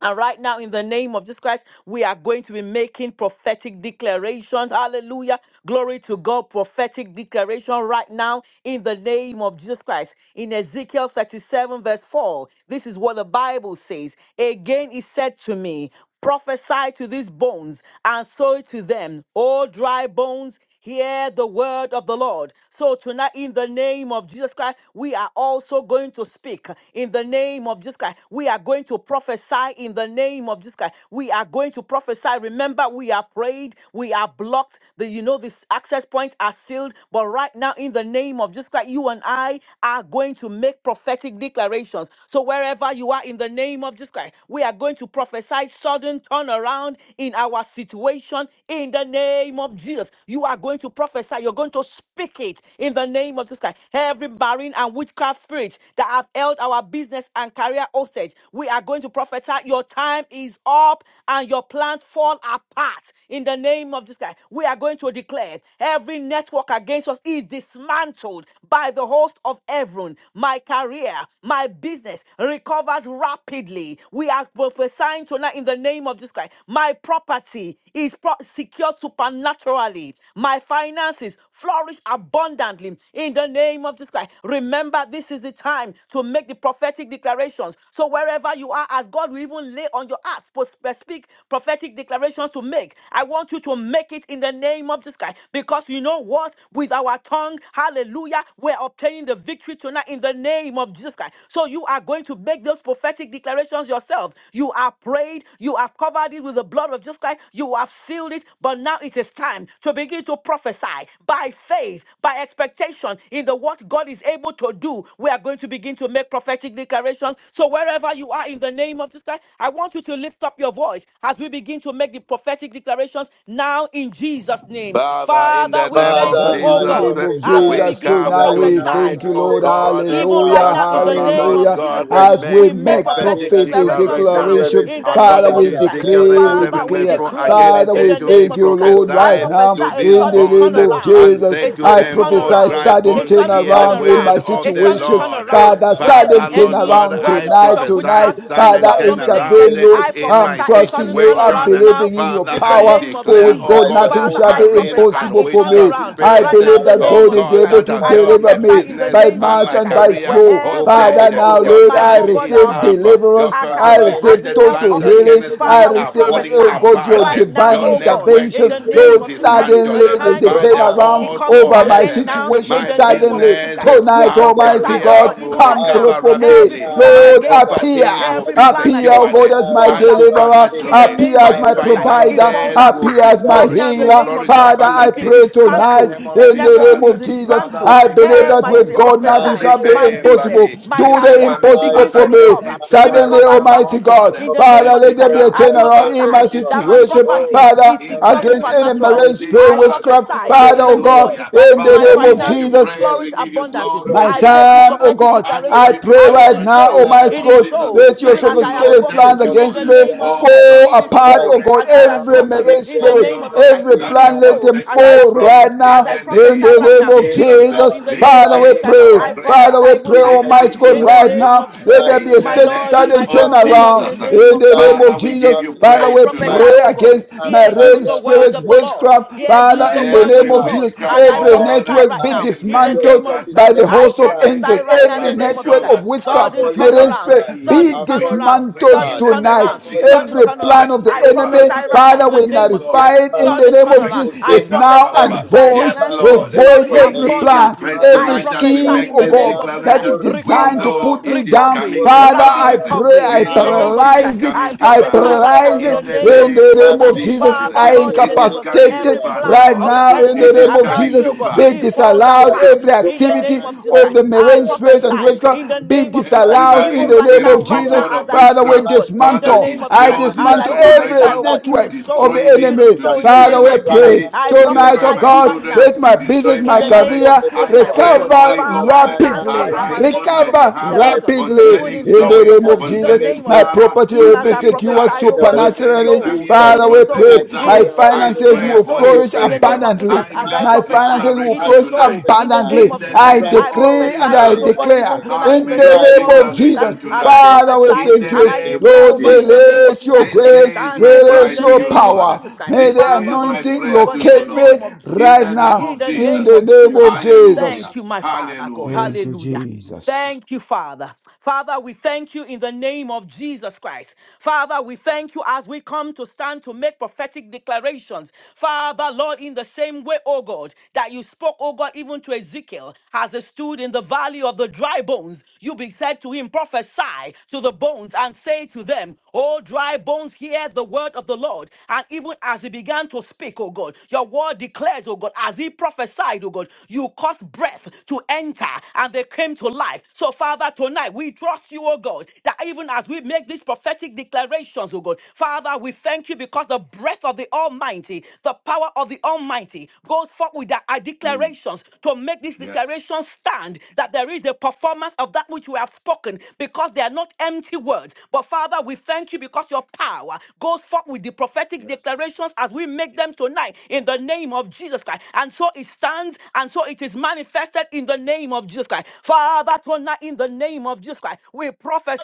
Speaker 2: And right now, in the name of Jesus Christ, we are going to be making prophetic declarations. Hallelujah. Glory to God. Prophetic declaration right now in the name of Jesus Christ. In Ezekiel 37, verse 4, this is what the Bible says. Again, he said to me, Prophesy to these bones and say to them, O dry bones, hear the word of the Lord. So tonight, in the name of Jesus Christ, we are also going to speak in the name of Jesus Christ. We are going to prophesy in the name of Jesus Christ. We are going to prophesy. Remember, we are prayed, we are blocked. The you know these access points are sealed. But right now, in the name of Jesus Christ, you and I are going to make prophetic declarations. So wherever you are, in the name of Jesus Christ, we are going to prophesy sudden turnaround in our situation. In the name name of Jesus. You are going to prophesy. You're going to speak it in the name of Jesus Christ. Every barren and witchcraft spirit that have held our business and career hostage, we are going to prophesy. Your time is up and your plans fall apart in the name of Jesus Christ. We are going to declare every network against us is dismantled by the host of heaven. My career, my business recovers rapidly. We are prophesying tonight in the name name of Jesus Christ. My property is pro- secure supernaturally. My finances flourish abundantly in the name of Jesus Christ. Remember, this is the time to make the prophetic declarations. So wherever you are, as God will even lay on your heart, sp- sp- speak prophetic declarations to make. I want you to make it in the name of Jesus Christ. Because you know what? With our tongue, hallelujah, we're obtaining the victory tonight in the name of Jesus Christ. So you are going to make make those prophetic declarations yourself. You have prayed, you have covered it with the blood of Jesus Christ, you have sealed it, but now it is time to begin to prophesy by faith, by expectation in the what God is able to do. We are going to begin to make prophetic declarations. So wherever you are in the name of Jesus Christ, I want you to lift up your voice as we begin to make the prophetic declarations now in Jesus' name.
Speaker 5: Father, in
Speaker 2: Father,
Speaker 5: the
Speaker 2: we
Speaker 5: name
Speaker 3: Father,
Speaker 5: of
Speaker 2: thank you,
Speaker 4: Father,
Speaker 3: in
Speaker 2: oh
Speaker 4: I
Speaker 3: the
Speaker 5: Jesus,
Speaker 2: God,
Speaker 3: name
Speaker 5: eh,
Speaker 3: of
Speaker 2: as we
Speaker 4: prophesy
Speaker 5: we
Speaker 3: Jesus
Speaker 2: begin to
Speaker 5: come
Speaker 3: tonight
Speaker 4: right
Speaker 3: we
Speaker 4: now,
Speaker 2: prophesy
Speaker 3: thank
Speaker 5: tonight,
Speaker 3: you,
Speaker 5: oh
Speaker 3: Lord.
Speaker 4: sudden
Speaker 5: God, eh,
Speaker 2: even right
Speaker 4: turnaround
Speaker 3: Hallelujah,
Speaker 5: that
Speaker 2: now, in the
Speaker 5: Father,
Speaker 4: in
Speaker 2: name
Speaker 4: my
Speaker 2: of
Speaker 5: Lord
Speaker 3: hallelujah.
Speaker 2: Jesus
Speaker 5: God, we
Speaker 2: Christ,
Speaker 3: As
Speaker 4: situation.
Speaker 3: we
Speaker 2: we
Speaker 5: make
Speaker 2: make
Speaker 3: make
Speaker 4: Marine
Speaker 2: prophetic
Speaker 5: prophetic
Speaker 4: and
Speaker 3: prophetic
Speaker 2: declarations
Speaker 4: witchcraft
Speaker 5: declarations
Speaker 2: now
Speaker 5: that
Speaker 3: declaration,
Speaker 4: spirits
Speaker 2: in the
Speaker 3: Father,
Speaker 2: name
Speaker 5: according
Speaker 2: of
Speaker 4: that
Speaker 3: we
Speaker 5: to
Speaker 2: Jesus
Speaker 4: have
Speaker 2: Christ.
Speaker 5: Ezekiel
Speaker 4: held
Speaker 3: decree,
Speaker 4: my
Speaker 3: we
Speaker 2: Father,
Speaker 5: 37,
Speaker 2: we
Speaker 4: business
Speaker 5: verse
Speaker 3: declare.
Speaker 4: and
Speaker 5: 4.
Speaker 2: decree
Speaker 5: Again, he
Speaker 4: career
Speaker 3: Father,
Speaker 2: in
Speaker 3: we
Speaker 5: said
Speaker 2: the
Speaker 5: to me,
Speaker 2: name
Speaker 4: hostage,
Speaker 3: thank
Speaker 2: of
Speaker 3: you,
Speaker 2: Jesus Christ.
Speaker 4: your
Speaker 3: Lord,
Speaker 2: I
Speaker 3: right
Speaker 5: Prophesy
Speaker 4: time
Speaker 3: now.
Speaker 2: prophesy
Speaker 5: to
Speaker 4: is
Speaker 2: a
Speaker 5: these
Speaker 3: In
Speaker 4: up.
Speaker 3: the
Speaker 2: sudden
Speaker 5: bones
Speaker 3: name
Speaker 5: eh,
Speaker 3: of
Speaker 4: Your
Speaker 2: turnaround,
Speaker 5: and
Speaker 3: Jesus,
Speaker 5: say
Speaker 2: a
Speaker 5: to
Speaker 3: I
Speaker 4: sophisticated
Speaker 2: sudden
Speaker 5: them,
Speaker 4: plans
Speaker 5: All
Speaker 3: prophesy
Speaker 2: turnaround,
Speaker 5: dry
Speaker 4: against
Speaker 3: sudden
Speaker 2: a
Speaker 5: bones,
Speaker 4: me
Speaker 2: sudden
Speaker 5: hear the
Speaker 4: are
Speaker 3: turnaround in
Speaker 4: falling
Speaker 3: my
Speaker 5: word
Speaker 2: turnaround, a
Speaker 5: of the
Speaker 2: sudden
Speaker 4: apart,
Speaker 3: situation.
Speaker 4: are
Speaker 5: Lord. Eh,
Speaker 2: turnaround
Speaker 4: falling
Speaker 3: Father,
Speaker 2: where
Speaker 4: apart,
Speaker 3: sudden
Speaker 5: Father,
Speaker 2: the
Speaker 5: Lord
Speaker 4: are
Speaker 2: enemy,
Speaker 5: God,
Speaker 3: turnaround
Speaker 2: where
Speaker 4: falling
Speaker 5: I
Speaker 2: the spirit
Speaker 3: tonight,
Speaker 2: of
Speaker 4: apart
Speaker 5: prophesy
Speaker 3: tonight.
Speaker 2: witchcraft
Speaker 4: right
Speaker 2: seems to
Speaker 5: sudden
Speaker 3: Father,
Speaker 2: have
Speaker 4: now in the
Speaker 2: dominated.
Speaker 5: turnaround
Speaker 3: intervene,
Speaker 5: eh,
Speaker 3: Lord.
Speaker 2: I
Speaker 4: name of
Speaker 5: in in
Speaker 4: Jesus.
Speaker 3: I'm
Speaker 5: my
Speaker 2: prophesy
Speaker 4: Jesus,
Speaker 2: a
Speaker 3: trusting
Speaker 2: sudden
Speaker 4: your
Speaker 3: you. I'm am
Speaker 2: turnaround
Speaker 4: network
Speaker 5: situation.
Speaker 4: is
Speaker 2: now
Speaker 3: believing in
Speaker 4: being
Speaker 3: your
Speaker 5: Father,
Speaker 2: in the
Speaker 5: I
Speaker 3: power,
Speaker 2: name
Speaker 4: dismantled
Speaker 2: of
Speaker 3: for
Speaker 5: declare,
Speaker 3: with
Speaker 5: oh
Speaker 2: Jesus.
Speaker 3: God
Speaker 4: by
Speaker 2: Jesus.
Speaker 4: the
Speaker 5: God,
Speaker 3: nothing
Speaker 2: Father,
Speaker 3: shall
Speaker 4: host
Speaker 2: I
Speaker 4: of
Speaker 3: be
Speaker 5: marine
Speaker 4: heaven.
Speaker 2: prophesy
Speaker 5: and
Speaker 3: impossible
Speaker 2: a
Speaker 3: for
Speaker 4: My
Speaker 3: me.
Speaker 5: witchcraft
Speaker 2: turnaround
Speaker 3: I
Speaker 4: business
Speaker 5: spirits,
Speaker 4: and
Speaker 2: right now in
Speaker 3: believe
Speaker 2: the
Speaker 3: that
Speaker 4: career
Speaker 5: oh
Speaker 2: name
Speaker 3: God
Speaker 2: of
Speaker 3: is
Speaker 2: Jesus
Speaker 4: will
Speaker 5: God,
Speaker 2: Christ.
Speaker 3: able
Speaker 5: that
Speaker 3: to
Speaker 5: have
Speaker 2: I
Speaker 5: held
Speaker 4: recover
Speaker 5: my
Speaker 3: deliver me
Speaker 2: prophesy in
Speaker 4: rapidly.
Speaker 2: the
Speaker 5: business
Speaker 3: by
Speaker 2: name of
Speaker 5: and
Speaker 4: My
Speaker 3: much
Speaker 2: Jesus
Speaker 5: my
Speaker 3: and
Speaker 2: Christ.
Speaker 3: by
Speaker 5: career
Speaker 4: property
Speaker 3: small.
Speaker 4: will
Speaker 2: Wherever,
Speaker 4: be
Speaker 2: oh
Speaker 5: hostage.
Speaker 3: Father, now,
Speaker 2: God,
Speaker 4: secured
Speaker 5: Your
Speaker 3: Lord,
Speaker 2: my
Speaker 3: I
Speaker 2: oh
Speaker 5: time
Speaker 2: God,
Speaker 5: is
Speaker 2: our
Speaker 3: receive
Speaker 5: up.
Speaker 2: business,
Speaker 4: supernaturally.
Speaker 5: Your
Speaker 3: deliverance.
Speaker 2: our
Speaker 4: My
Speaker 3: I
Speaker 2: career has
Speaker 3: receive
Speaker 2: been
Speaker 5: sophisticated
Speaker 4: finances
Speaker 2: held
Speaker 3: total
Speaker 5: plans
Speaker 4: will
Speaker 2: hostage.
Speaker 3: healing.
Speaker 5: against
Speaker 4: flourish
Speaker 3: I
Speaker 5: me
Speaker 2: Father, we
Speaker 5: are
Speaker 3: receive,
Speaker 5: falling
Speaker 3: oh
Speaker 4: abundantly.
Speaker 2: prophesy
Speaker 3: God, your
Speaker 5: apart.
Speaker 4: I
Speaker 2: right now,
Speaker 3: divine
Speaker 5: Your
Speaker 2: oh
Speaker 4: declare
Speaker 2: God,
Speaker 5: network
Speaker 2: in
Speaker 3: intervention.
Speaker 2: the
Speaker 5: is
Speaker 4: I
Speaker 5: being
Speaker 2: name
Speaker 3: Lord,
Speaker 2: of Jesus
Speaker 4: decree
Speaker 2: Christ.
Speaker 4: it.
Speaker 2: The
Speaker 5: dismantled
Speaker 3: suddenly
Speaker 4: I
Speaker 3: there's
Speaker 2: time
Speaker 3: a
Speaker 2: is
Speaker 5: by the
Speaker 2: up.
Speaker 4: pronounce
Speaker 2: It
Speaker 4: it
Speaker 3: turnaround
Speaker 5: host
Speaker 2: comes to
Speaker 5: of
Speaker 3: over
Speaker 2: an
Speaker 3: my
Speaker 4: right
Speaker 2: end
Speaker 5: heaven.
Speaker 4: now in
Speaker 2: now
Speaker 4: the
Speaker 2: in
Speaker 3: situation.
Speaker 4: name
Speaker 5: My
Speaker 2: the
Speaker 4: of
Speaker 2: name of
Speaker 3: Suddenly,
Speaker 4: Jesus
Speaker 2: Jesus
Speaker 5: business
Speaker 2: Christ.
Speaker 4: Christ, the
Speaker 2: We
Speaker 4: Son
Speaker 3: tonight,
Speaker 4: of
Speaker 5: and
Speaker 4: the
Speaker 2: prophesy,
Speaker 3: Almighty
Speaker 4: living
Speaker 2: oh
Speaker 5: career
Speaker 2: God,
Speaker 4: God.
Speaker 3: God,
Speaker 2: even
Speaker 5: will
Speaker 2: right
Speaker 3: come
Speaker 4: I
Speaker 3: through
Speaker 2: now,
Speaker 5: recover
Speaker 3: for
Speaker 2: every
Speaker 3: me.
Speaker 5: rapidly.
Speaker 4: prophesy
Speaker 2: plan
Speaker 5: My
Speaker 3: Lord,
Speaker 4: that
Speaker 2: against against
Speaker 4: I'll
Speaker 2: us,
Speaker 3: appear,
Speaker 5: property will
Speaker 4: recover
Speaker 2: every
Speaker 5: be
Speaker 2: plan
Speaker 3: appear,
Speaker 4: speedily.
Speaker 3: oh
Speaker 2: against us
Speaker 3: God,
Speaker 5: secured
Speaker 3: as
Speaker 4: I'll
Speaker 3: my
Speaker 2: falls
Speaker 5: my
Speaker 4: recover
Speaker 2: apart
Speaker 3: deliverer,
Speaker 2: in the
Speaker 4: speedily.
Speaker 5: supernaturally,
Speaker 3: appear
Speaker 2: name
Speaker 3: as
Speaker 2: of
Speaker 5: my
Speaker 4: I'll
Speaker 3: my
Speaker 2: Jesus Christ.
Speaker 4: recover
Speaker 2: It
Speaker 3: provider,
Speaker 2: falls
Speaker 5: finances
Speaker 4: rapidly.
Speaker 5: will
Speaker 3: appear
Speaker 2: apart
Speaker 5: be
Speaker 3: as my
Speaker 4: Right
Speaker 2: right
Speaker 4: now
Speaker 2: now
Speaker 5: flourish,
Speaker 2: in
Speaker 4: in
Speaker 2: the
Speaker 5: will
Speaker 4: the
Speaker 3: healer.
Speaker 2: name of
Speaker 4: name
Speaker 5: flourish
Speaker 2: Jesus
Speaker 4: of
Speaker 2: Christ.
Speaker 3: Father, I
Speaker 2: It is
Speaker 5: abundantly
Speaker 4: Jesus,
Speaker 3: pray
Speaker 5: in
Speaker 4: by
Speaker 5: the
Speaker 4: the
Speaker 3: tonight
Speaker 2: dismantled.
Speaker 5: name
Speaker 2: The
Speaker 5: of
Speaker 4: blood
Speaker 3: in
Speaker 4: of
Speaker 3: the
Speaker 2: network
Speaker 3: name
Speaker 5: Jesus.
Speaker 2: is
Speaker 3: of
Speaker 4: Jesus.
Speaker 3: Jesus.
Speaker 5: Father,
Speaker 2: dismantled.
Speaker 4: I
Speaker 3: I
Speaker 5: I
Speaker 3: believe
Speaker 2: Here,
Speaker 5: pray,
Speaker 4: declare
Speaker 3: that
Speaker 2: my
Speaker 5: oh
Speaker 3: with
Speaker 4: it.
Speaker 5: God,
Speaker 3: God nothing
Speaker 4: I
Speaker 2: prophesy,
Speaker 3: shall be
Speaker 2: my
Speaker 4: pronounce
Speaker 5: remember
Speaker 4: it
Speaker 2: business,
Speaker 3: impossible.
Speaker 5: me,
Speaker 2: my
Speaker 4: in
Speaker 3: Do the
Speaker 2: career
Speaker 5: remember
Speaker 4: my
Speaker 5: me
Speaker 4: life,
Speaker 3: impossible
Speaker 2: begins
Speaker 5: as
Speaker 3: for
Speaker 2: to
Speaker 5: I make
Speaker 4: over
Speaker 3: me.
Speaker 2: recover.
Speaker 5: this
Speaker 4: my
Speaker 2: It
Speaker 4: life,
Speaker 3: Suddenly,
Speaker 2: recovers
Speaker 5: declaration,
Speaker 4: in
Speaker 3: Almighty
Speaker 5: oh
Speaker 4: in
Speaker 2: rapidly
Speaker 4: the
Speaker 5: God,
Speaker 4: name
Speaker 2: in
Speaker 3: God,
Speaker 4: of
Speaker 2: the
Speaker 3: Father,
Speaker 2: name
Speaker 5: let
Speaker 2: of
Speaker 4: Jesus
Speaker 2: Jesus
Speaker 3: let
Speaker 5: it
Speaker 3: there
Speaker 2: Christ.
Speaker 3: be
Speaker 4: Christ,
Speaker 3: a
Speaker 4: the
Speaker 5: come
Speaker 2: I
Speaker 4: Son
Speaker 5: to
Speaker 4: of
Speaker 3: turnaround
Speaker 4: the
Speaker 5: pass,
Speaker 3: in my
Speaker 2: prophesy
Speaker 5: let
Speaker 4: living
Speaker 5: it
Speaker 4: God.
Speaker 2: that my
Speaker 5: come to
Speaker 3: situation.
Speaker 5: pass
Speaker 4: Oh,
Speaker 2: property
Speaker 3: Father,
Speaker 2: is
Speaker 4: Father,
Speaker 5: in
Speaker 2: secure
Speaker 4: right
Speaker 5: the
Speaker 6: In
Speaker 4: now,
Speaker 3: against
Speaker 4: in
Speaker 3: any
Speaker 4: the
Speaker 5: name
Speaker 4: name of
Speaker 5: of
Speaker 3: marine
Speaker 2: supernaturally.
Speaker 3: spirit
Speaker 4: Jesus
Speaker 2: I
Speaker 4: Christ,
Speaker 5: Jesus.
Speaker 4: the Son
Speaker 3: witchcraft,
Speaker 4: of
Speaker 2: prophesy
Speaker 4: the
Speaker 3: Father,
Speaker 2: in the
Speaker 3: oh
Speaker 4: living
Speaker 2: name of
Speaker 4: God.
Speaker 3: God,
Speaker 2: Jesus
Speaker 5: Hallelujah.
Speaker 2: Christ,
Speaker 3: in the
Speaker 2: my
Speaker 5: Father,
Speaker 4: Right
Speaker 3: name
Speaker 5: we
Speaker 3: of
Speaker 5: give
Speaker 4: now,
Speaker 5: you
Speaker 2: finances
Speaker 3: Jesus,
Speaker 5: praise,
Speaker 4: today,
Speaker 2: flourish
Speaker 5: we give you
Speaker 4: I
Speaker 2: abundantly.
Speaker 5: glory, we
Speaker 3: my
Speaker 2: I
Speaker 5: give
Speaker 2: make
Speaker 5: you
Speaker 2: this
Speaker 3: time,
Speaker 4: prophesy,
Speaker 3: oh
Speaker 5: honor,
Speaker 2: prophetic
Speaker 3: God.
Speaker 5: and we
Speaker 4: I
Speaker 3: I
Speaker 2: declaration,
Speaker 5: give you
Speaker 3: pray
Speaker 2: and it
Speaker 4: declare,
Speaker 3: right
Speaker 2: is
Speaker 5: adoration
Speaker 3: now,
Speaker 5: in
Speaker 2: so.
Speaker 5: the name
Speaker 4: I
Speaker 3: Almighty
Speaker 2: It is
Speaker 5: of
Speaker 3: God,
Speaker 2: so,
Speaker 5: Jesus.
Speaker 4: decree,
Speaker 3: let your
Speaker 2: even
Speaker 5: Thank
Speaker 2: as
Speaker 5: you,
Speaker 4: in
Speaker 2: I have
Speaker 4: the
Speaker 5: Lord.
Speaker 3: sophisticated
Speaker 4: name
Speaker 3: plans
Speaker 2: spoken
Speaker 5: Thank you,
Speaker 4: of
Speaker 2: in
Speaker 3: against
Speaker 5: Lord.
Speaker 2: the
Speaker 3: me
Speaker 2: name of Jesus
Speaker 5: Oh,
Speaker 2: Christ.
Speaker 4: Jesus
Speaker 3: fall
Speaker 2: It
Speaker 5: Father, we
Speaker 2: is
Speaker 3: apart,
Speaker 4: right
Speaker 2: so,
Speaker 3: oh God.
Speaker 2: as I
Speaker 5: pray
Speaker 2: have
Speaker 4: now
Speaker 3: Every
Speaker 2: spoken
Speaker 4: in
Speaker 3: marine
Speaker 5: tonight,
Speaker 2: in
Speaker 4: the
Speaker 2: the
Speaker 5: oh
Speaker 3: spirit,
Speaker 2: name
Speaker 4: name
Speaker 2: of Jesus
Speaker 5: God,
Speaker 4: of
Speaker 2: Christ.
Speaker 3: every
Speaker 2: It
Speaker 5: that
Speaker 2: is
Speaker 5: you
Speaker 3: plan,
Speaker 5: will
Speaker 3: let
Speaker 4: Jesus.
Speaker 2: so,
Speaker 3: them
Speaker 5: set
Speaker 2: as I
Speaker 4: I
Speaker 5: us
Speaker 2: have
Speaker 3: fall
Speaker 5: free
Speaker 3: right
Speaker 2: spoken,
Speaker 3: now
Speaker 2: as
Speaker 5: in
Speaker 2: I
Speaker 5: the
Speaker 4: prophesy,
Speaker 3: in
Speaker 2: prophesy
Speaker 5: name
Speaker 3: the
Speaker 4: sat
Speaker 2: right
Speaker 4: them
Speaker 5: of
Speaker 3: name
Speaker 2: now.
Speaker 3: of
Speaker 4: turn
Speaker 2: It is
Speaker 5: Jesus.
Speaker 2: so
Speaker 3: Jesus.
Speaker 4: around,
Speaker 2: in the name
Speaker 5: This
Speaker 3: Father,
Speaker 2: of
Speaker 4: sat
Speaker 3: we
Speaker 2: Jesus
Speaker 4: them
Speaker 5: is
Speaker 2: Christ.
Speaker 4: turn
Speaker 5: our
Speaker 2: I
Speaker 3: pray.
Speaker 5: prayer.
Speaker 4: around
Speaker 3: Father,
Speaker 2: prophesy
Speaker 3: we
Speaker 2: even
Speaker 3: pray,
Speaker 4: in
Speaker 2: right
Speaker 4: my
Speaker 5: This
Speaker 2: now
Speaker 3: Almighty God,
Speaker 5: is
Speaker 2: in the
Speaker 5: our
Speaker 3: right
Speaker 4: situation.
Speaker 2: name
Speaker 3: now.
Speaker 2: of
Speaker 5: cry
Speaker 2: Jesus
Speaker 3: Let there
Speaker 2: Christ.
Speaker 3: be
Speaker 5: in
Speaker 3: a
Speaker 4: Marine
Speaker 2: My
Speaker 5: the
Speaker 3: sud-
Speaker 4: and
Speaker 2: Lord and
Speaker 5: name
Speaker 3: sudden
Speaker 2: my
Speaker 4: witchcraft
Speaker 5: of
Speaker 2: God, oh God, in
Speaker 3: turnaround
Speaker 2: the
Speaker 4: spirits
Speaker 5: Jesus.
Speaker 2: name
Speaker 3: in
Speaker 2: of
Speaker 3: the
Speaker 2: Jesus
Speaker 4: that,
Speaker 3: name
Speaker 2: Christ.
Speaker 3: of
Speaker 5: Father, we
Speaker 4: that
Speaker 3: Jesus.
Speaker 5: give
Speaker 4: have
Speaker 5: you
Speaker 3: Father,
Speaker 4: held
Speaker 2: I
Speaker 3: we
Speaker 5: praise
Speaker 4: my
Speaker 2: prophesy,
Speaker 3: pray
Speaker 5: tonight.
Speaker 2: oh God,
Speaker 4: business
Speaker 3: against
Speaker 4: and
Speaker 2: hear you
Speaker 3: marine
Speaker 2: the
Speaker 4: career
Speaker 2: word
Speaker 3: spirits,
Speaker 2: of the
Speaker 4: hostage.
Speaker 2: Lord.
Speaker 3: witchcraft,
Speaker 4: Your
Speaker 2: Hear
Speaker 3: Father,
Speaker 2: you
Speaker 3: in
Speaker 2: the
Speaker 4: time
Speaker 3: in the
Speaker 4: is
Speaker 2: word
Speaker 3: name
Speaker 2: of
Speaker 5: Every
Speaker 2: the
Speaker 3: of
Speaker 4: up.
Speaker 2: Lord
Speaker 3: Jesus.
Speaker 2: as
Speaker 4: Your
Speaker 5: witchcraft,
Speaker 2: I
Speaker 5: oh
Speaker 3: Every
Speaker 4: time
Speaker 5: God,
Speaker 2: prophesy
Speaker 4: is
Speaker 3: network
Speaker 2: right
Speaker 3: be
Speaker 5: we
Speaker 4: up.
Speaker 2: now in the
Speaker 5: make
Speaker 4: Your
Speaker 5: a
Speaker 3: dismantled
Speaker 2: name of this Christ.
Speaker 3: by the
Speaker 5: manifest,
Speaker 2: I
Speaker 4: sophisticated
Speaker 3: host
Speaker 5: we
Speaker 3: of
Speaker 4: plans
Speaker 5: make
Speaker 3: angels.
Speaker 2: prophesy
Speaker 5: a
Speaker 2: right now in
Speaker 3: Every
Speaker 2: the name
Speaker 4: against
Speaker 2: of
Speaker 5: declaration
Speaker 2: this
Speaker 3: network
Speaker 4: me
Speaker 2: Christ.
Speaker 3: of
Speaker 4: are
Speaker 5: that
Speaker 3: witchcraft,
Speaker 2: Sudden
Speaker 5: we
Speaker 4: falling
Speaker 5: are
Speaker 3: marine
Speaker 2: turnaround,
Speaker 4: apart.
Speaker 5: free.
Speaker 3: be
Speaker 2: sudden
Speaker 4: Are
Speaker 5: We
Speaker 4: falling
Speaker 2: turnaround,
Speaker 5: are free
Speaker 3: dismantled
Speaker 5: in
Speaker 2: sudden
Speaker 4: apart.
Speaker 5: the name
Speaker 3: tonight.
Speaker 4: Are
Speaker 2: turnaround,
Speaker 5: of
Speaker 4: falling
Speaker 2: sudden
Speaker 5: Jesus.
Speaker 3: Every
Speaker 4: apart.
Speaker 2: turnaround.
Speaker 3: plan of
Speaker 5: Thank
Speaker 3: the
Speaker 2: I
Speaker 5: you,
Speaker 4: Your
Speaker 3: enemy,
Speaker 5: Father.
Speaker 2: prophesy
Speaker 4: network
Speaker 2: right now
Speaker 3: Father,
Speaker 2: in
Speaker 4: is
Speaker 5: Oh,
Speaker 2: the
Speaker 3: we
Speaker 2: name
Speaker 5: yes,
Speaker 2: of
Speaker 4: being
Speaker 2: this
Speaker 5: Lord.
Speaker 2: Christ.
Speaker 3: nullify it in
Speaker 5: Manda
Speaker 3: the
Speaker 2: Sudden
Speaker 4: dismantled.
Speaker 3: name of
Speaker 2: turnaround.
Speaker 3: Jesus.
Speaker 5: rebo
Speaker 4: Is
Speaker 2: I
Speaker 5: se
Speaker 3: It's
Speaker 4: being
Speaker 3: now
Speaker 2: prophesy
Speaker 3: and
Speaker 5: karabababa.
Speaker 4: dismantled
Speaker 2: my
Speaker 3: void.
Speaker 5: Yes,
Speaker 4: by
Speaker 2: finances
Speaker 3: We
Speaker 4: the
Speaker 5: Lord.
Speaker 4: host
Speaker 3: void
Speaker 2: flourish
Speaker 4: of
Speaker 5: We
Speaker 3: every
Speaker 4: heaven.
Speaker 5: give you
Speaker 3: plan,
Speaker 2: abundantly.
Speaker 5: praise
Speaker 4: My
Speaker 2: I
Speaker 3: every
Speaker 5: tonight as
Speaker 4: business
Speaker 5: we
Speaker 4: and
Speaker 2: prophesy
Speaker 3: scheme,
Speaker 2: in
Speaker 5: make
Speaker 3: oh
Speaker 2: the
Speaker 5: this
Speaker 2: name
Speaker 4: career
Speaker 3: God,
Speaker 2: of this
Speaker 3: that
Speaker 2: Christ.
Speaker 3: is
Speaker 4: will
Speaker 5: declaration. We
Speaker 3: designed
Speaker 4: recover
Speaker 3: to
Speaker 2: Recovery,
Speaker 5: know
Speaker 3: put
Speaker 2: recovery,
Speaker 3: me
Speaker 5: it
Speaker 4: rapidly,
Speaker 5: is
Speaker 3: down.
Speaker 2: recovery,
Speaker 4: will
Speaker 5: coming to
Speaker 3: Father,
Speaker 4: recover
Speaker 2: rapid
Speaker 3: I
Speaker 5: pass.
Speaker 3: pray,
Speaker 4: rapidly.
Speaker 2: recovery
Speaker 3: I
Speaker 5: We
Speaker 2: in
Speaker 4: I
Speaker 2: the
Speaker 5: know
Speaker 2: name of
Speaker 5: it
Speaker 2: Jesus
Speaker 5: is
Speaker 2: Christ.
Speaker 3: paralyze
Speaker 4: prophesy,
Speaker 2: I
Speaker 3: it.
Speaker 5: coming to
Speaker 3: I
Speaker 4: will
Speaker 2: prophesy
Speaker 5: pass.
Speaker 2: right now
Speaker 3: paralyze
Speaker 4: recover
Speaker 2: in
Speaker 3: it
Speaker 2: the
Speaker 5: In
Speaker 3: in
Speaker 5: the
Speaker 2: name
Speaker 4: rapidly.
Speaker 2: of
Speaker 5: name
Speaker 3: the
Speaker 2: Jesus
Speaker 4: My
Speaker 3: name
Speaker 5: of
Speaker 2: Christ.
Speaker 3: of Jesus.
Speaker 4: property will
Speaker 5: Jesus.
Speaker 2: Father,
Speaker 3: I
Speaker 4: be,
Speaker 2: Lord, in the
Speaker 5: It
Speaker 4: will
Speaker 2: name
Speaker 5: is
Speaker 4: be
Speaker 2: of
Speaker 5: coming to
Speaker 3: incapacitated
Speaker 2: every
Speaker 4: secured
Speaker 5: pass,
Speaker 2: plan
Speaker 3: right
Speaker 2: of
Speaker 4: but
Speaker 5: Lord.
Speaker 2: the
Speaker 3: now in the
Speaker 2: enemy
Speaker 5: It
Speaker 3: name
Speaker 5: is
Speaker 3: of
Speaker 2: against
Speaker 5: coming
Speaker 2: me,
Speaker 4: supernaturally,
Speaker 3: Jesus.
Speaker 2: oh
Speaker 5: to
Speaker 2: God,
Speaker 3: Be
Speaker 5: pass.
Speaker 2: it falls
Speaker 3: disallowed
Speaker 4: supernaturally,
Speaker 2: apart
Speaker 3: every
Speaker 2: in the
Speaker 3: activity
Speaker 2: name of Jesus
Speaker 3: of
Speaker 2: Christ.
Speaker 4: supernaturally.
Speaker 3: the
Speaker 2: I
Speaker 3: marine
Speaker 4: Right now, in
Speaker 3: spirit
Speaker 4: the
Speaker 3: and
Speaker 2: prophesy
Speaker 4: name of
Speaker 2: in the
Speaker 3: witchcraft.
Speaker 4: Jesus,
Speaker 3: Be
Speaker 2: name of Jesus
Speaker 4: my
Speaker 2: Christ.
Speaker 5: Every
Speaker 3: disallowed
Speaker 2: Even
Speaker 3: in
Speaker 5: marine
Speaker 3: the
Speaker 2: right
Speaker 3: name
Speaker 4: finances
Speaker 2: now,
Speaker 5: spirit,
Speaker 3: of
Speaker 4: will
Speaker 5: O
Speaker 2: right
Speaker 3: Jesus.
Speaker 2: now,
Speaker 5: God
Speaker 2: as
Speaker 4: flourish
Speaker 5: of
Speaker 2: I
Speaker 3: Father, we
Speaker 2: declare, oh
Speaker 5: witchcraft,
Speaker 2: God, in the
Speaker 5: Father,
Speaker 4: abundantly,
Speaker 3: dismantle.
Speaker 2: name
Speaker 5: it
Speaker 2: of Jesus
Speaker 3: I
Speaker 2: Christ,
Speaker 5: fails in
Speaker 2: as
Speaker 5: its
Speaker 2: I
Speaker 3: dismantle
Speaker 4: abundantly,
Speaker 2: prophesy,
Speaker 3: every
Speaker 2: oh
Speaker 5: operation
Speaker 2: God, it
Speaker 5: to
Speaker 2: is
Speaker 3: network
Speaker 4: abundantly
Speaker 3: of the
Speaker 2: so.
Speaker 5: destroy me,
Speaker 2: It is
Speaker 3: enemy.
Speaker 5: to
Speaker 2: so in the
Speaker 4: abundantly
Speaker 5: destroy
Speaker 3: Father,
Speaker 2: name
Speaker 3: we
Speaker 5: my
Speaker 2: of Jesus
Speaker 4: right
Speaker 2: Christ.
Speaker 3: pray
Speaker 4: now
Speaker 5: family,
Speaker 4: in
Speaker 2: I
Speaker 5: to
Speaker 4: the name
Speaker 3: tonight,
Speaker 4: of
Speaker 5: destroy
Speaker 3: oh
Speaker 2: prophesy
Speaker 5: my
Speaker 2: this right
Speaker 4: Jesus
Speaker 3: God,
Speaker 5: children,
Speaker 2: now
Speaker 3: let
Speaker 4: Christ,
Speaker 5: to
Speaker 3: my
Speaker 4: the
Speaker 3: business,
Speaker 5: destroy
Speaker 2: in
Speaker 5: my
Speaker 3: my
Speaker 2: the
Speaker 4: Son of
Speaker 2: name
Speaker 5: marriage.
Speaker 4: the
Speaker 2: of
Speaker 3: career
Speaker 4: living
Speaker 2: Jesus
Speaker 5: I
Speaker 2: Christ,
Speaker 4: God.
Speaker 2: oh
Speaker 5: pray,
Speaker 2: God.
Speaker 3: recover
Speaker 5: Holy
Speaker 4: Abba,
Speaker 2: Father, I
Speaker 5: Ghost,
Speaker 4: Father,
Speaker 2: stand, oh God,
Speaker 3: rapidly.
Speaker 4: I
Speaker 2: I'm and I
Speaker 5: arise
Speaker 2: make
Speaker 5: on
Speaker 4: declare
Speaker 2: this
Speaker 5: my
Speaker 3: Recover
Speaker 2: prophetic
Speaker 4: and
Speaker 5: behalf
Speaker 4: I
Speaker 2: direction,
Speaker 4: pray
Speaker 2: even
Speaker 3: rapidly
Speaker 5: concerning
Speaker 2: in
Speaker 3: in the
Speaker 2: faith,
Speaker 4: right
Speaker 2: oh
Speaker 5: Zoe,
Speaker 3: name
Speaker 4: now
Speaker 2: God,
Speaker 3: of
Speaker 2: in
Speaker 4: in
Speaker 2: the
Speaker 3: Jesus,
Speaker 4: the
Speaker 5: concerning
Speaker 2: name of
Speaker 3: my
Speaker 4: name
Speaker 2: Jesus Christ.
Speaker 4: of
Speaker 5: Zara,
Speaker 3: property
Speaker 2: Even
Speaker 3: will
Speaker 2: as
Speaker 3: be
Speaker 2: I
Speaker 4: Jesus,
Speaker 5: concerning
Speaker 3: secured
Speaker 4: by
Speaker 5: Zach,
Speaker 2: prophesied, oh
Speaker 4: the
Speaker 2: God, it
Speaker 4: blood
Speaker 2: is
Speaker 4: of
Speaker 5: concerning
Speaker 3: supernaturally.
Speaker 2: so,
Speaker 5: Samuel,
Speaker 4: Jesus,
Speaker 2: it
Speaker 3: Father,
Speaker 2: is
Speaker 3: we pray
Speaker 5: concerning
Speaker 4: I
Speaker 2: so, it
Speaker 3: my
Speaker 2: is
Speaker 5: Zani.
Speaker 4: call upon
Speaker 2: so,
Speaker 5: I
Speaker 4: you,
Speaker 3: finances
Speaker 2: it
Speaker 5: pray,
Speaker 2: is
Speaker 3: will
Speaker 4: covenant
Speaker 5: Holy
Speaker 2: so,
Speaker 3: flourish
Speaker 2: in
Speaker 4: keeping
Speaker 2: the
Speaker 5: Spirit,
Speaker 2: name
Speaker 4: God.
Speaker 2: of Jesus
Speaker 3: abundantly.
Speaker 2: Christ.
Speaker 5: I
Speaker 2: As I
Speaker 3: My
Speaker 5: make
Speaker 4: Father,
Speaker 2: prophesy,
Speaker 3: finances will
Speaker 2: it
Speaker 4: I
Speaker 5: declaration
Speaker 2: is
Speaker 3: flourish
Speaker 2: so,
Speaker 5: tonight
Speaker 2: in the
Speaker 4: prophesy,
Speaker 2: name
Speaker 3: abundantly.
Speaker 5: in
Speaker 2: of
Speaker 5: the
Speaker 2: Jesus
Speaker 3: I
Speaker 2: Christ.
Speaker 4: dry
Speaker 5: name
Speaker 2: I
Speaker 5: of
Speaker 3: decree
Speaker 4: bones
Speaker 3: and
Speaker 2: prophesy
Speaker 4: shall
Speaker 3: I
Speaker 2: this,
Speaker 4: live
Speaker 2: oh
Speaker 5: Jesus.
Speaker 2: God,
Speaker 3: declare
Speaker 2: even
Speaker 4: again.
Speaker 2: tonight,
Speaker 5: I
Speaker 2: in
Speaker 3: in
Speaker 2: the
Speaker 5: make
Speaker 4: Dry
Speaker 3: the
Speaker 2: name
Speaker 3: name
Speaker 2: of
Speaker 3: of
Speaker 4: bones
Speaker 2: Jesus
Speaker 4: shall
Speaker 2: Christ.
Speaker 3: Jesus.
Speaker 5: declaration
Speaker 4: live
Speaker 2: As I
Speaker 5: tonight
Speaker 4: again
Speaker 3: Father, we
Speaker 2: prophesy
Speaker 5: in
Speaker 3: thank
Speaker 5: the
Speaker 4: in
Speaker 2: and
Speaker 3: you.
Speaker 4: the
Speaker 2: I
Speaker 5: name
Speaker 4: name of
Speaker 2: declare,
Speaker 5: of
Speaker 2: oh
Speaker 3: Lord,
Speaker 2: God, in
Speaker 4: Jesus.
Speaker 2: the
Speaker 5: Jesus.
Speaker 2: name of
Speaker 3: release
Speaker 2: Jesus
Speaker 3: your
Speaker 2: Christ,
Speaker 5: This
Speaker 2: it
Speaker 3: grace,
Speaker 5: is
Speaker 2: stands,
Speaker 5: my
Speaker 2: oh God, in
Speaker 5: cry
Speaker 3: release
Speaker 2: the
Speaker 5: to
Speaker 3: your
Speaker 5: you,
Speaker 2: name of
Speaker 3: power.
Speaker 5: Lord.
Speaker 2: Jesus Christ.
Speaker 3: May
Speaker 5: This
Speaker 3: the
Speaker 2: Father,
Speaker 5: is
Speaker 2: Lord,
Speaker 5: my
Speaker 2: we thank
Speaker 3: anointing
Speaker 2: you, oh
Speaker 5: prayer
Speaker 2: God,
Speaker 5: to
Speaker 2: in the
Speaker 5: you,
Speaker 3: locate me
Speaker 2: name
Speaker 5: Lord.
Speaker 2: of Jesus
Speaker 5: In
Speaker 3: right
Speaker 2: Christ.
Speaker 5: the name
Speaker 3: now
Speaker 2: In
Speaker 5: of
Speaker 2: the
Speaker 3: in
Speaker 5: Jesus.
Speaker 2: name
Speaker 3: the
Speaker 2: of
Speaker 3: name
Speaker 2: Jesus
Speaker 3: of
Speaker 2: Christ.
Speaker 3: Jesus.
Speaker 2: Thank
Speaker 5: Hallelujah.
Speaker 2: you, my Father. God.
Speaker 5: Hallelujah.
Speaker 3: Thank you,
Speaker 2: Hallelujah.
Speaker 3: Jesus.
Speaker 2: Thank you, Father. Father, we thank you in the name of Jesus Christ. Father, we thank you as we come to stand to make prophetic declarations. Father, Lord, in the same way, oh God, that you spoke, oh God, even to Ezekiel as he stood in the valley of the dry bones, you be said to him, prophesy to the bones and say to them, Oh, dry bones, hear the word of the Lord. And even as he began to speak, oh God, your word declared declares, oh God, as he prophesied, oh God, you caused breath to enter and they came to life. So, Father, tonight we trust you, oh God, that even as we make these prophetic declarations, oh God, Father, we thank you because the breath of the Almighty, the power of the Almighty goes forth with our our
Speaker 5: Mm,
Speaker 2: declarations to make these declarations
Speaker 5: Yes.
Speaker 2: stand that there is a performance of that which we have spoken because they are not empty words. But, Father, we thank you because your power goes forth with the prophetic declarations
Speaker 5: Yes.
Speaker 2: as we make them tonight in the name of Jesus Christ. And so it stands and so it is manifested in the name of Jesus Christ. Father, tonight in the name of Jesus Christ, we prophesy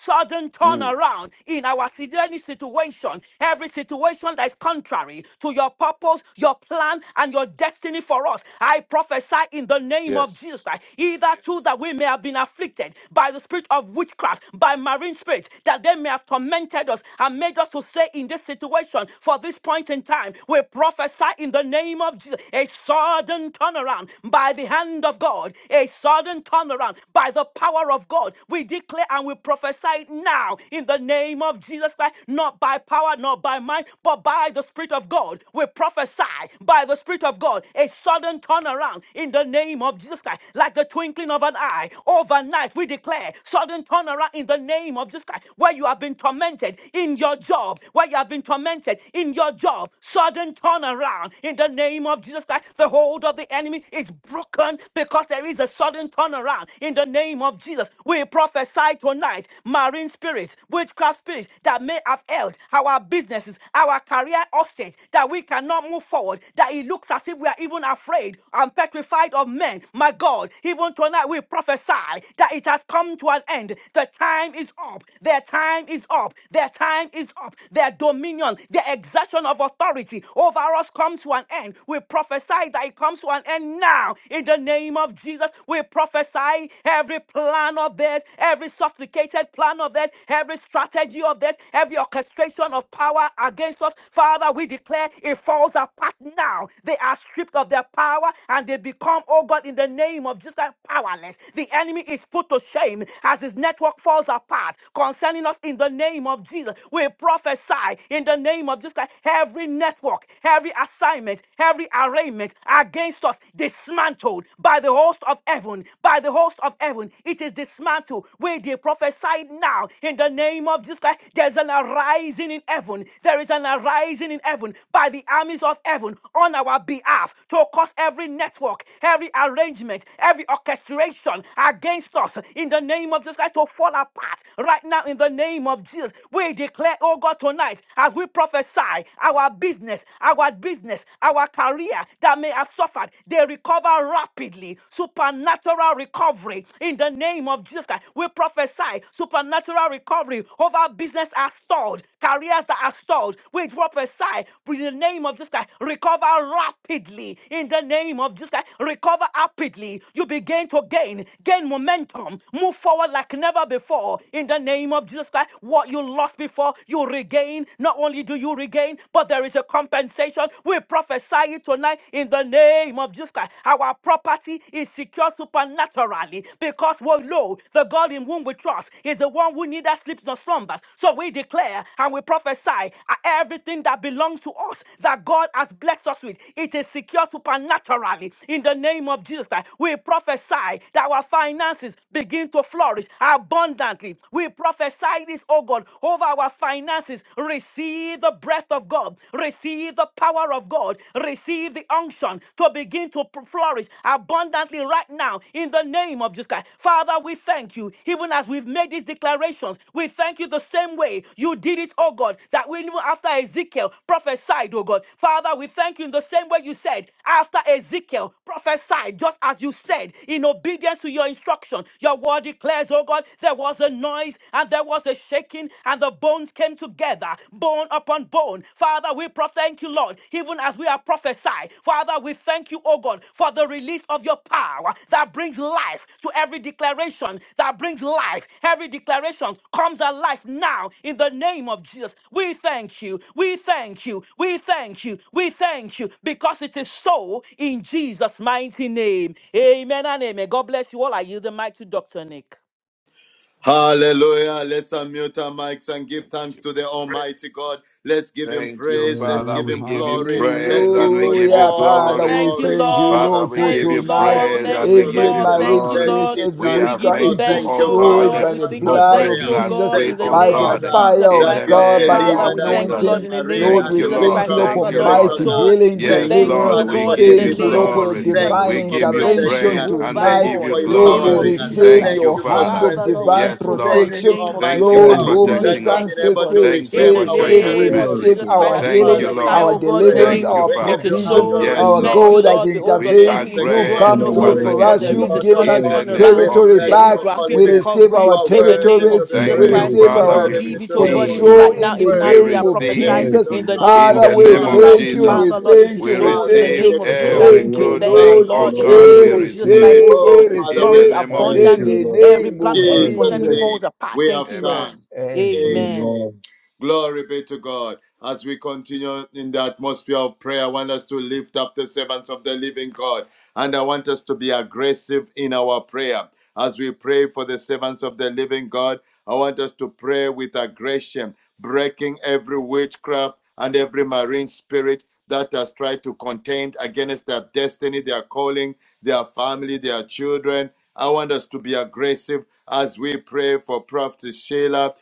Speaker 2: sudden
Speaker 5: Mm,
Speaker 2: turnaround in our any situation, every situation that is contrary to your purpose, your plan, and your destiny for us. I prophesy in the name of Jesus Christ,
Speaker 5: Yes.
Speaker 2: either two that we may have been afflicted by the spirit of witchcraft, by marine spirits, that they may have tormented us and made us to stay in this situation for this point in time in time. We prophesy in the name of Jesus a sudden turnaround by the hand of God, a sudden turnaround by the power of God. We declare and we prophesy it now in the name of Jesus Christ, not by power, not by might, but by the Spirit of God. We prophesy by the Spirit of God a sudden turnaround in the name of Jesus Christ, like the twinkling of an eye. Overnight, we declare sudden turnaround in the name of Jesus Christ, where you have been tormented in your job, where you have been tormented in your job, sudden turnaround in the name of Jesus Christ. The hold of the enemy is broken because there is a sudden turnaround in the name of Jesus. We prophesy tonight, marine spirits, witchcraft spirits that may have held our businesses, our career hostage, that we cannot move forward, that it looks as if we are even afraid and petrified of men. My God, even tonight we prophesy that it has come to an end. The time is up. Their time is up. Their time is up. Their domain dominion, the exertion of authority over us come to an end. We prophesy that it comes to an end now. In the name of Jesus, we prophesy every plan of this, every sophisticated plan of this, every strategy of this, every orchestration of power against us. Father, we declare it falls apart now. They are stripped of their power and they become, oh God, in the name of Jesus, powerless. The enemy is put to shame as his network falls apart. Concerning us in the name of Jesus, we prophesy prophesy in the name of Jesus Christ. Every network, every assignment, every arraignment against us dismantled by the host of heaven, by the host of heaven. It is dismantled. We they prophesy now in the name of Jesus Christ. There's an arising in heaven. There is an arising in heaven by the armies of heaven on our behalf to cause every network, every arrangement, every orchestration against us in the name of Jesus Christ to fall apart right now in the name of Jesus. We declare, oh God, tonight, as we prophesy, our business, our business, our career that may have suffered, they recover rapidly. Supernatural recovery in the name of Jesus Christ. We prophesy supernatural recovery over business are stalled, careers that are stalled. We prophesy in the name of Jesus Christ. Recover rapidly in the name of Jesus Christ. Recover rapidly. You begin to gain, gain momentum, move forward like never before in the name of Jesus Christ. Jesus Christ, what you lost before, you regain. Not only do you regain, but there is a compensation. We prophesy it tonight in the name of Jesus Christ. Our property is secure supernaturally because we know the God in whom we trust is the one who neither sleeps nor slumbers. So we declare and we prophesy uh, everything that belongs to us that God has blessed us with. It is secure supernaturally in the name of Jesus Christ. We prophesy that our finances begin to flourish abundantly. We we prophesy this, oh God, over our finances. Receive the breath of God. Receive the power of God. Receive the unction to begin to pr- flourish abundantly right now in the name of Jesus Christ. Father, we thank you. Even as we've made these declarations, we thank you the same way you did it, oh God, that we knew after Ezekiel prophesied, oh God. Father, we thank you in the same way you said after Ezekiel prophesied, just as you said, in obedience to your instruction. Your word declares, oh God, the there was a noise and there was a shaking, and the bones came together, bone upon bone. Father, we pro- thank you, Lord, even as we are prophesied. Father, we thank you, oh God, for the release of your power that brings life to every declaration, that brings life. Every declaration comes alive now in the name of Jesus. We thank you. We thank you. We thank you. We thank you because it is so in Jesus' mighty name. Amen and amen. God bless you all. I yield the mic to Dr. Nick.
Speaker 4: Hallelujah. Let's unmute our mics and give thanks to the Almighty God. Let's give him
Speaker 5: Thank you,
Speaker 4: praise. Let's
Speaker 5: Father.
Speaker 4: give
Speaker 3: Amen.
Speaker 5: We
Speaker 4: him
Speaker 5: give you
Speaker 4: glory. Let's
Speaker 5: praise and
Speaker 4: give
Speaker 5: we
Speaker 4: God
Speaker 5: give you
Speaker 3: Hallelujah.
Speaker 4: all the
Speaker 3: Father,
Speaker 5: glory.
Speaker 3: we
Speaker 2: Thank you,
Speaker 4: glory,
Speaker 3: thank you,
Speaker 4: all
Speaker 2: Lord.
Speaker 5: Father,
Speaker 4: the
Speaker 3: Lord,
Speaker 5: we
Speaker 3: for
Speaker 2: Thank
Speaker 5: give
Speaker 4: praise,
Speaker 5: you
Speaker 2: you,
Speaker 3: tonight.
Speaker 2: Lord.
Speaker 4: all
Speaker 5: praise
Speaker 4: the
Speaker 5: and
Speaker 2: Thank
Speaker 5: we
Speaker 2: you,
Speaker 3: Every
Speaker 5: give you
Speaker 2: Lord.
Speaker 4: adoration.
Speaker 3: marine
Speaker 2: Thank you,
Speaker 5: glory.
Speaker 4: Let's
Speaker 3: spirit,
Speaker 2: Lord.
Speaker 4: give
Speaker 3: every
Speaker 5: We
Speaker 2: We
Speaker 4: thanks
Speaker 5: are
Speaker 4: to
Speaker 2: give
Speaker 3: witchcraft
Speaker 2: you
Speaker 4: God.
Speaker 3: is
Speaker 5: thankful,
Speaker 4: Thank
Speaker 2: thanks,
Speaker 5: oh
Speaker 4: you,
Speaker 2: oh
Speaker 4: Father,
Speaker 3: destroyed
Speaker 2: God.
Speaker 5: God,
Speaker 3: by
Speaker 4: for
Speaker 2: We
Speaker 3: the
Speaker 2: thank
Speaker 5: for
Speaker 2: you,
Speaker 4: answered
Speaker 3: blood
Speaker 2: thanks,
Speaker 3: of
Speaker 5: breaking
Speaker 4: prayer.
Speaker 2: oh
Speaker 5: us
Speaker 3: Jesus,
Speaker 2: God,
Speaker 5: free,
Speaker 2: in
Speaker 4: Thank
Speaker 2: the
Speaker 4: you,
Speaker 5: oh
Speaker 7: What
Speaker 3: by
Speaker 2: name
Speaker 3: the
Speaker 2: of
Speaker 5: God,
Speaker 4: Father,
Speaker 3: fire
Speaker 2: Jesus
Speaker 5: in
Speaker 4: that
Speaker 3: of
Speaker 5: the
Speaker 2: Christ.
Speaker 4: you have
Speaker 3: God, by
Speaker 5: name
Speaker 3: the
Speaker 2: Father,
Speaker 5: of
Speaker 4: delivered
Speaker 2: we
Speaker 4: us
Speaker 2: thank you,
Speaker 4: from
Speaker 5: Jesus.
Speaker 4: the
Speaker 2: Lord,
Speaker 3: anointing.
Speaker 2: in the name
Speaker 4: marine
Speaker 3: Lord,
Speaker 2: of
Speaker 5: Thank
Speaker 4: and
Speaker 3: we
Speaker 5: you,
Speaker 4: the
Speaker 2: Jesus
Speaker 3: thank
Speaker 2: Christ.
Speaker 3: you,
Speaker 5: Lord.
Speaker 3: Lord,
Speaker 4: witchcraft
Speaker 3: for
Speaker 5: Thank
Speaker 2: Father,
Speaker 5: you,
Speaker 2: Lord,
Speaker 4: spirits, Oh
Speaker 2: it's
Speaker 5: Lord.
Speaker 3: mighty
Speaker 4: God.
Speaker 2: so.
Speaker 3: healing,
Speaker 2: We
Speaker 4: Thank
Speaker 5: Yes,
Speaker 4: you,
Speaker 2: thank
Speaker 6: the
Speaker 2: you,
Speaker 5: Lord,
Speaker 2: oh
Speaker 3: deliverance,
Speaker 6: name
Speaker 4: Father,
Speaker 5: we
Speaker 4: for
Speaker 6: of Jesus.
Speaker 2: God, in
Speaker 5: give
Speaker 2: the
Speaker 5: you
Speaker 3: Thank you,
Speaker 6: In
Speaker 2: name
Speaker 4: delivering
Speaker 3: Lord,
Speaker 2: of
Speaker 3: for
Speaker 4: us.
Speaker 3: your
Speaker 6: the
Speaker 5: glory.
Speaker 4: Thank
Speaker 3: divine
Speaker 6: name
Speaker 5: We
Speaker 4: you
Speaker 2: Jesus.
Speaker 6: of
Speaker 4: for
Speaker 5: give you
Speaker 2: Thank
Speaker 6: Jesus.
Speaker 2: you,
Speaker 4: protecting
Speaker 3: intervention
Speaker 5: praise
Speaker 4: us.
Speaker 5: and we
Speaker 2: Jehovah
Speaker 4: Thank
Speaker 3: tonight.
Speaker 4: you
Speaker 5: give
Speaker 2: God,
Speaker 5: you
Speaker 4: for
Speaker 2: in the
Speaker 3: Lord,
Speaker 5: glory.
Speaker 2: name
Speaker 3: we
Speaker 2: of
Speaker 6: Thank
Speaker 4: empowering us.
Speaker 7: if
Speaker 2: Jesus
Speaker 3: receive
Speaker 6: you,
Speaker 5: Thank
Speaker 4: Thank
Speaker 5: you,
Speaker 2: Christ.
Speaker 3: your
Speaker 7: this
Speaker 4: you for
Speaker 3: hand
Speaker 5: Father.
Speaker 3: of
Speaker 2: Father,
Speaker 4: strengthening
Speaker 2: Lord, we
Speaker 3: divine
Speaker 4: us.
Speaker 2: thank
Speaker 5: Yes,
Speaker 2: you, oh God, in
Speaker 4: Thank
Speaker 2: the
Speaker 5: Lord.
Speaker 4: you,
Speaker 3: protection.
Speaker 2: name of
Speaker 5: Thank
Speaker 6: Lord.
Speaker 5: you
Speaker 2: Jesus
Speaker 4: Almighty
Speaker 5: for
Speaker 3: Lord,
Speaker 2: Christ,
Speaker 6: Thank
Speaker 2: oh
Speaker 4: God,
Speaker 3: whom
Speaker 6: you,
Speaker 2: God.
Speaker 3: your
Speaker 2: We
Speaker 4: that
Speaker 6: Lord.
Speaker 5: protecting
Speaker 4: you have
Speaker 3: son
Speaker 2: thank
Speaker 5: us.
Speaker 4: been
Speaker 2: you, oh
Speaker 3: sets
Speaker 4: able
Speaker 2: God.
Speaker 4: to
Speaker 3: free is
Speaker 5: Thank you
Speaker 2: In
Speaker 4: reclaim
Speaker 5: for
Speaker 3: free
Speaker 2: the
Speaker 4: our
Speaker 5: showing
Speaker 3: indeed.
Speaker 5: us
Speaker 3: We
Speaker 2: name of
Speaker 5: mercy.
Speaker 6: Thank
Speaker 4: territory.
Speaker 3: receive
Speaker 2: Jesus Christ,
Speaker 3: our
Speaker 2: as
Speaker 6: you,
Speaker 4: Our
Speaker 2: you
Speaker 5: Thank
Speaker 3: healing,
Speaker 6: Lord.
Speaker 5: you,
Speaker 4: Father,
Speaker 6: Thank
Speaker 2: prophesy,
Speaker 4: we
Speaker 6: you,
Speaker 4: give
Speaker 5: Lord.
Speaker 3: our
Speaker 2: oh
Speaker 4: you
Speaker 6: Lord.
Speaker 2: God, in the
Speaker 4: praise.
Speaker 3: deliverance,
Speaker 6: Thank you,
Speaker 2: name
Speaker 5: Thank
Speaker 2: of
Speaker 5: you,
Speaker 3: our
Speaker 4: We
Speaker 6: Lord.
Speaker 4: give
Speaker 2: it
Speaker 6: In
Speaker 5: Father.
Speaker 2: is
Speaker 4: you
Speaker 6: the
Speaker 3: provision.
Speaker 6: name of
Speaker 2: so.
Speaker 5: Yes,
Speaker 3: Our
Speaker 4: adoration.
Speaker 2: Thank
Speaker 6: Jesus.
Speaker 2: you,
Speaker 5: Lord.
Speaker 3: God
Speaker 4: The
Speaker 3: has
Speaker 2: Lord. The
Speaker 4: King of
Speaker 2: hold of
Speaker 5: We
Speaker 2: the
Speaker 3: intervened.
Speaker 5: are
Speaker 4: Kings,
Speaker 2: enemy is
Speaker 4: the King
Speaker 3: You've
Speaker 4: of
Speaker 6: In
Speaker 2: broken,
Speaker 3: come
Speaker 2: oh
Speaker 6: the
Speaker 5: grateful
Speaker 3: through
Speaker 2: God,
Speaker 5: once
Speaker 4: Glory,
Speaker 6: name
Speaker 3: for
Speaker 6: of
Speaker 2: but
Speaker 5: again
Speaker 3: us.
Speaker 4: the
Speaker 2: there is
Speaker 3: You've
Speaker 2: a
Speaker 4: Lord
Speaker 6: Jesus.
Speaker 4: of
Speaker 3: given
Speaker 2: sudden
Speaker 5: in
Speaker 3: us
Speaker 6: Thank
Speaker 5: the
Speaker 4: Lords,
Speaker 6: you,
Speaker 5: name
Speaker 4: we
Speaker 6: Lord.
Speaker 5: of
Speaker 2: turnaround.
Speaker 3: territory
Speaker 2: There
Speaker 4: bless
Speaker 2: is
Speaker 3: back.
Speaker 4: your
Speaker 5: Jesus.
Speaker 4: holy
Speaker 2: rapid
Speaker 3: We
Speaker 4: name.
Speaker 3: receive
Speaker 4: You
Speaker 3: our
Speaker 2: recovery
Speaker 4: are
Speaker 2: in the
Speaker 4: worthy
Speaker 2: name
Speaker 4: to
Speaker 2: of
Speaker 3: territories.
Speaker 4: be
Speaker 6: In the
Speaker 2: Jesus
Speaker 3: We
Speaker 5: Thank
Speaker 4: praised,
Speaker 5: you,
Speaker 6: name
Speaker 2: Christ.
Speaker 3: receive
Speaker 6: of
Speaker 2: We
Speaker 5: Father. We
Speaker 3: our
Speaker 7: matters
Speaker 4: worthy
Speaker 6: Jesus.
Speaker 2: receive it,
Speaker 7: for
Speaker 4: to
Speaker 2: oh
Speaker 4: be
Speaker 2: God,
Speaker 7: fools
Speaker 6: Thank
Speaker 7: and
Speaker 2: even
Speaker 5: receive.
Speaker 6: you,
Speaker 3: control
Speaker 4: worshipped,
Speaker 2: right
Speaker 6: Lord.
Speaker 2: now,
Speaker 3: in the
Speaker 7: impressive?
Speaker 2: even
Speaker 5: We
Speaker 2: as
Speaker 4: worthy
Speaker 2: we
Speaker 3: name
Speaker 2: are
Speaker 4: to
Speaker 3: of
Speaker 4: be
Speaker 2: prophesied
Speaker 6: Thank
Speaker 5: receive
Speaker 4: lifted
Speaker 3: Jesus.
Speaker 4: on
Speaker 2: in
Speaker 6: you,
Speaker 2: the
Speaker 6: Lord.
Speaker 4: high.
Speaker 2: name
Speaker 6: In
Speaker 5: in
Speaker 3: Father,
Speaker 2: of
Speaker 6: the
Speaker 5: the
Speaker 3: we
Speaker 5: name
Speaker 2: Jesus
Speaker 6: name
Speaker 5: of
Speaker 6: of
Speaker 4: Father,
Speaker 2: Christ.
Speaker 4: we
Speaker 3: thank you,
Speaker 5: Jesus.
Speaker 3: we
Speaker 4: thank
Speaker 2: Father,
Speaker 6: Jesus.
Speaker 2: Lord,
Speaker 4: you.
Speaker 2: it
Speaker 3: thank
Speaker 2: is
Speaker 5: We
Speaker 3: you, we
Speaker 2: so
Speaker 4: Father,
Speaker 2: in the
Speaker 3: thank
Speaker 4: we
Speaker 7: You're
Speaker 5: receive
Speaker 3: you,
Speaker 2: name
Speaker 4: give
Speaker 2: of
Speaker 4: you
Speaker 7: so
Speaker 2: Jesus
Speaker 4: glory.
Speaker 2: Christ.
Speaker 5: every
Speaker 3: thank
Speaker 2: We
Speaker 7: terrible.
Speaker 6: Oh,
Speaker 3: you,
Speaker 6: yes,
Speaker 5: good
Speaker 2: thank
Speaker 4: Father,
Speaker 2: you,
Speaker 5: thing,
Speaker 6: Lord.
Speaker 3: Lord.
Speaker 7: I
Speaker 6: In
Speaker 5: oh
Speaker 4: we
Speaker 2: Lord, in
Speaker 6: the
Speaker 4: give
Speaker 2: the
Speaker 4: you
Speaker 7: shall
Speaker 5: God.
Speaker 3: We
Speaker 6: name
Speaker 5: We
Speaker 2: name of
Speaker 6: of
Speaker 4: praise.
Speaker 2: Jesus
Speaker 5: receive
Speaker 2: Christ,
Speaker 5: it
Speaker 2: oh
Speaker 6: Jesus.
Speaker 3: receive,
Speaker 4: Oh,
Speaker 3: we
Speaker 2: God.
Speaker 4: Father,
Speaker 5: in
Speaker 4: we
Speaker 5: the
Speaker 2: Flourish
Speaker 3: receive
Speaker 5: name
Speaker 4: honor
Speaker 5: of
Speaker 4: you.
Speaker 6: Thank
Speaker 3: in
Speaker 6: you,
Speaker 3: the
Speaker 2: abundantly.
Speaker 5: Jesus.
Speaker 6: Lord.
Speaker 2: Every
Speaker 4: In
Speaker 3: name
Speaker 2: plan of
Speaker 3: of
Speaker 2: the enemy
Speaker 6: Thank
Speaker 4: Jesus'
Speaker 2: concerning
Speaker 6: you,
Speaker 2: me
Speaker 3: Jesus.
Speaker 4: name,
Speaker 6: Lord.
Speaker 2: falls apart.
Speaker 4: we have
Speaker 2: Thank you, Lord.
Speaker 4: thanked.
Speaker 5: Amen.
Speaker 3: Amen.
Speaker 6: Thank
Speaker 2: Amen.
Speaker 4: Amen.
Speaker 6: Lord.
Speaker 4: Glory be to God. As we continue in the atmosphere of prayer, I want us to lift up the servants of the living God. And I want us to be aggressive in our prayer. As we pray for the servants of the living God, I want us to pray with aggression, breaking every witchcraft and every marine spirit that has tried to contend against their destiny, their calling, their family, their children, I want us to be aggressive as we pray for Prophet Sheila,